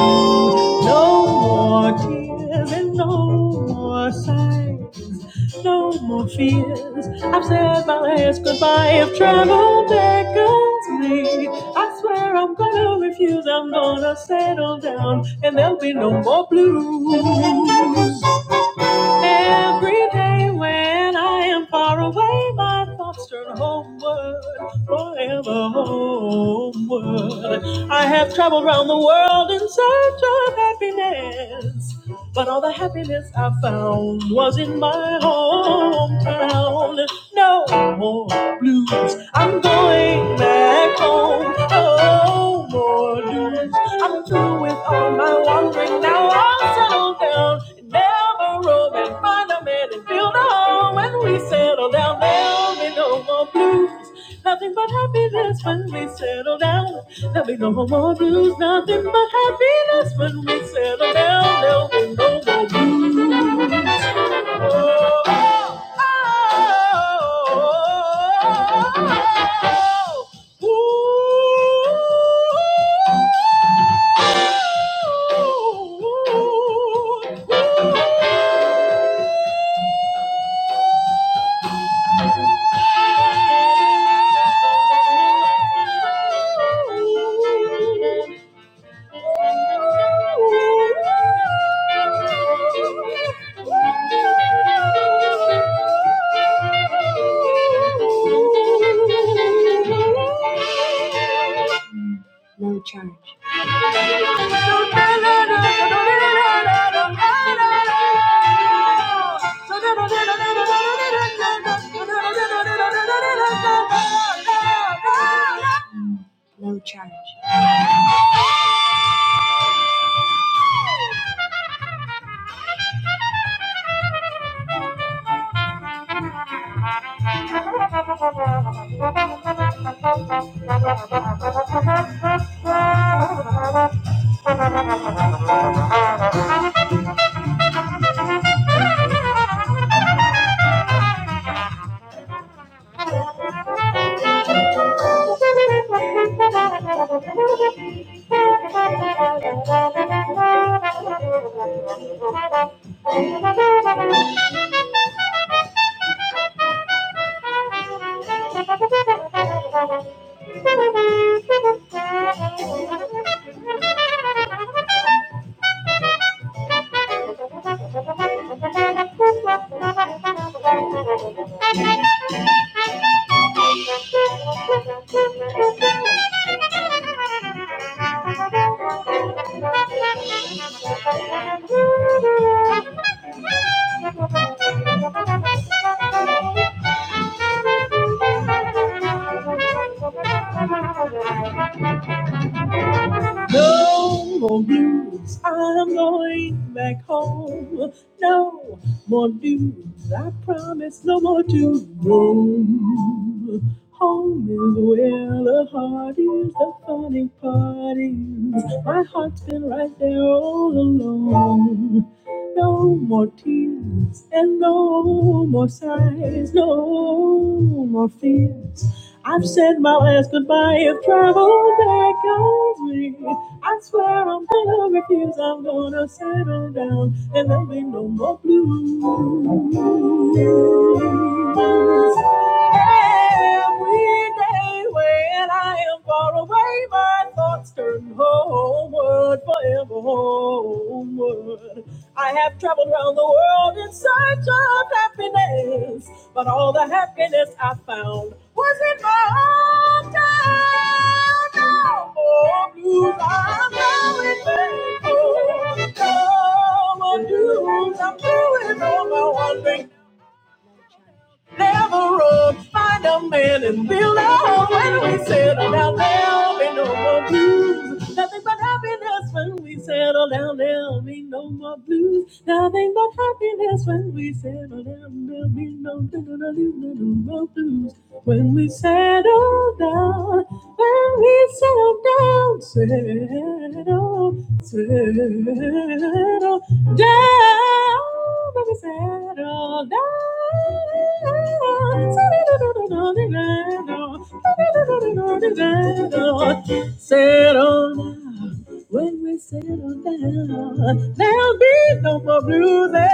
No more tears and no more sighs, no more fears. I've said my last goodbye. If travel beckons me, I swear I'm gonna refuse. I'm gonna settle down, and there'll be no more blues. Every day when I am far away, my thoughts turn homeward, forever homeward. I have traveled round the world in search of happiness. But all the happiness I found was in my hometown. No more blues. I'm going back home. No more blues. I'm through with all my wandering. Now I'll settle down in never roam and find a man and build a home. When we settle down, there'll be no more blues. Nothing but happiness when we settle down. There'll be no more blues. Nothing but happiness when we settle down. There'll be no more blues. Oh, oh, oh, oh, oh. Ooh, ooh, ooh. Thank you. Thank you. Thank you more blues. I'm going back home. No more dues. I promise no more to roam. Home is where the heart is, the funny part is. My heart's been right there all along. No more tears and no more sighs, no more fears. I've said my last goodbye if travel beckons me. I swear I'm gonna refuse, I'm gonna settle down and there'll be no more blues. And we Every day when I am far away, my thoughts turn homeward, forever homeward. I have traveled around the world in search of happiness, but all the happiness I found was in my hometown. No more blues, I'm going back. Oh, blues, I'm doing all my one thing. Never run, find a man and build a home. when we settle down. There'll be no more blues, nothing but happiness when we settle down. There'll be no more blues, nothing but happiness when we settle down. There'll be no, no, no, no, no no, no more blues. When we settle down, when we settle down, settle, settle down, when we settle down, settle, settle down. When we settle down, there'll be no more blues. Thank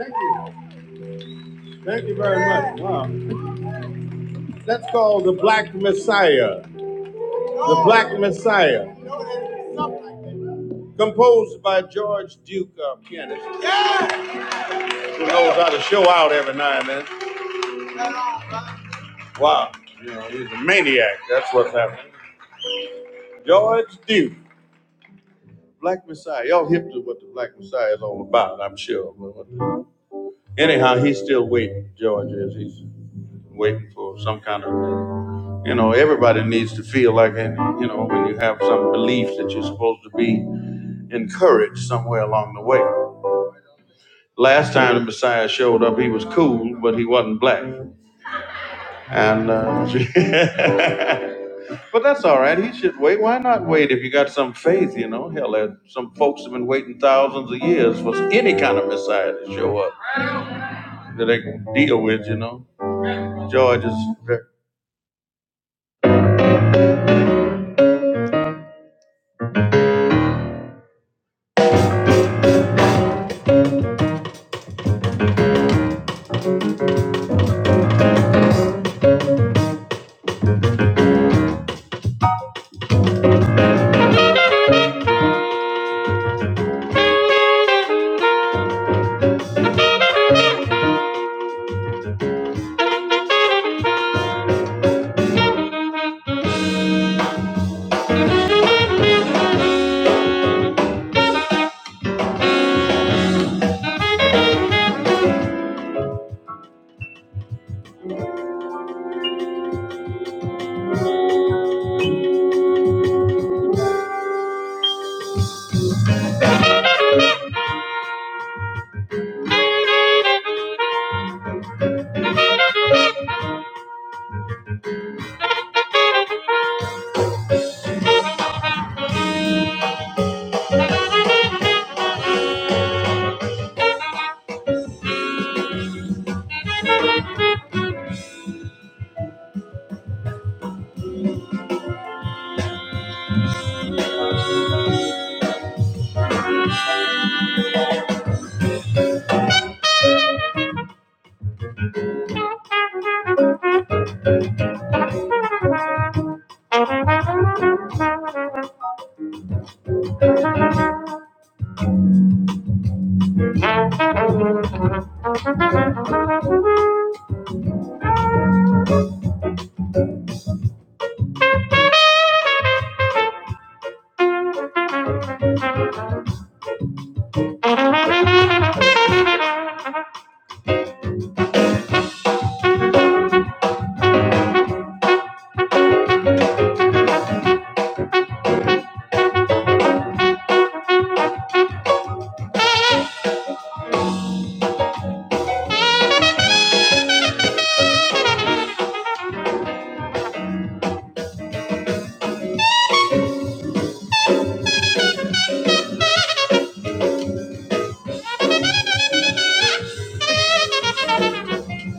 you. Thank you very much. Wow. That's called the Black Messiah. The Black Messiah, composed by George Duke, uh, pianist, who knows how to show out every now and then. Wow, you know, he's a maniac. That's what's happening. George Duke, Black Messiah. Y'all hip to what the Black Messiah is all about, I'm sure. Anyhow, he's still waiting. George is. He's waiting for some kind of, you know, everybody needs to feel like, you know, when you have some beliefs that you're supposed to be encouraged somewhere along the way. Last time the Messiah showed up, he was cool, but he wasn't black. And uh, but that's all right. He should wait. Why not wait if you got some faith? You know, hell, there- some folks have been waiting thousands of years for any kind of Messiah to show up that they can deal with. You know, George is.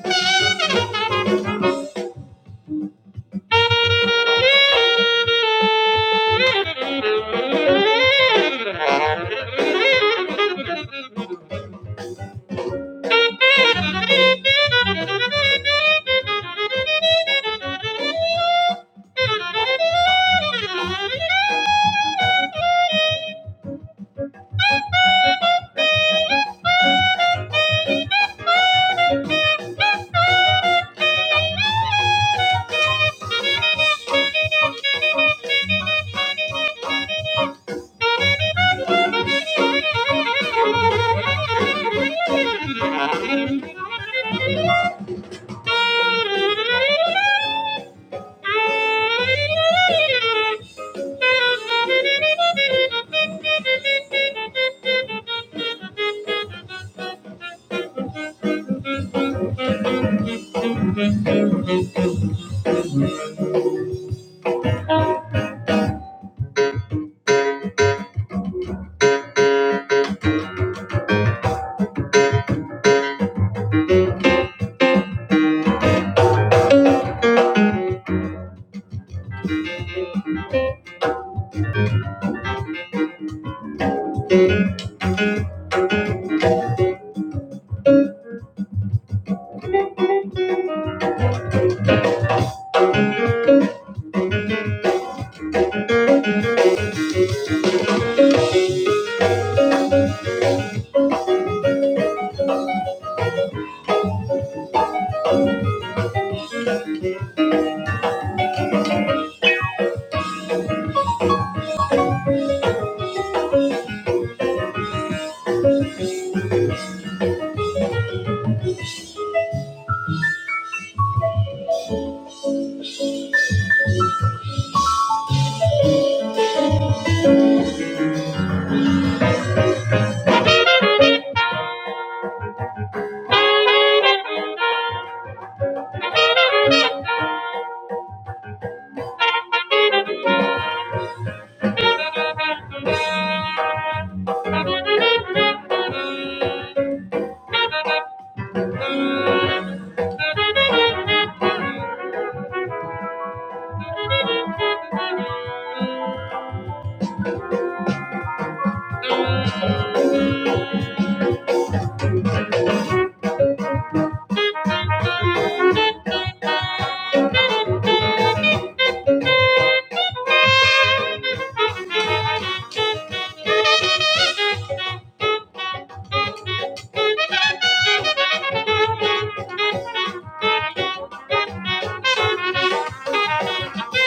very- Thank you.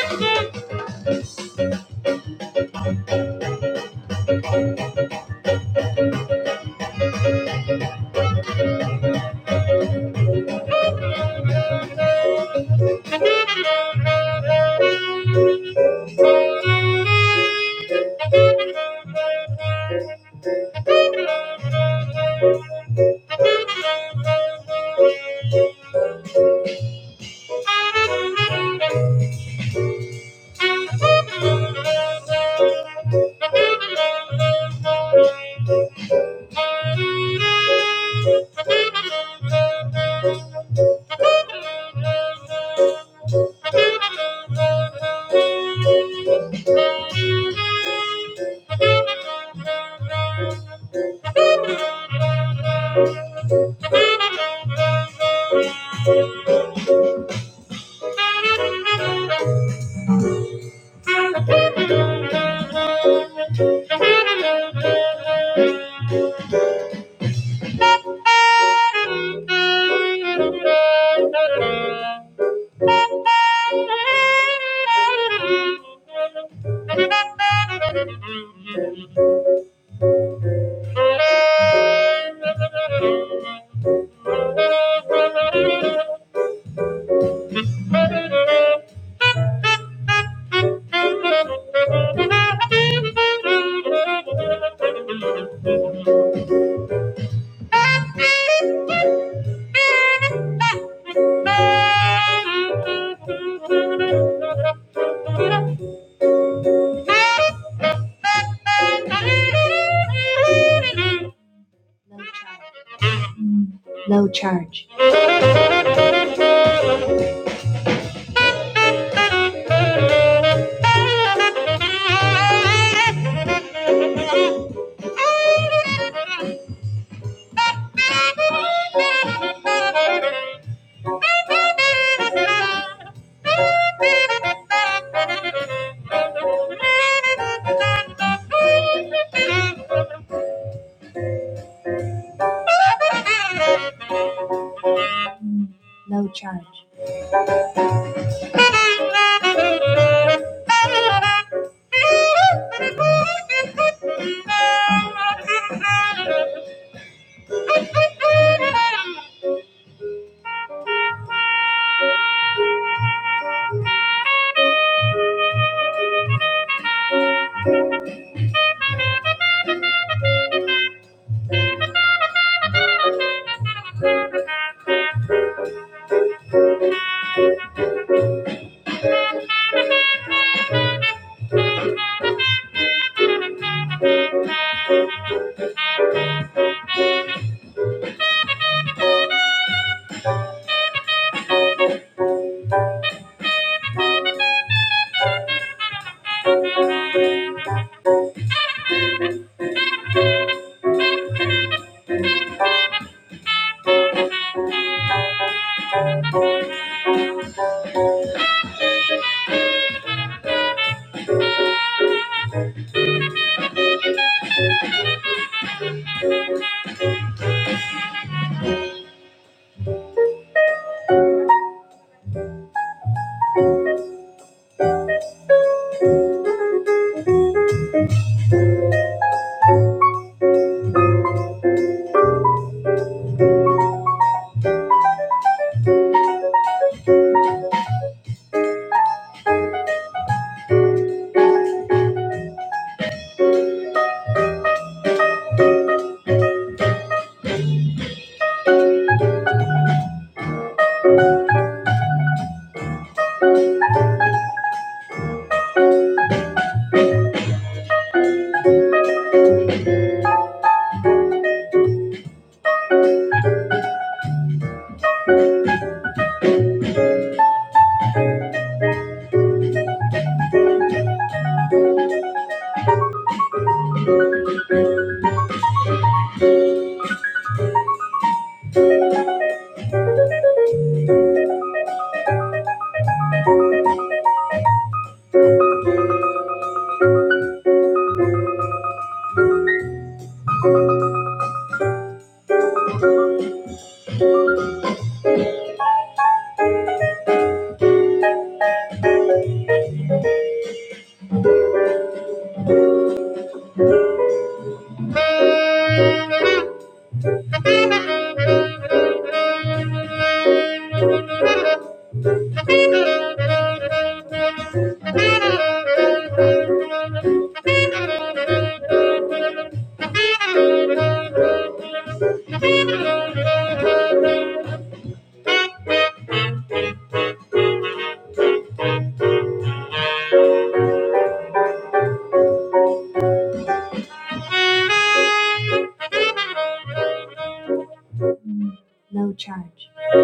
Thank you. Thank you. Thank you. Thank you. Thank you. Thank you. Thank you. Thank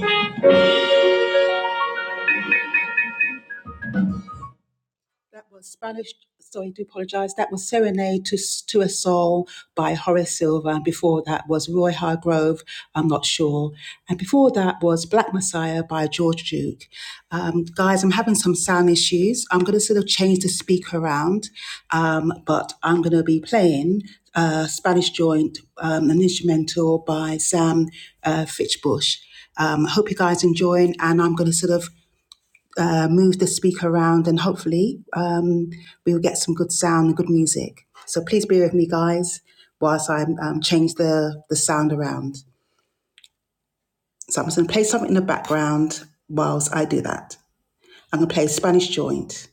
you. That was Spanish. So I do apologise. That was Serenade to to a Soul by Horace Silver, and before that was Roy Hargrove. I'm not sure, and before that was Black Messiah by George Duke. Um, guys, I'm having some sound issues. I'm going to sort of change the speaker around, um, but I'm going to be playing uh, Spanish Joint, um, an instrumental by Sam uh, Fitchbush. Um, I hope you guys enjoying, and I'm going to sort of uh, move the speaker around, and hopefully um, we'll get some good sound and good music. So please be with me, guys, whilst I um, change the, the sound around. So I'm just going to play something in the background whilst I do that. I'm going to play Spanish Joint.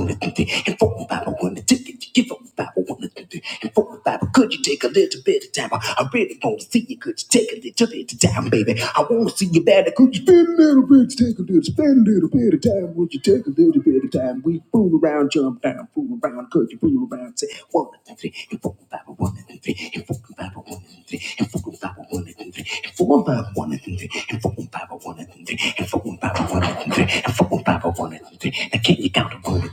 wanna do that? And for a Bible, when the ticket you give up a Bible, when the and for a Bible, could you take a little bit of time? I I really want to see you. Could you take a little bit of time, baby? I want to see you better. Could you spend a little bit, take a little, spend a little bit of time? Would you take a little bit of time? We fool around, jump down, fool around. Could you fool around? Say one and three, and four and five, one and three, and four and five, one and three, and four and five, one and three, and four and five, one and three, and four and five, one and three. Oom Baba wanted them to, and for Oom Baba wanted them to, and for Oom Baba wanted them to, and three. Now can you count upon it?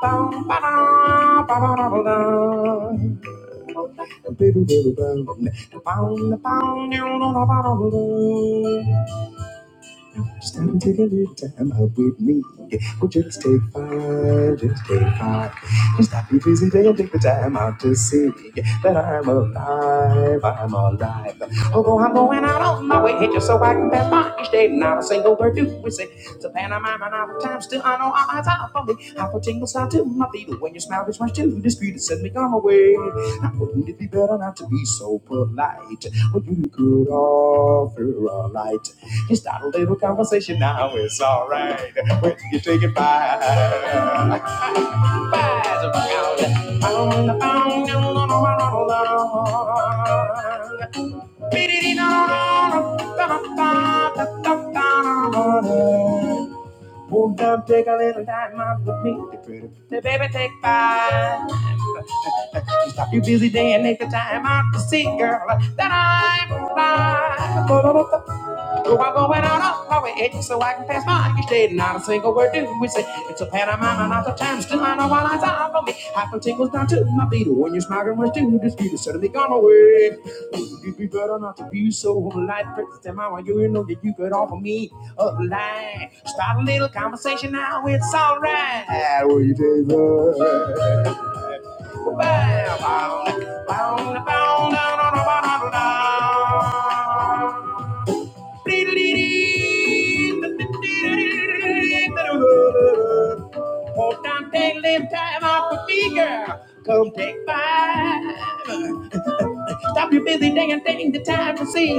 Pound, pound, pound, Stand and take a little time out with me. Well, just take five, just take five. Just stop your busy day and take the time out to see that I'm alive, I'm alive. Although I'm going out on my way just so I can pass by each day, not a single word do we say. It's a pantomime and all the time. I'm still on all eyes, I'm falling. I put tingles out to my feet. When your smile gets much too discreet, it sends me on my way. I wouldn't it be better not to be so polite? Well, you could offer a light. Just start a little conversation now, it's alright. When you take it by. Won't take a little time off with me. baby take five. You busy day and make the time out to see, girl, that I'm fine. Go I'm going out on my way, eh, so I can pass by each day. Not a single word do we say. It's a pantomime, not the time. Still, I know what I saw for me. Half a tingles down to my feet. When you're smiling, we're still just Suddenly gone away. you Would be better not to be so polite? Princess, am I want you? to know that you could offer me a line. Start a little conversation now, it's alright. Will you, David? Won't time take live time off with me, girl. Come take five. Stop your busy day and take the time to see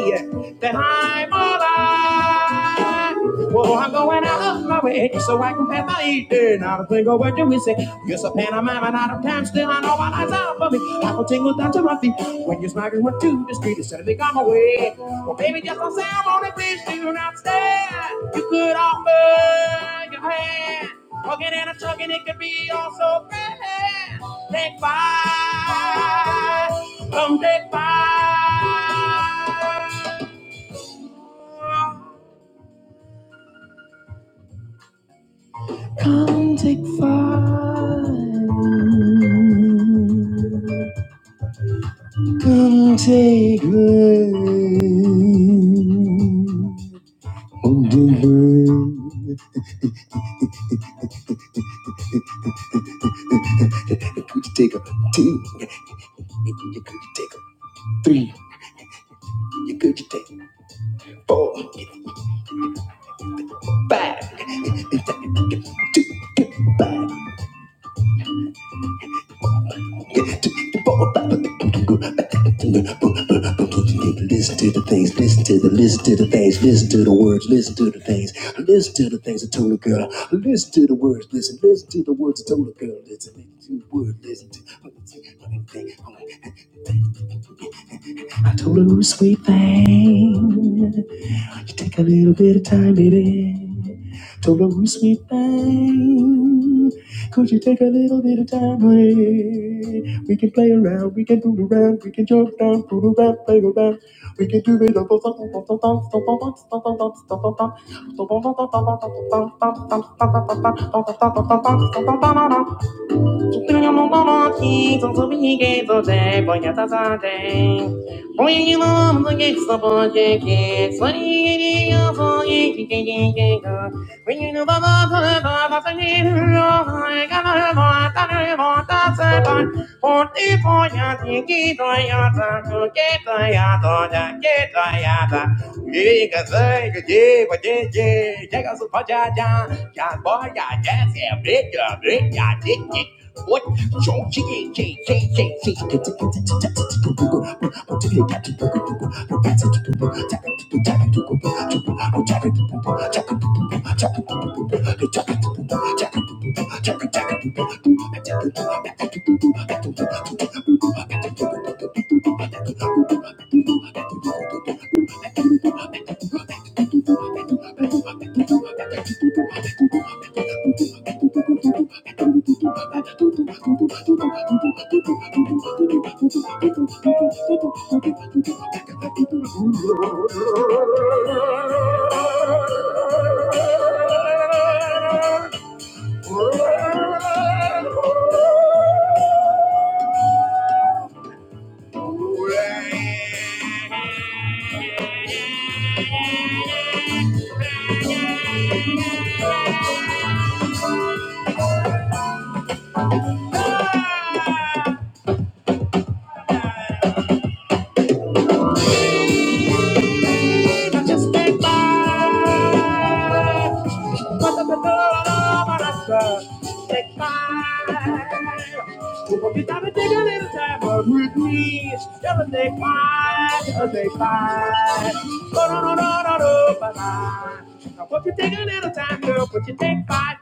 that I'm alive. Well, I'm going out of my way so I can pass my eating. Not a thing word do we say. You're so pantomime and out of time. Still, I know my eyes are above me. I will tingle down to my feet. When your smile is went to the street, it suddenly gone away. Well, baby, just don't say I'm on it. Please do not stay. You could offer your hand. Walking and a talking, it could be all so bad. Take five, come take five. Mm. Could you take a three? You could you take a two? But, but, but, but could you take? Listen to the things, listen to the, listen to the things, listen to the words, listen to the things. Things I told a girl, listen to the words, listen, listen to the words I told a girl, listen, listen to the words, listen to. I told her, We can do it. All. Oh my god! Oh my god! Oh my god! Oh my god! Oh my god! Oh my god! Oh my god! Oh my god! What? J J J J J J. Ah, I just can't lie. What the hell am I gonna Take five. Who will be down to take a little time but with me? Gonna take five. Gonna take five. No no no no no no. Bye bye. Now, won't you take a little time, girl? Would you take five?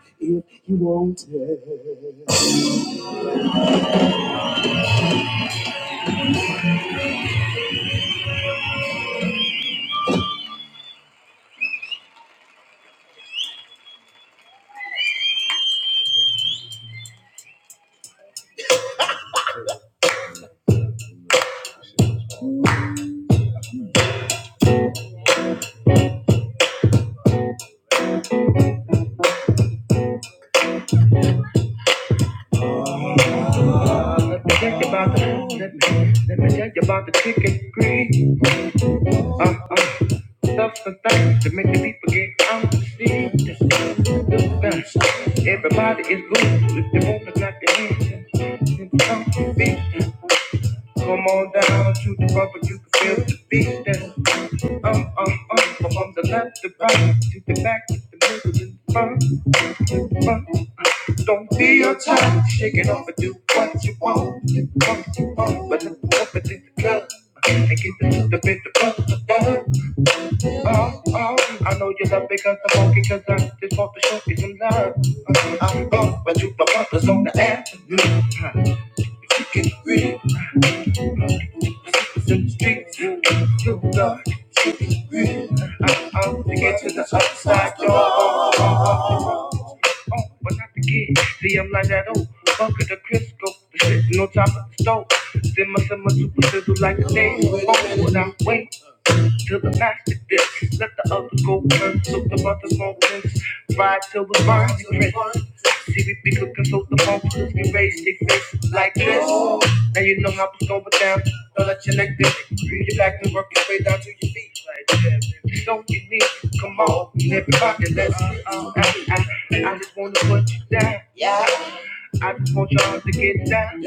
Let me think about the, let me, let me think about the chicken green. Uh uh. Up for things to make the people get confused. Everybody is loose if they want to clap their hands and get some beat. Come on down to the front, but you can feel the beat. Um, um, um, from the left to right, to the back, to the middle, to the front, front. Don't be your time, shake it off and do what you want. What you want, but look up and the club and get the, the bit of bump. Oh, oh, I know you love me cause I'm funky cause I just want to show you some love. I'm gone, but you my partner's on the avenue. Huh, It's in the streets, you, you love. I'm out to get to the other side, yo. Oh, oh, oh, oh, oh, but not the kid. See, I'm like that old funk the Crisco. The shit, no time at the stove. Then my summer super sizzle like a day. Oh, and I wait till the master dips. Let the others go first, so the mother small prince. Ride till we burns. the So the phone to me raised it makes it like this. Now you know how to go down. Don't let your neck bend. Bring it back and work your way down till you don't get me. Come on, everybody, let's. I, I, I just wanna put you down. I just want y'all to get down.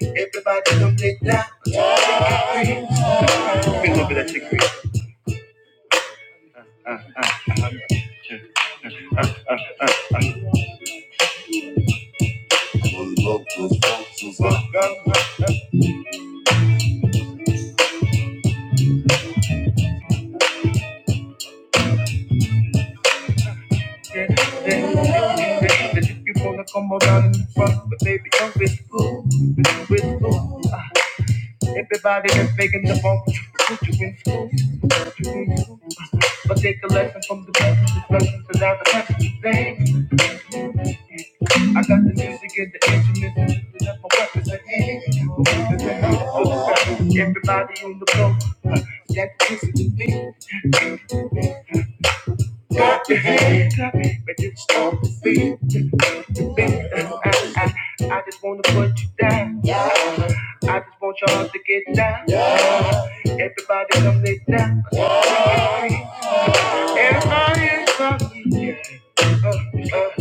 Everybody, come get down. Green. We love it at your school. put you in school. But take a lesson from the best. Discussion to now the best thing. I got the music and the instruments and lifting up my weapons like hey, weapons I'm so Everybody on the floor, uh, that this is the beat. Hey, but it's start to beat, Uh, I, I, I just wanna put you down. I just want y'all to get down. Everybody come lay down. Everybody is up, up,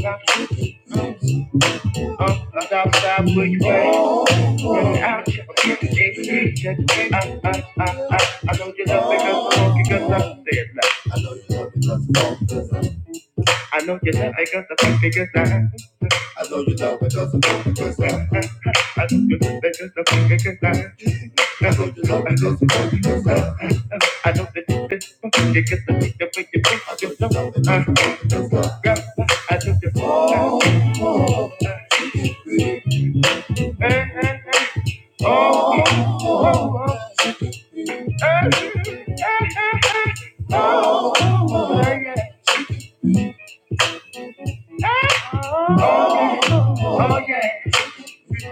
up, up, up, up, where you at? Run out, check it, check it, check it. I, I, I, I, I know you love me 'cause I'm funky 'cause I'm dead. I know you love I guess I think you guess I I know you love I guess I think you guess I I know that this I think you guess I think you think you know I just don't know why. Oh, yeah, oh, yeah. Oh, yeah. Baby,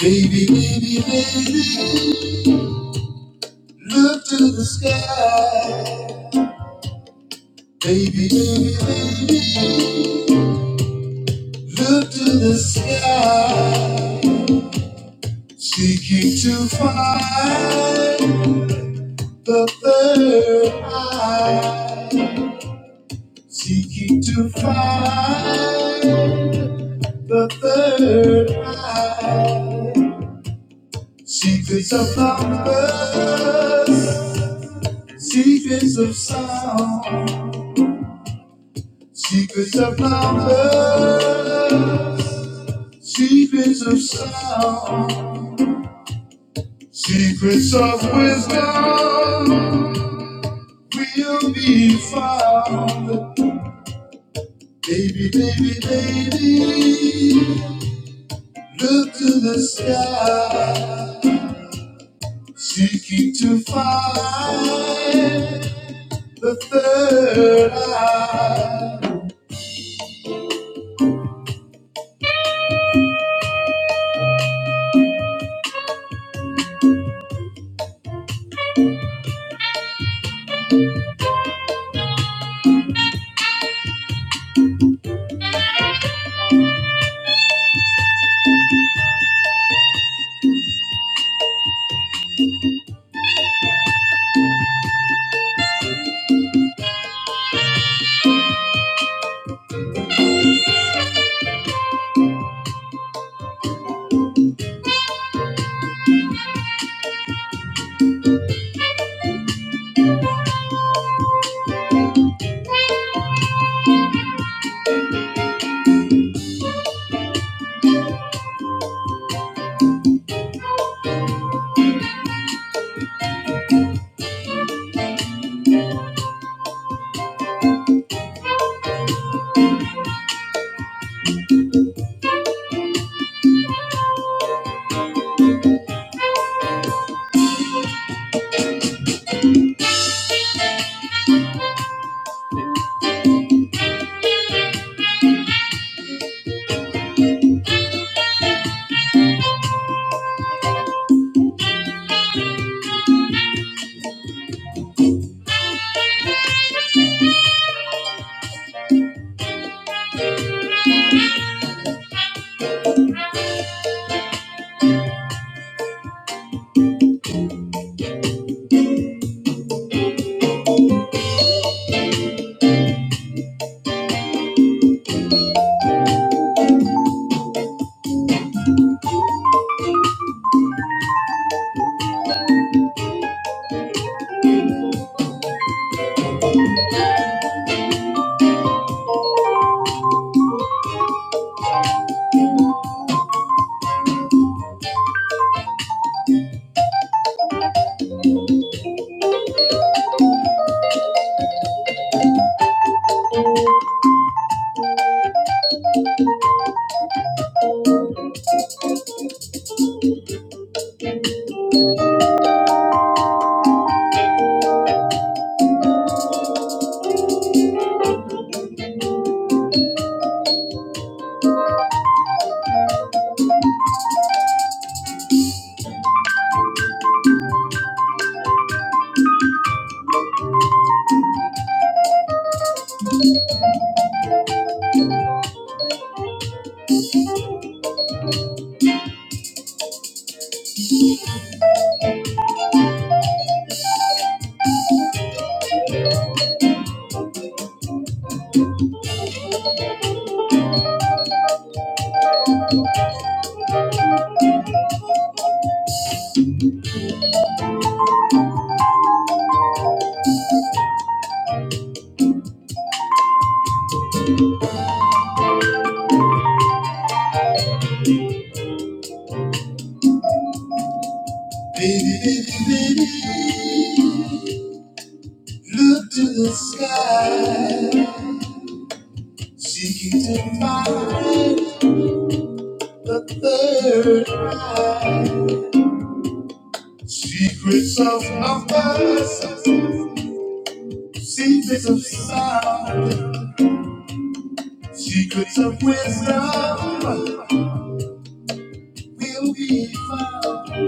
baby, baby, look to the sky. Baby, baby, baby. Look to the sky, seeking to find the third eye, seeking to find out secrets of sound, secrets of number, secrets of sound, secrets of wisdom will be found. Baby, baby, baby, look to the sky. Seeking to find the third. Look to the sky. Seeking to find the third eye. Secrets of numbers. Secrets of sound. Secrets of wisdom will be found.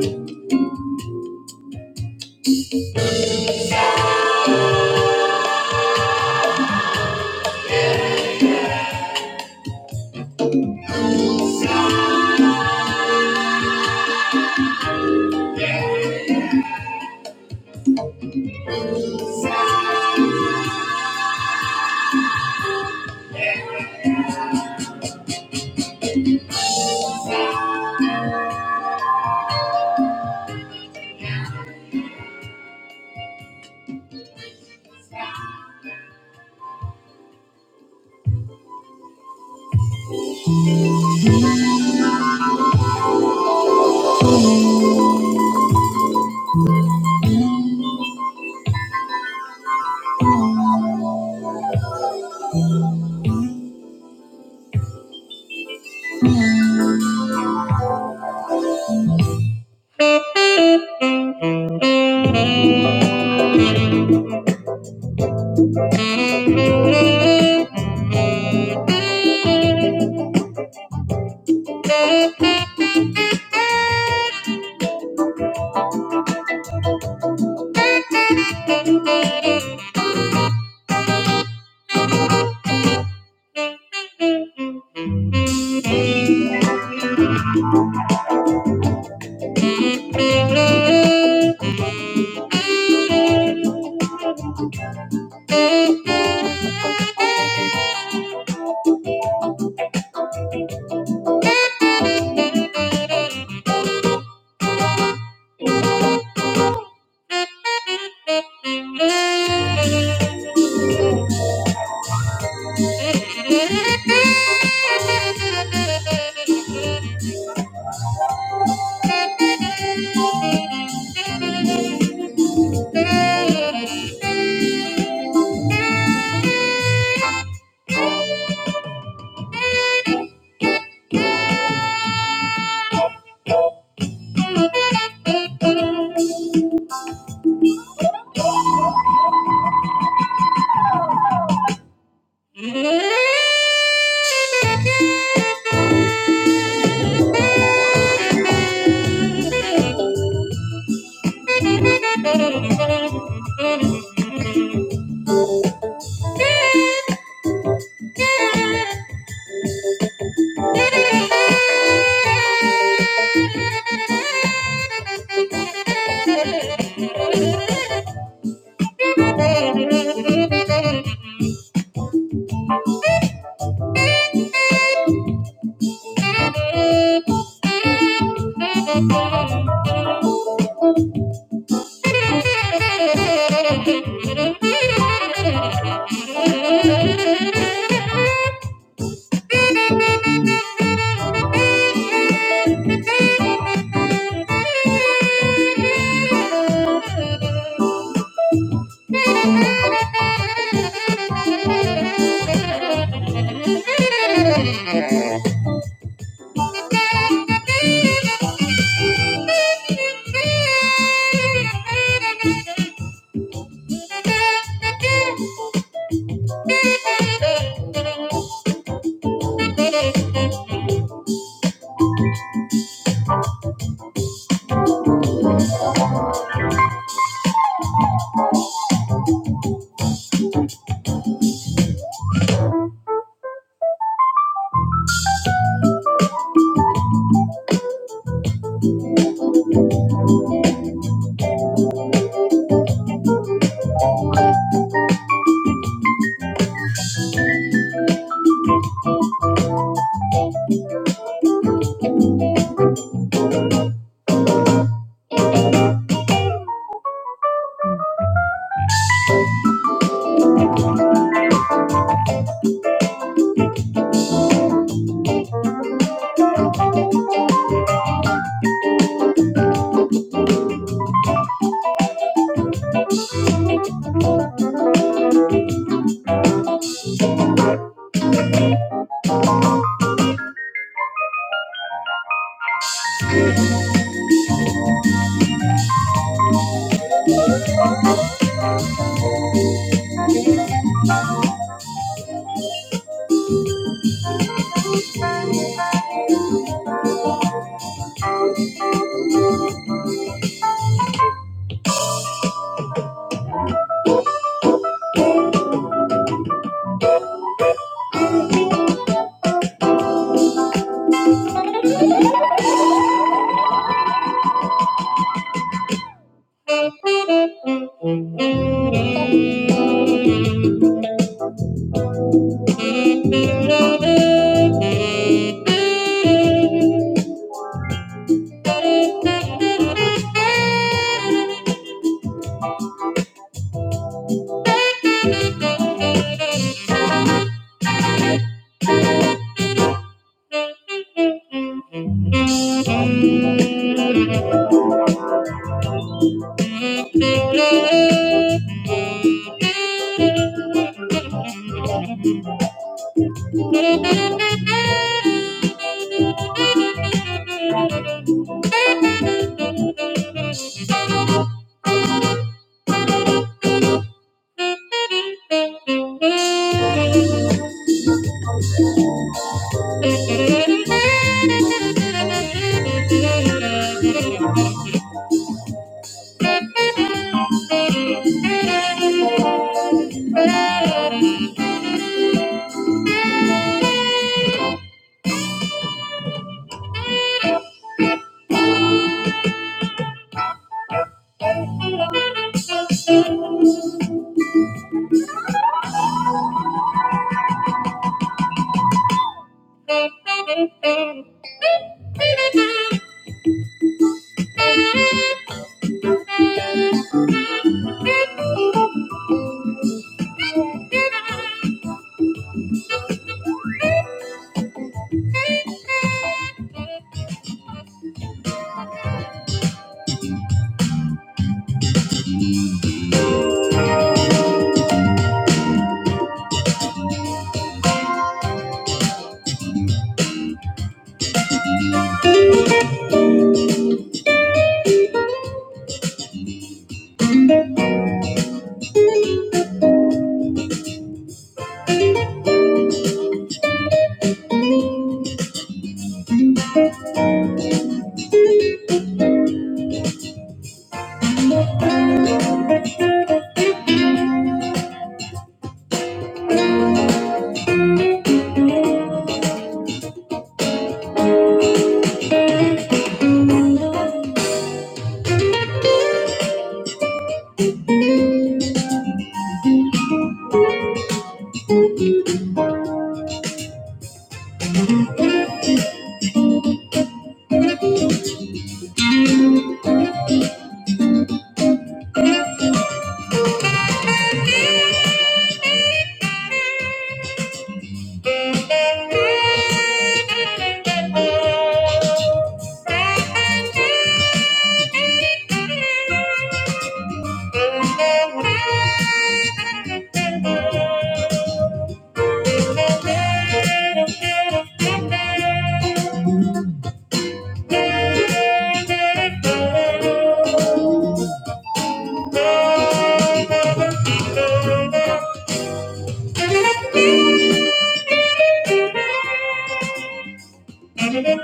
Thank you. Thank you. The. Thank you. Thank you. Thank you.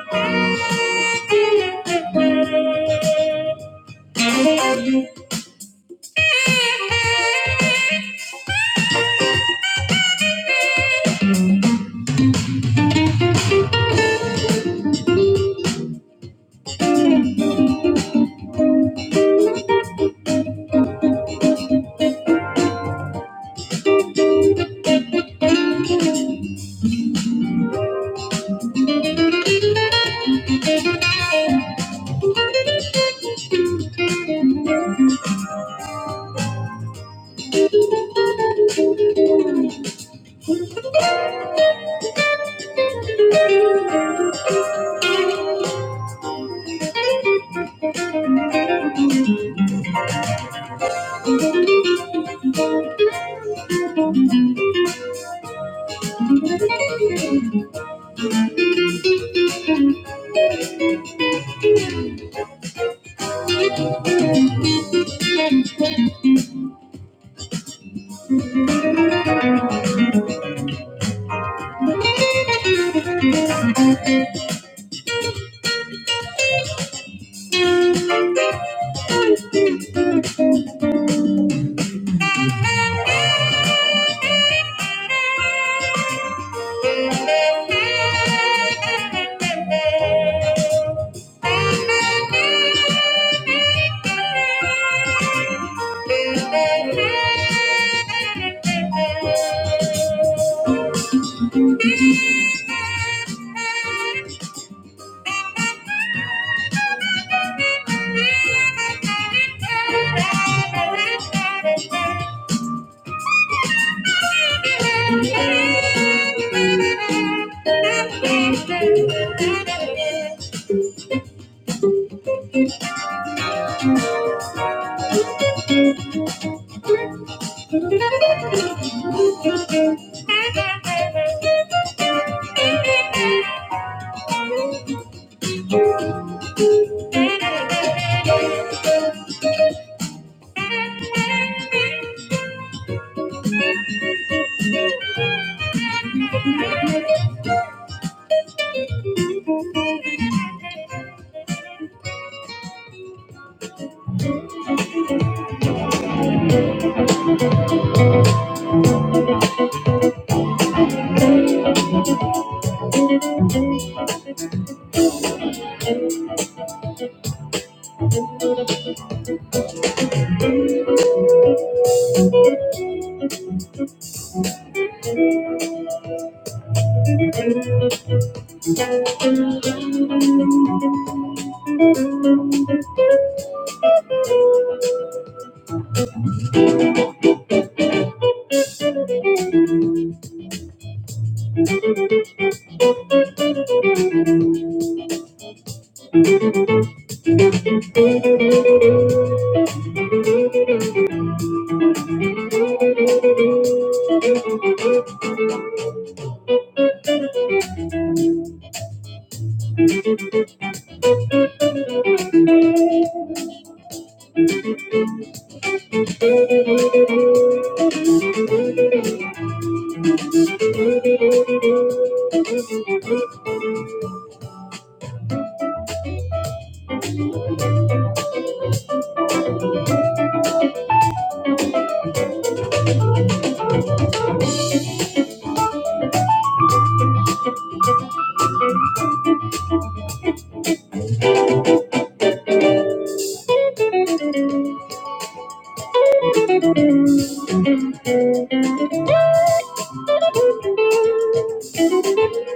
Thank you.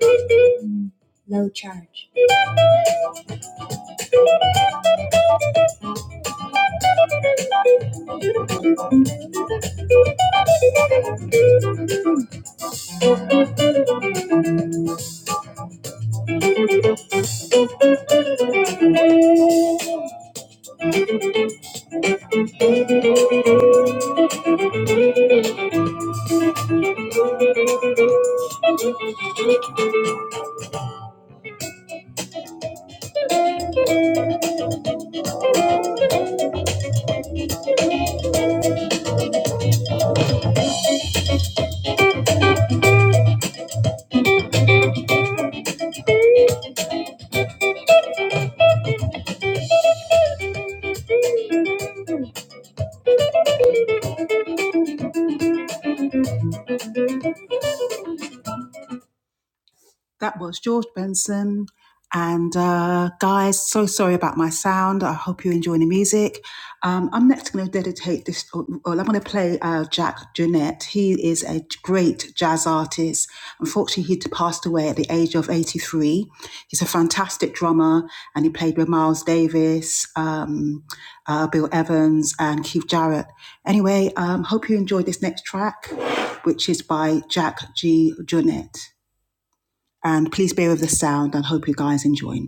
Thank you. That was George Benson. And uh, guys, so sorry about my sound. I hope you enjoy the music. Um, I'm next going to dedicate this, or I'm going to play uh, Jack Jeanette. He is a great jazz artist. Unfortunately, he passed away at the age of 83. He's a fantastic drummer and he played with Miles Davis, um, uh, Bill Evans, and Keith Jarrett. Anyway, um, hope you enjoy this next track, which is by Jack G. Jeanette. And please bear with the sound and hope you guys enjoy.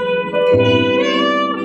Thank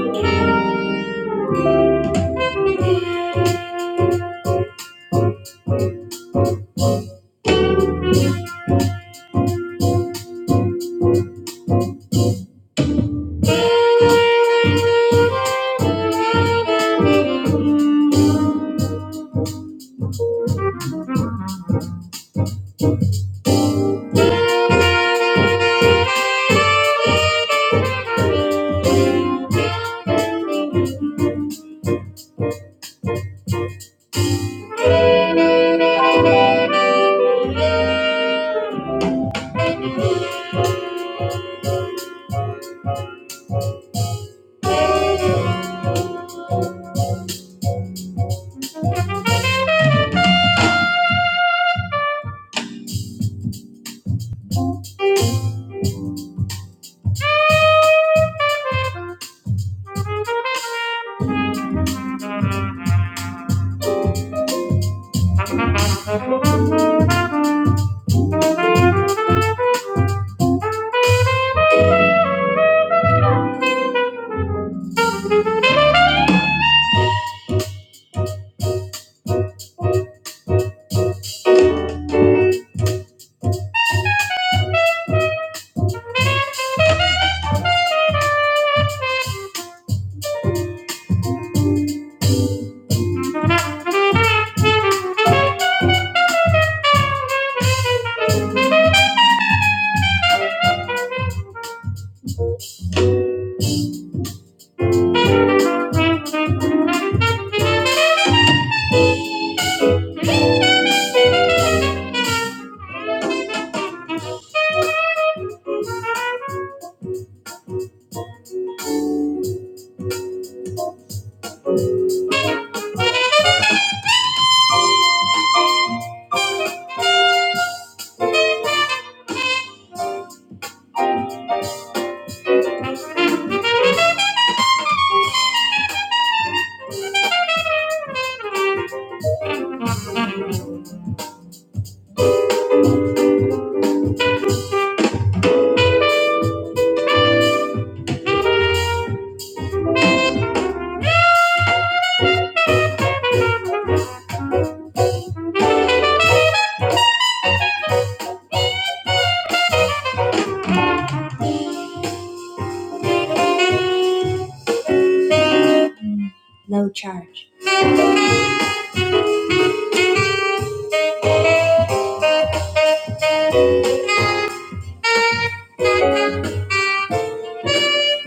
Thank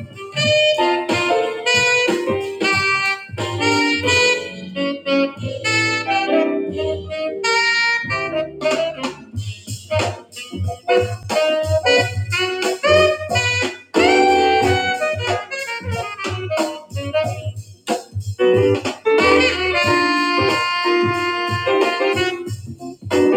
you. Thank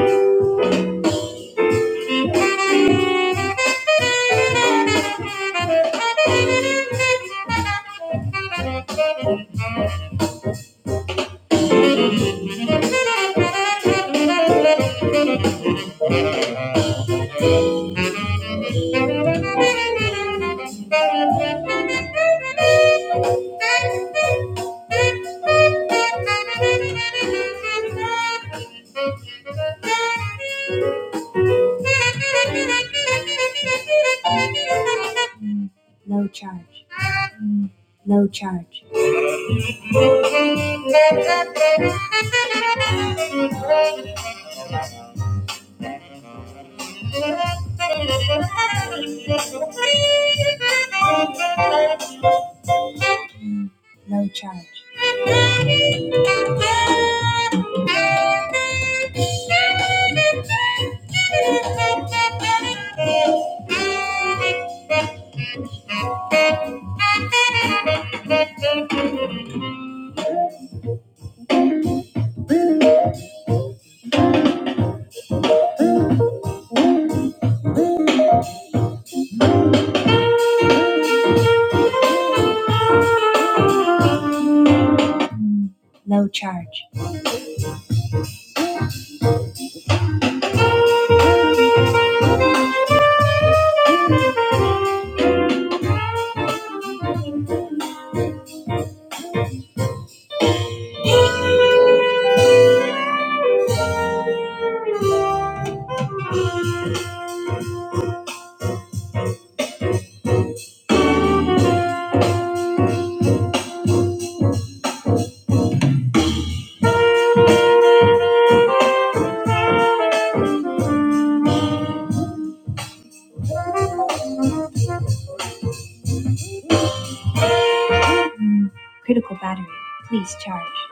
you. No charge. No charge. No charge. Critical battery. Please charge.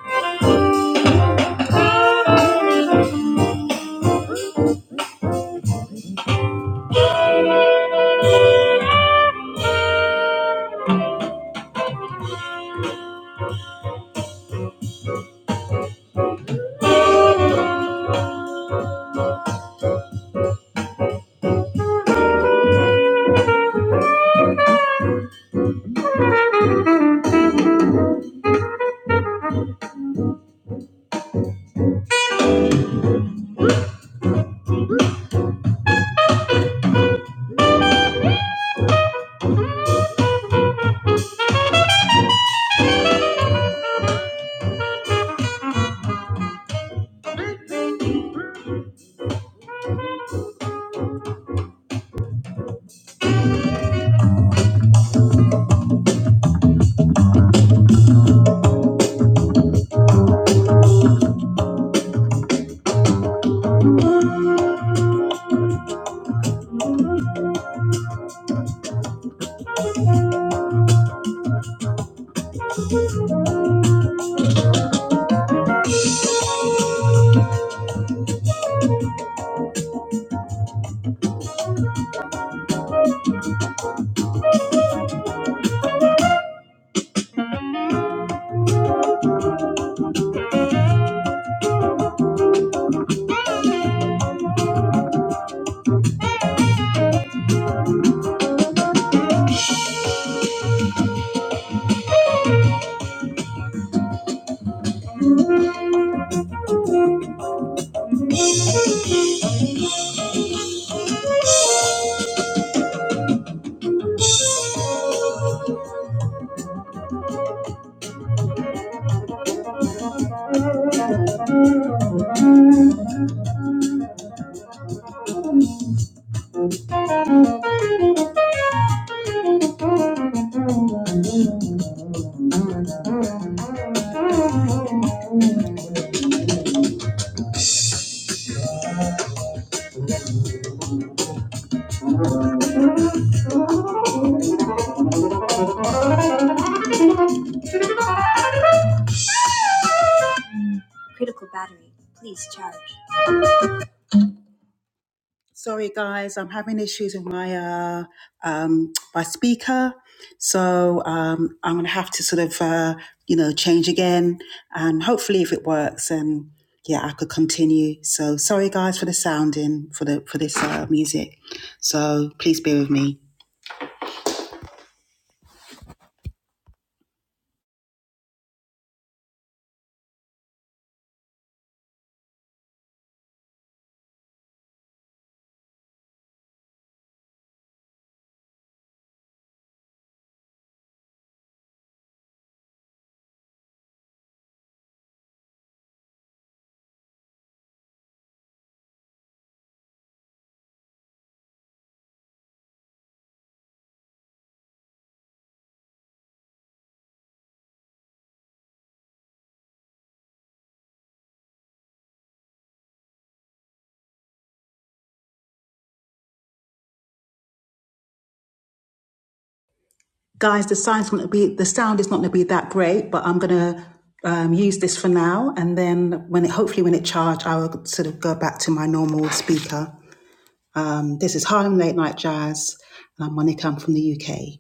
Critical battery, please charge. Sorry, guys, I'm having issues with my uh, um, my speaker, so um, I'm gonna have to sort of uh, you know change again, and hopefully, if it works, and yeah, I could continue. So sorry, guys, for the sounding for the for this uh, music. So please bear with me, guys. The sound's gonna be the sound is not gonna be that great, but I'm gonna um, use this for now, and then when it hopefully when it charged, I will sort of go back to my normal speaker. Um, this is Harlem Late Night Jazz, and I'm Monica. I'm from the UK.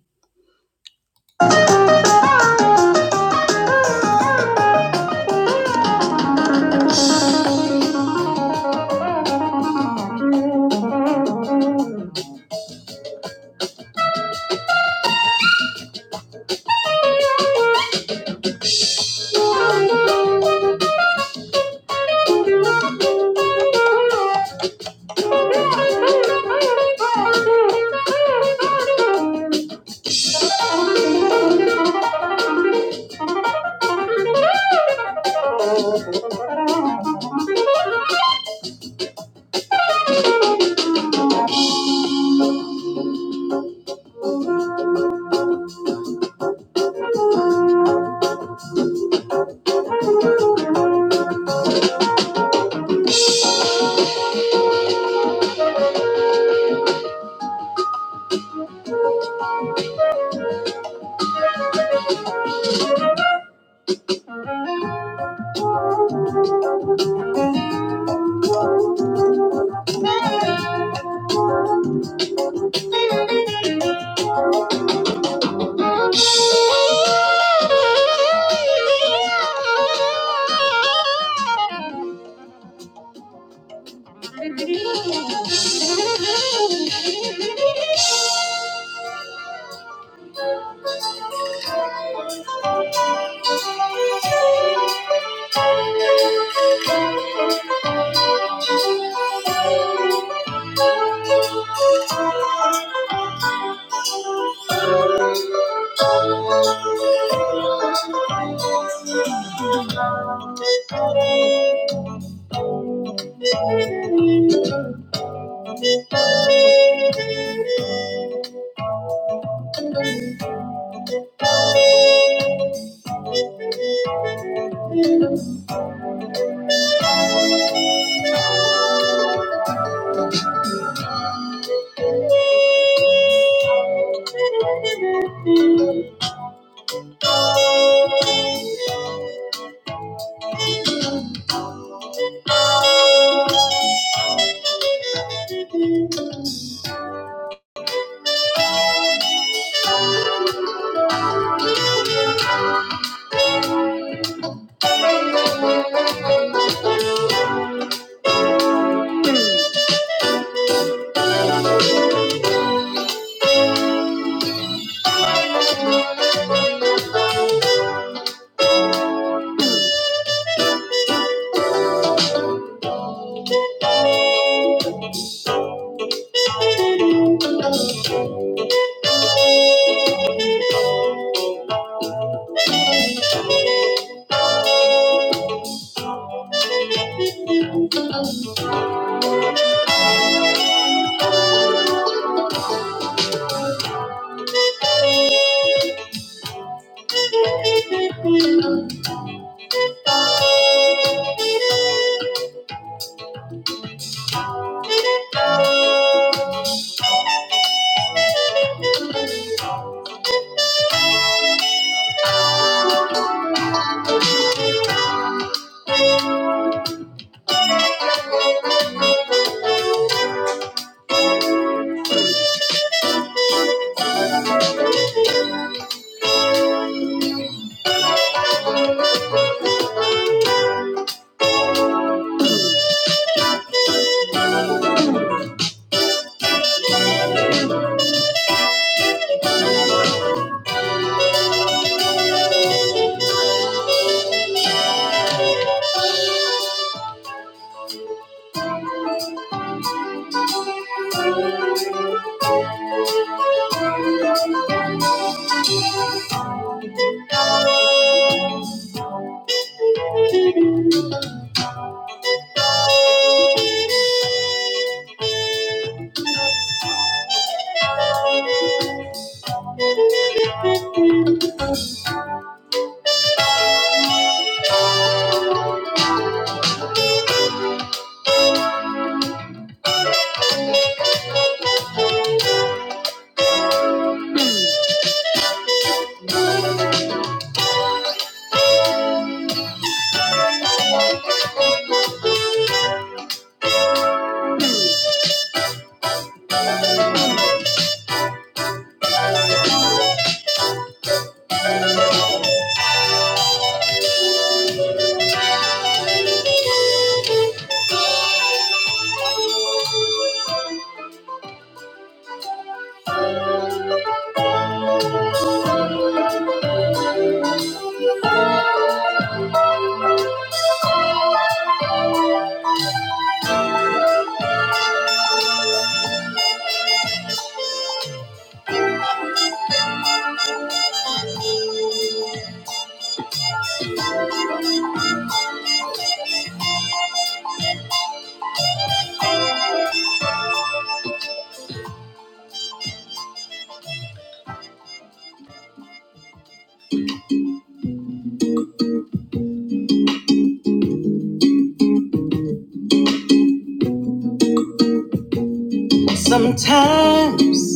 Sometimes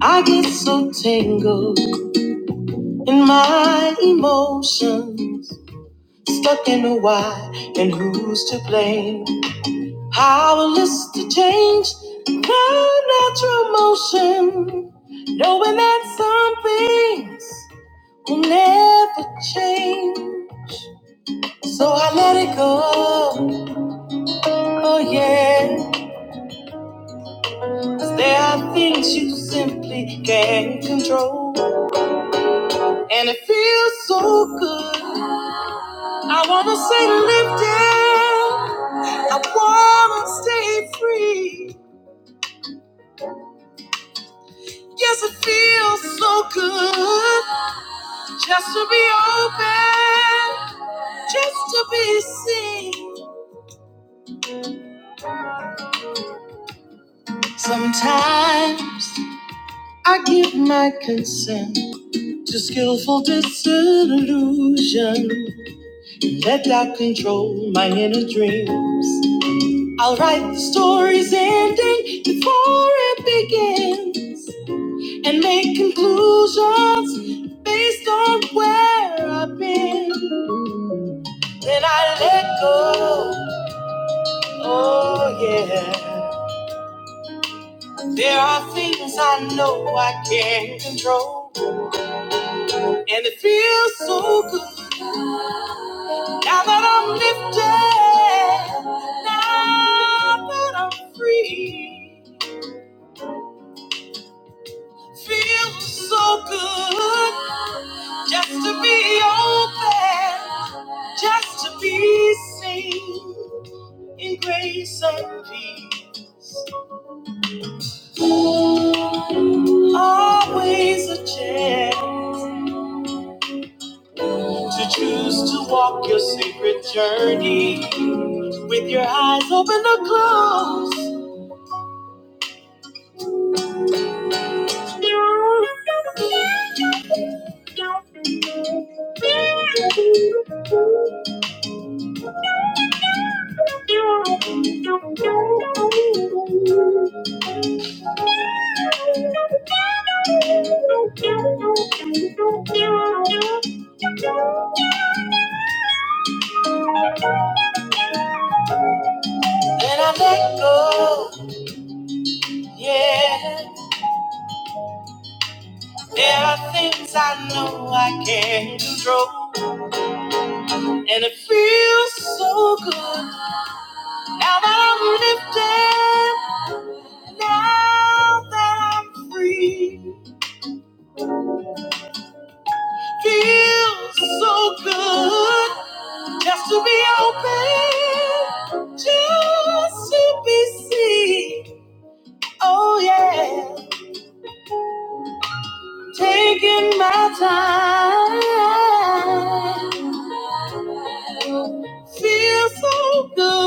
I get so tangled, in my emotions. Looking to why and who's to blame. Powerless to change natural motion. Knowing that some things will never change. So I let it go. Oh, yeah. 'Cause there are things you simply can't control. And it feels so good. I wanna say live down. I wanna stay free. Yes, it feels so good. Just to be open, just to be seen. Sometimes I give my consent to skillful disillusion. Let doubt control my inner dreams. I'll write the story's ending before it begins and make conclusions based on where I've been. Then I let go. Oh, yeah. There are things I know I can't control, and it feels so good now that I'm lifted, now that I'm free. Feels so good just to be open, just to be seen in grace and peace. Always a chance. To choose to walk your sacred journey with your eyes open or closed. Oh yeah. There are things I know I can't control, and it feels so good now that I'm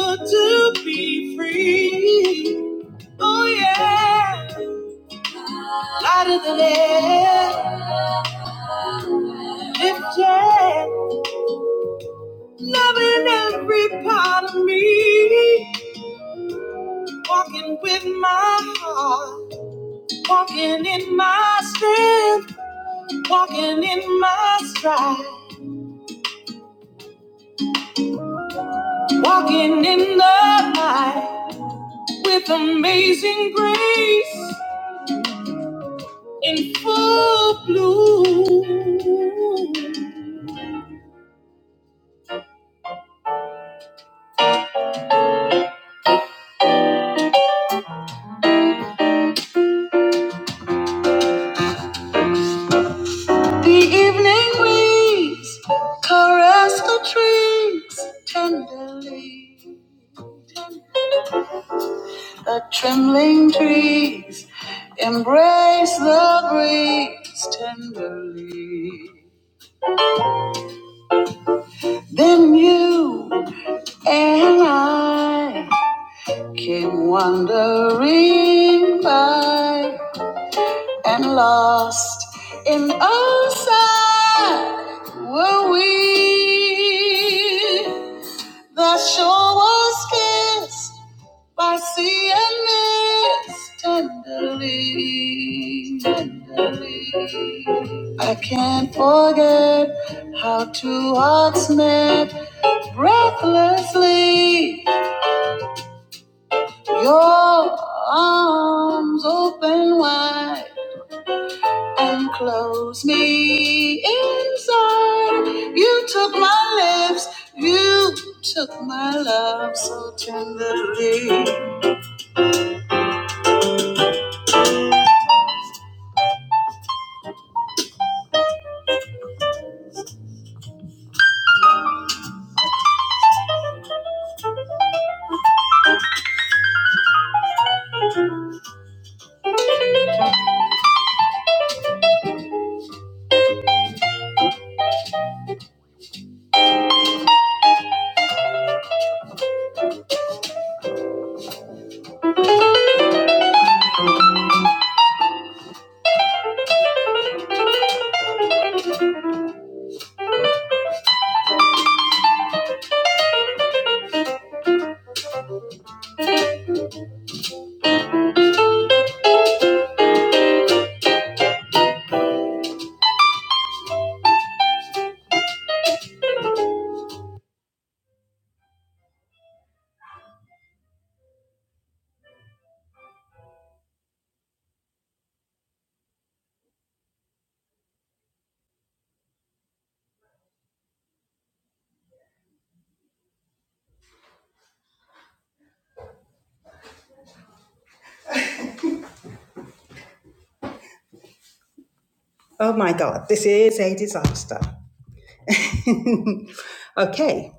lifted to be free. Oh yeah. out of the land if Jack coming at me with my heart walking in my strength walking in my stride walking in the light with amazing grace in full bloom the evening breeze caress the trees tenderly trembling trees Embrace the breeze tenderly. Then you and I came wandering by and lost in outside were we. The shore was kissed Mercy and mercy tenderly, tenderly. I can't forget how two hearts met breathlessly. Your arms open wide and close me inside. You took my lips, you took my love so tenderly. Oh my God, this is a disaster. okay.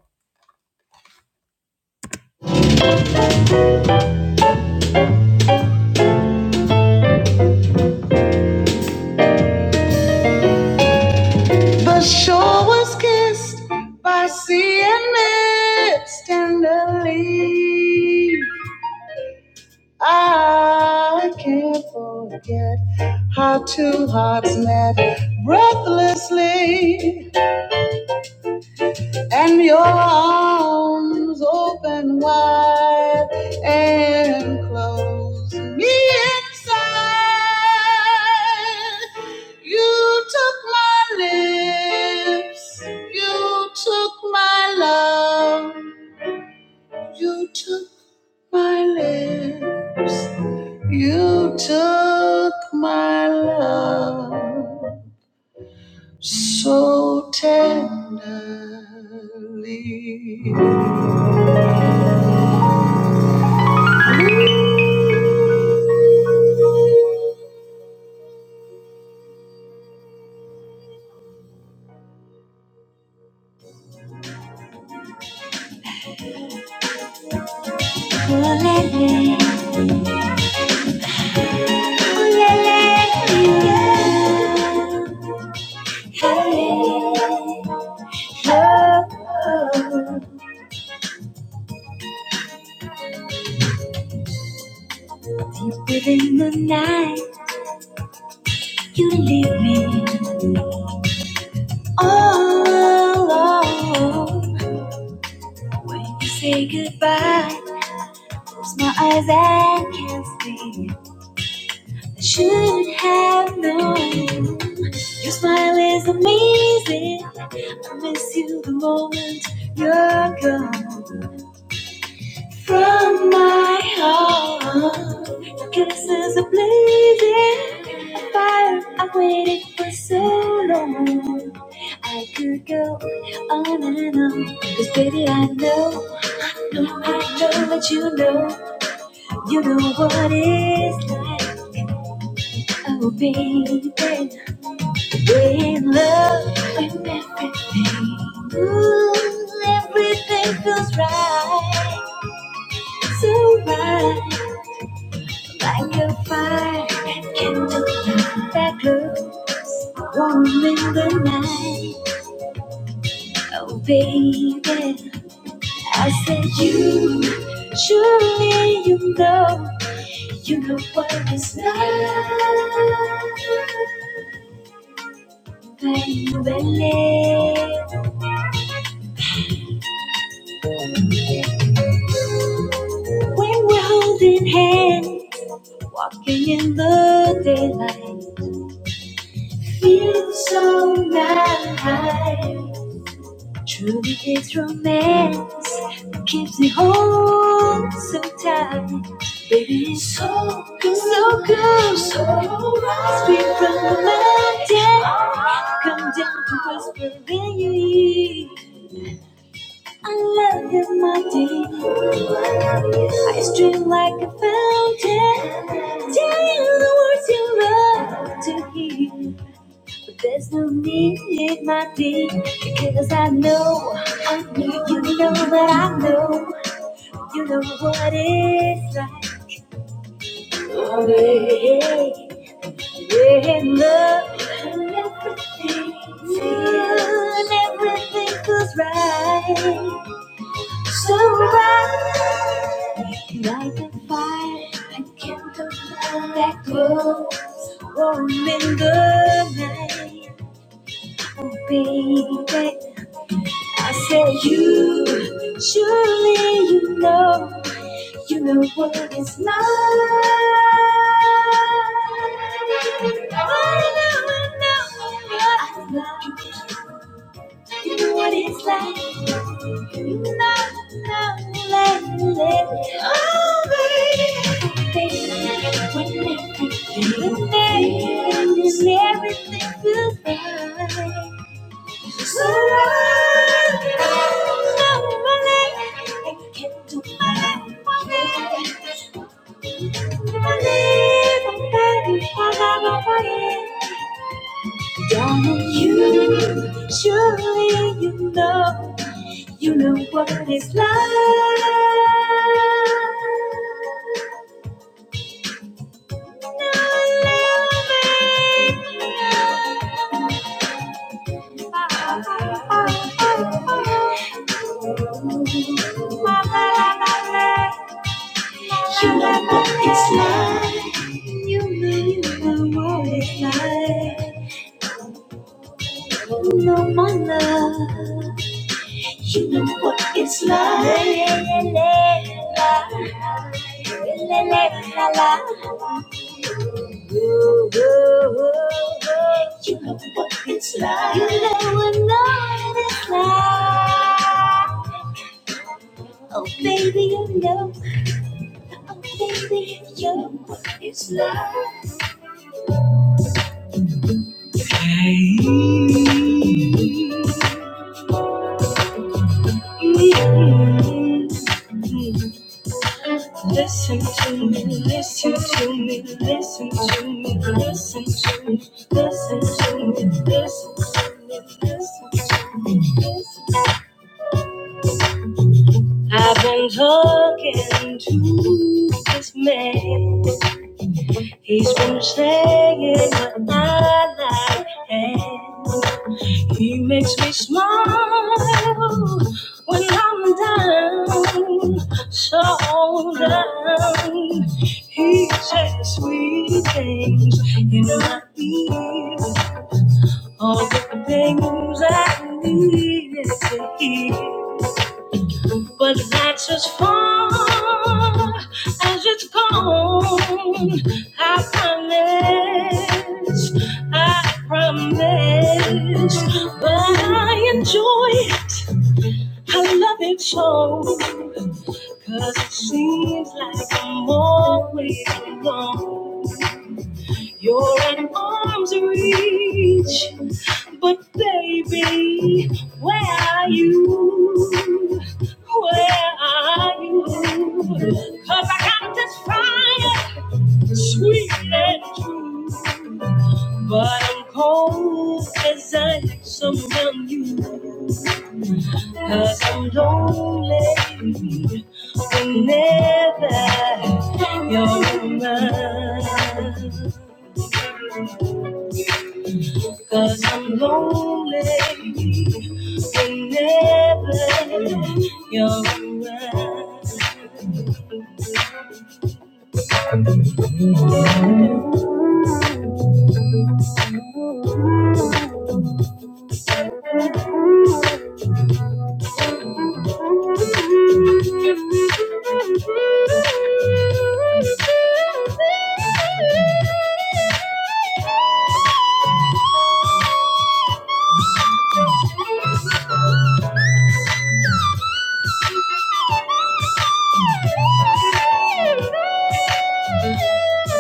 The shore was kissed by sea and mist tenderly. I can't forget how two hearts met breathlessly. and your arms open wide and close me inside. You took my lips, you took my love, you took my lips, you took my love so tenderly. Ulele, ulele, you. Hey, oh, deeper than the night, you leave me. Oh, when you say goodbye, close my eyes and can't see. I should have known. Your smile is amazing. I miss you the moment you're gone. From my heart, your kiss is a blazing fire. I waited for so long. I could go on and on. Cause baby, I know, I know, I know that you know, you know what it's like. Oh, baby, we're in love with everything. Ooh, everything feels right, so right. Like a fire candlelight, that glows, warm in the night. Oh, baby, I said you, surely you know, you know what is love, baby. When we're holding hands, walking in the daylight, feels so nice. Truly, it's romance that keeps me whole so tight. Baby, it's so good, so good, so right. Sweet from the mountain, come down to whisper in your ear. I love you, my dear. I stream like a fountain, telling the words you love to hear. But there's no need, my dear, because I know, I know, you know that I know, you know what it's like. Oh, yeah, yeah, love, and everything, and everything feels right. So right, light the fire, and kindle that glows, warm in the night. Oh, baby, I said, You, surely you know, you know what what is love. Oh, you know, I know love. You know what it's like. You know, know, let, let. Oh, baby, baby, when everything, when everything feels right. Darling, you surely you know you know what is love. me now. love me. You know what it's like. You know, you know what it's like. No more love. You know what it's like. You know what it's like. You never know what it's like. Oh baby, you know. Oh baby, you know what it's like. Mm-hmm. Listen to me, listen to me, listen to me, listen to me, listen to me, listen to me, listen to me. I've been talking to this man. He's been saying my life, and he makes me smile when I'm down, so down. He says sweet things in my ear, all the things I need to hear. But that's as far as it's gone. I promise, I promise. But I enjoy it, I love it so. Cause it seems like I'm always alone. You're an arm's reach, but baby, where are you? Where are you? 'Cause I got this fire, sweet and true, but I'm cold as ice around you. i I'm lonely whenever you're around. Cause I'm lonely whenever you're around. Oh,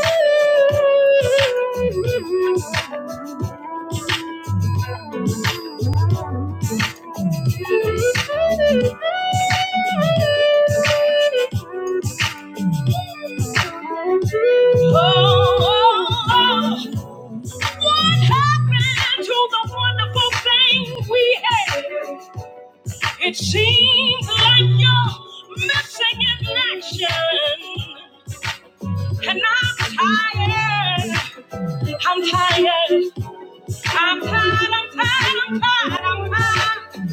oh, oh. What happened to the wonderful thing we had? It seems like you're missing in action. And I'm tired. I'm tired. I'm tired. I'm tired. I'm tired. I'm tired.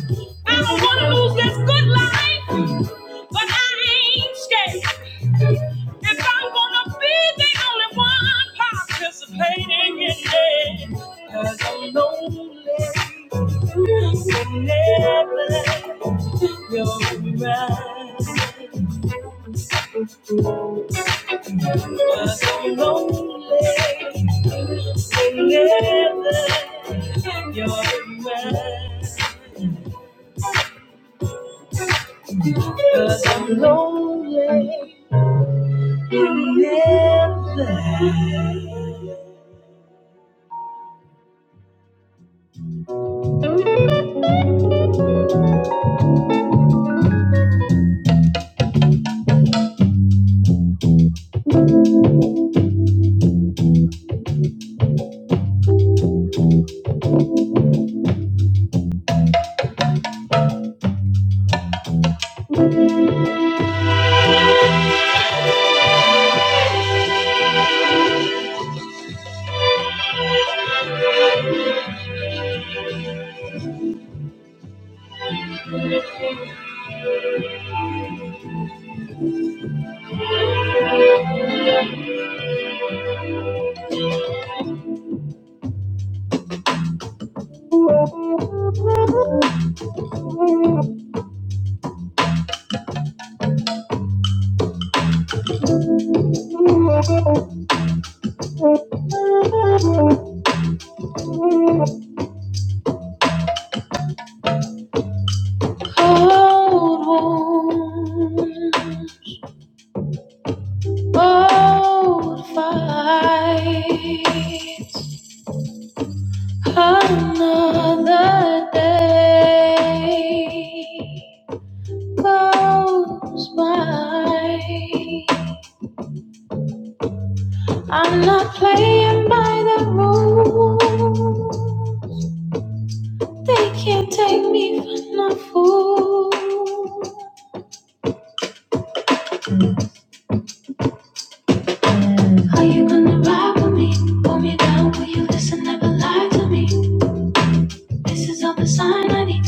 I don't want to lose this good life, but I ain't scared. If I'm gonna be the only one participating in it, 'cause I'm lonely. Whenever you're around. so lonely. Together, you're mine. Cause I'm lonely. never. Old wound, old fight. Another day goes by. I'm not playing by the rules. They can't take me for no fool. Are you gonna ride with me? Pull me down, will you listen? Never lie to me. This is all the sign I need.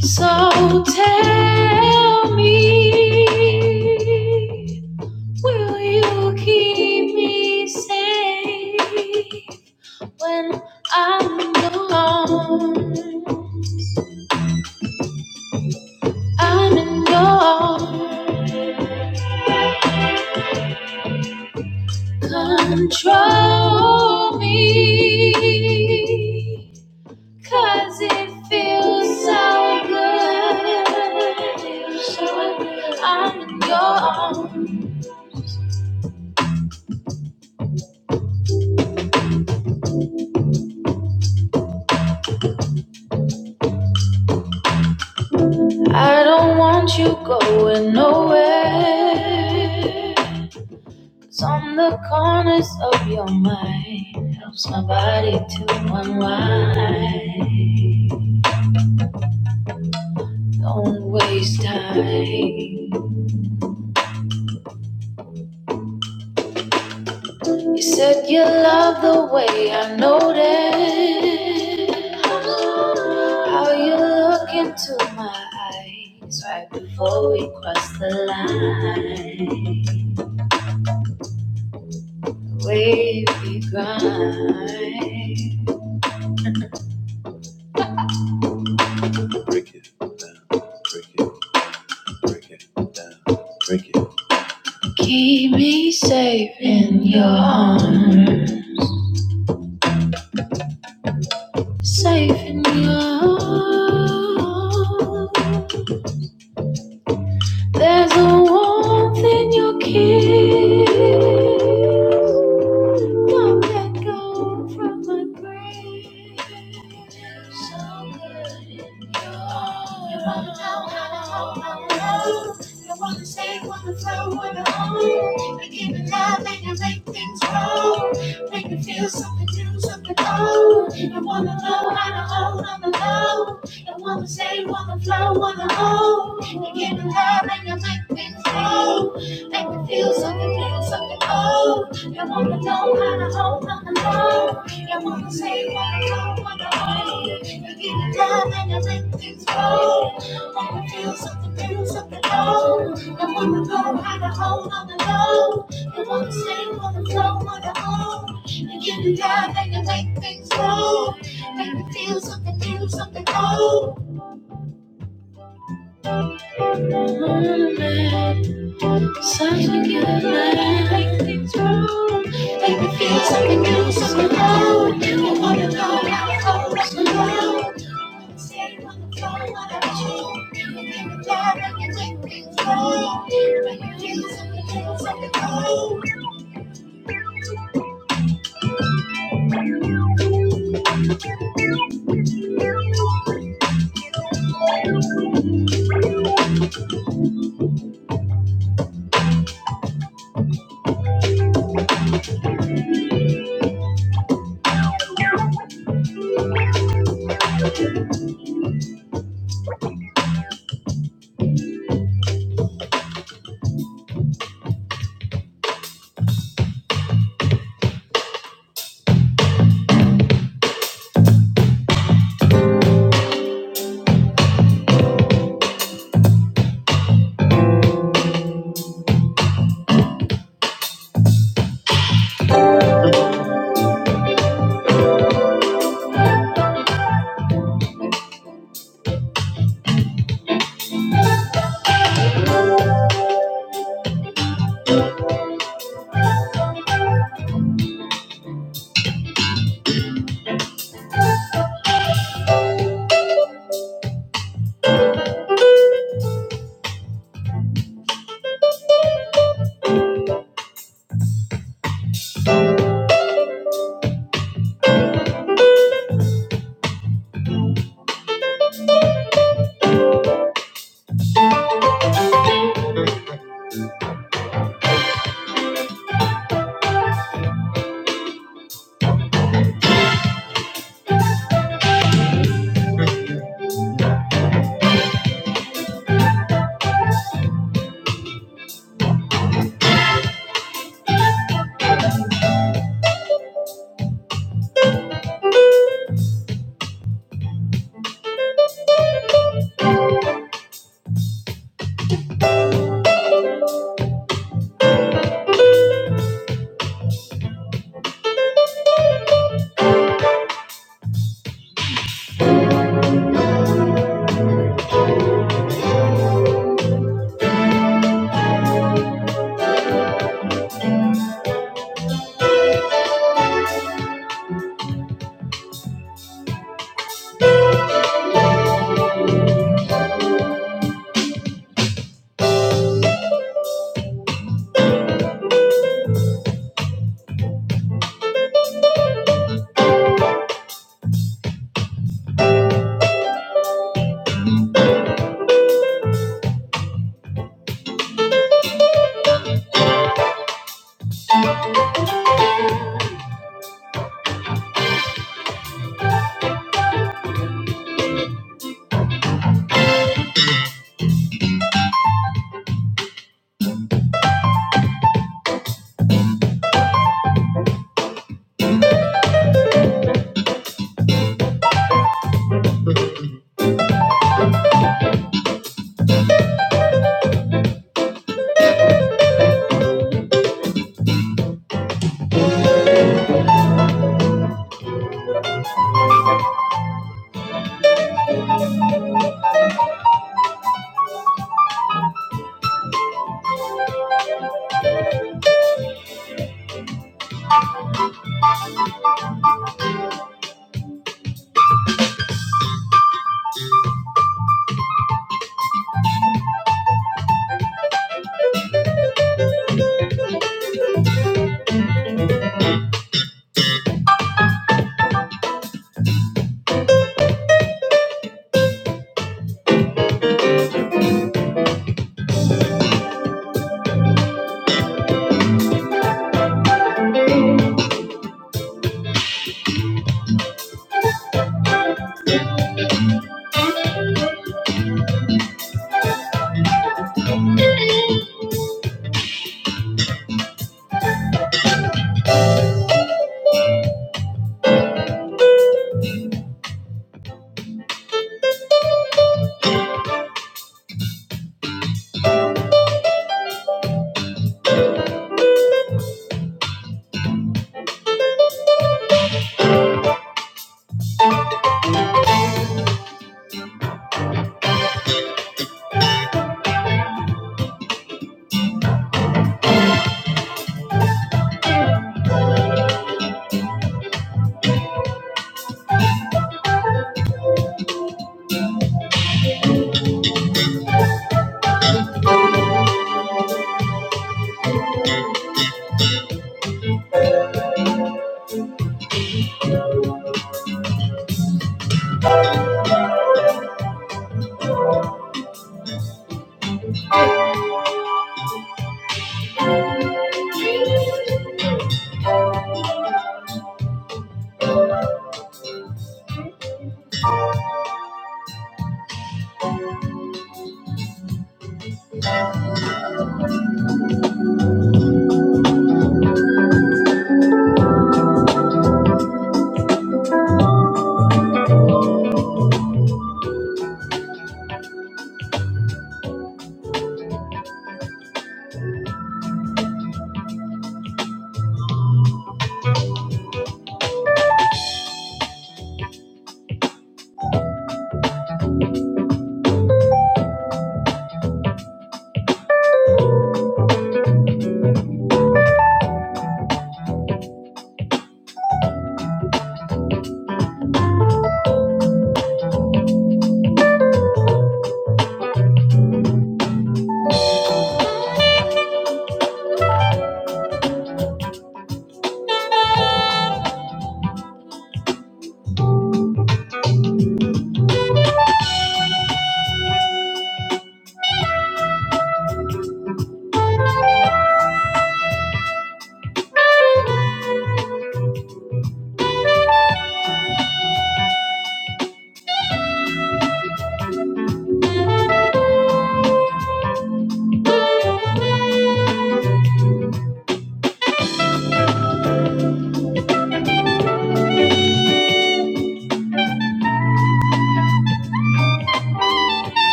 So tell me, will you keep me safe when I'm alone? I'm in your arms. control me, 'cause it feels so good. So I'm in your arms. I don't want you going nowhere. 'Cause on the corners of your mind. Helps my body to unwind. Don't waste time. You said you love the way I noticed how you look into my eyes right before we cross the line. The way we grind. Break it down, break it, break it down, break it. Keep me safe in your arms, safe in your arms. There's a warmth in your kiss. Come let go from my brain. So good in you. You wanna know how to hold my love. You wanna stay, wanna flow, wanna hold. You give it love and you make things grow. Make me feel something new, something old. You wanna know how to hold on the low. You wanna stay, wanna flow, wanna hold. You give it love and you make things grow. Make me feel something new, something old. You wanna know how to hold on the phone. You wanna say what you don't wanna hold. You get it down and you let things go. Wanna feel something, feel something low. You wanna know how to hold on the low. You wanna say what you don't wanna hold. You get it down and you let things go. Make me feel something, feel something low. Sounds like you like make things wrong. Make me feel something new, something old. you wanna know how it all runs Say you wanna go, wanna go. You give it love and you take things wrong. Make me feel something new, something old.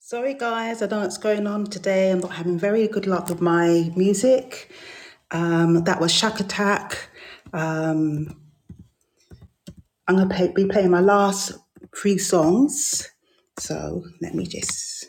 Sorry guys, I don't know what's going on today. I'm not having very good luck with my music. Um, that was Shack Attack Um, I'm gonna play, be playing my last three songs. So let me just.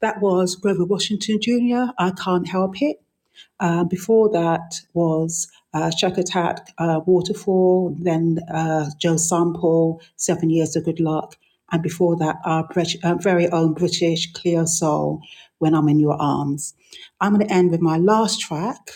That was Grover Washington Jr. I Can't Help It Uh, before that was uh, Shack uh, Waterfall, then uh, Joe Sample, Seven Years of Good Luck, and before that, our Brit- uh, very own British Clear Soul, When I'm in Your Arms. I'm going to end with my last track,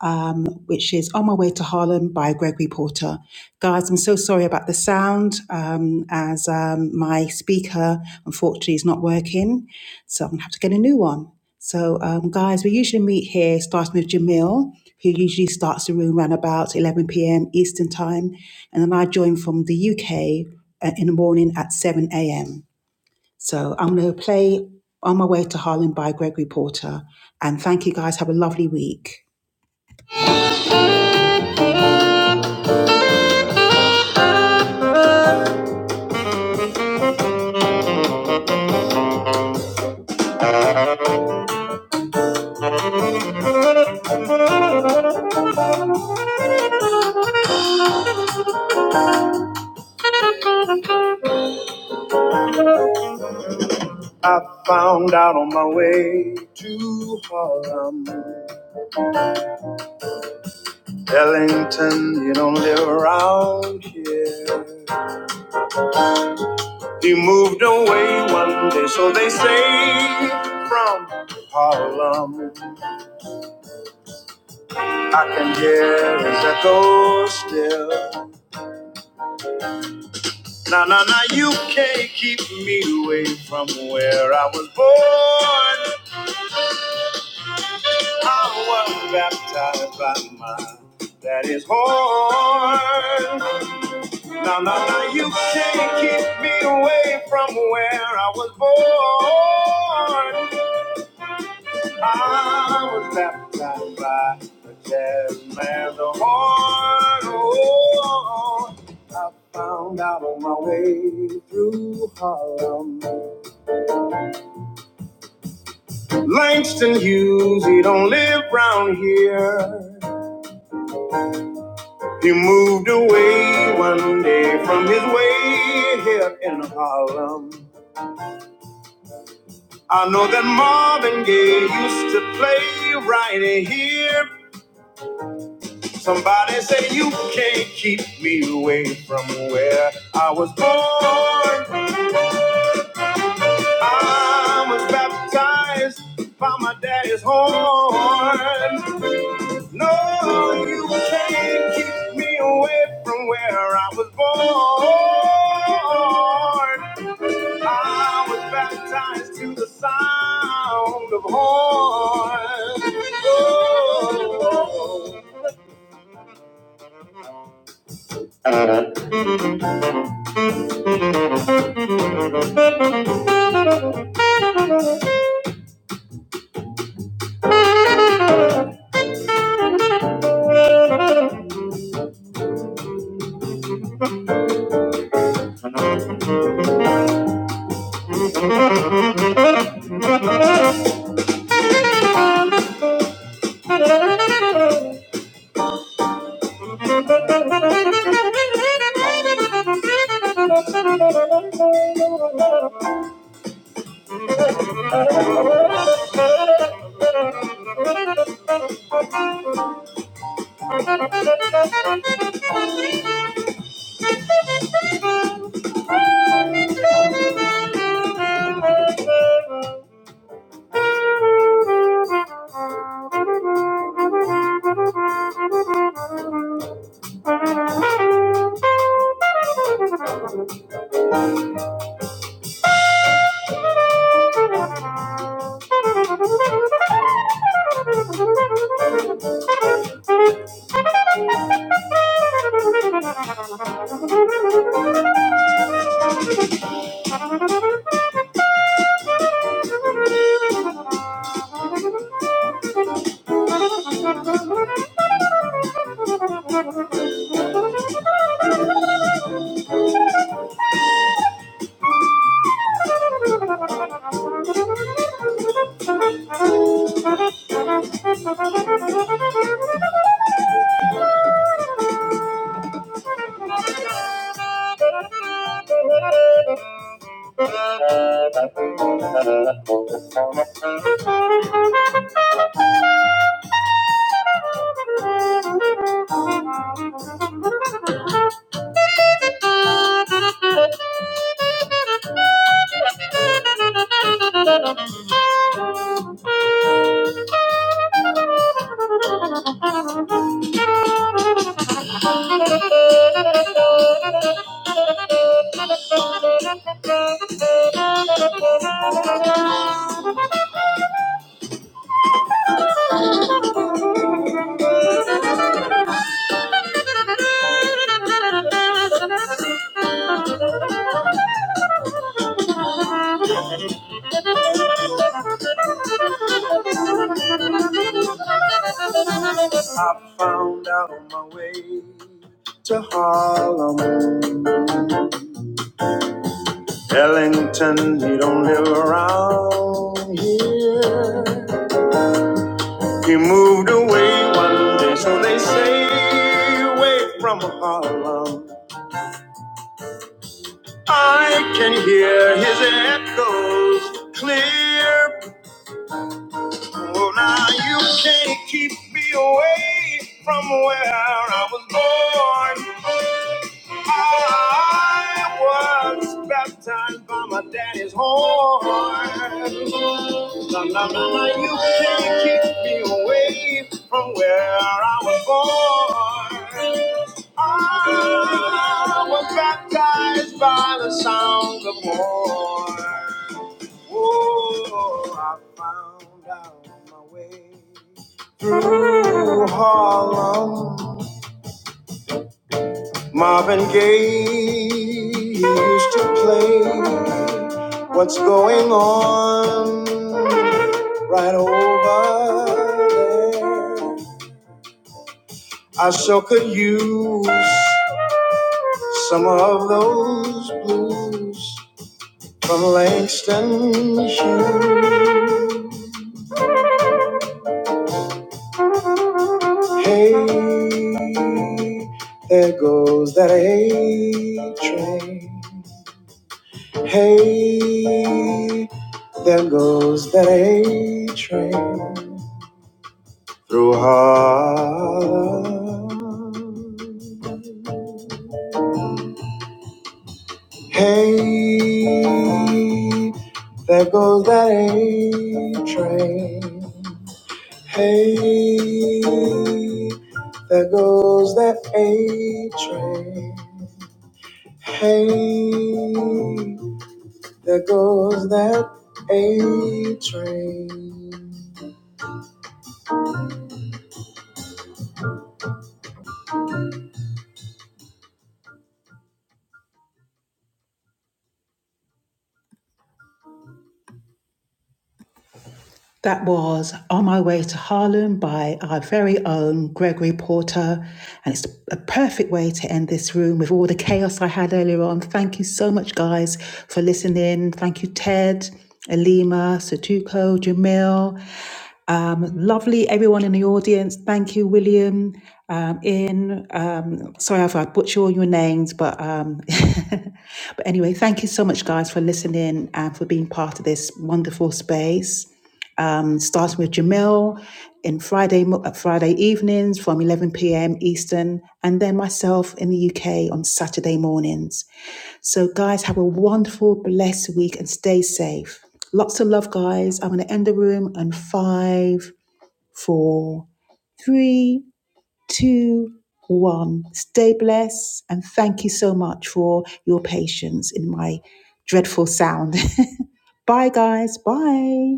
um, which is On My Way to Harlem by Gregory Porter. Guys, I'm so sorry about the sound, um, as um, my speaker unfortunately is not working, so I'm gonna have to get a new one. So, um, guys, we usually meet here starting with Jamil, who usually starts the room around about 11 p.m. Eastern Time, and then I join from the UK uh, in the morning at 7 a.m. So, I'm going to play On My Way to Harlem by Gregory Porter, and thank you guys. Have a lovely week. I found out on my way to Harlem. Ellington, you don't live around here. He moved away one day, so they say, from Harlem. I can hear his echo still. Now, now, now, you can't keep me away from where I was born. I was baptized by my daddy's horn. Uh, You can't keep me away from where I was born. I was baptized by the Jack through Harlem to play right here. Somebody say you can't keep me away from where I was born. I was baptized by my daddy's horn. No, you can't keep me away from where I was born. Lord, to the sound of horns. Oh. Thank you. I found out my way to Harlem. Ellington, he don't live around here. He moved away one day, so they say, away from Harlem. I can hear his echoes clear Oh, now you can't keep me away from where I was born. I was baptized by my daddy's horn. Now, now, now, now, you can't keep me away from where I was born. I was baptized by the sound of war. Oh, I found out my way. all alone. Marvin Gaye used to play What's Going On right over there. I sure could use some of those blues from Langston Hughes. Hey, there goes that A train. Hey, there goes that A train. Through heartbeat, there goes that E train. Hey, that A train. That was On My Way to Harlem by our very own Gregory Porter. And it's a perfect way to end this room with all the chaos I had earlier on. Thank you so much, guys, for listening. Thank you, Ted, Elima, Satuko, Jamil. Um, lovely, everyone in the audience. Thank you, William. Um, in um, sorry if I butcher all your names, but um, but anyway, thank you so much, guys, for listening and for being part of this wonderful space um, starting with Jamil in Friday mo- uh, Friday evenings from 11 p.m. Eastern, and then myself in the UK on Saturday mornings. So, guys, have a wonderful, blessed week and stay safe. Lots of love, guys. I'm going to end the room on five, four, three, two, one. Stay blessed, and thank you so much for your patience in my dreadful sound. Bye, guys. Bye.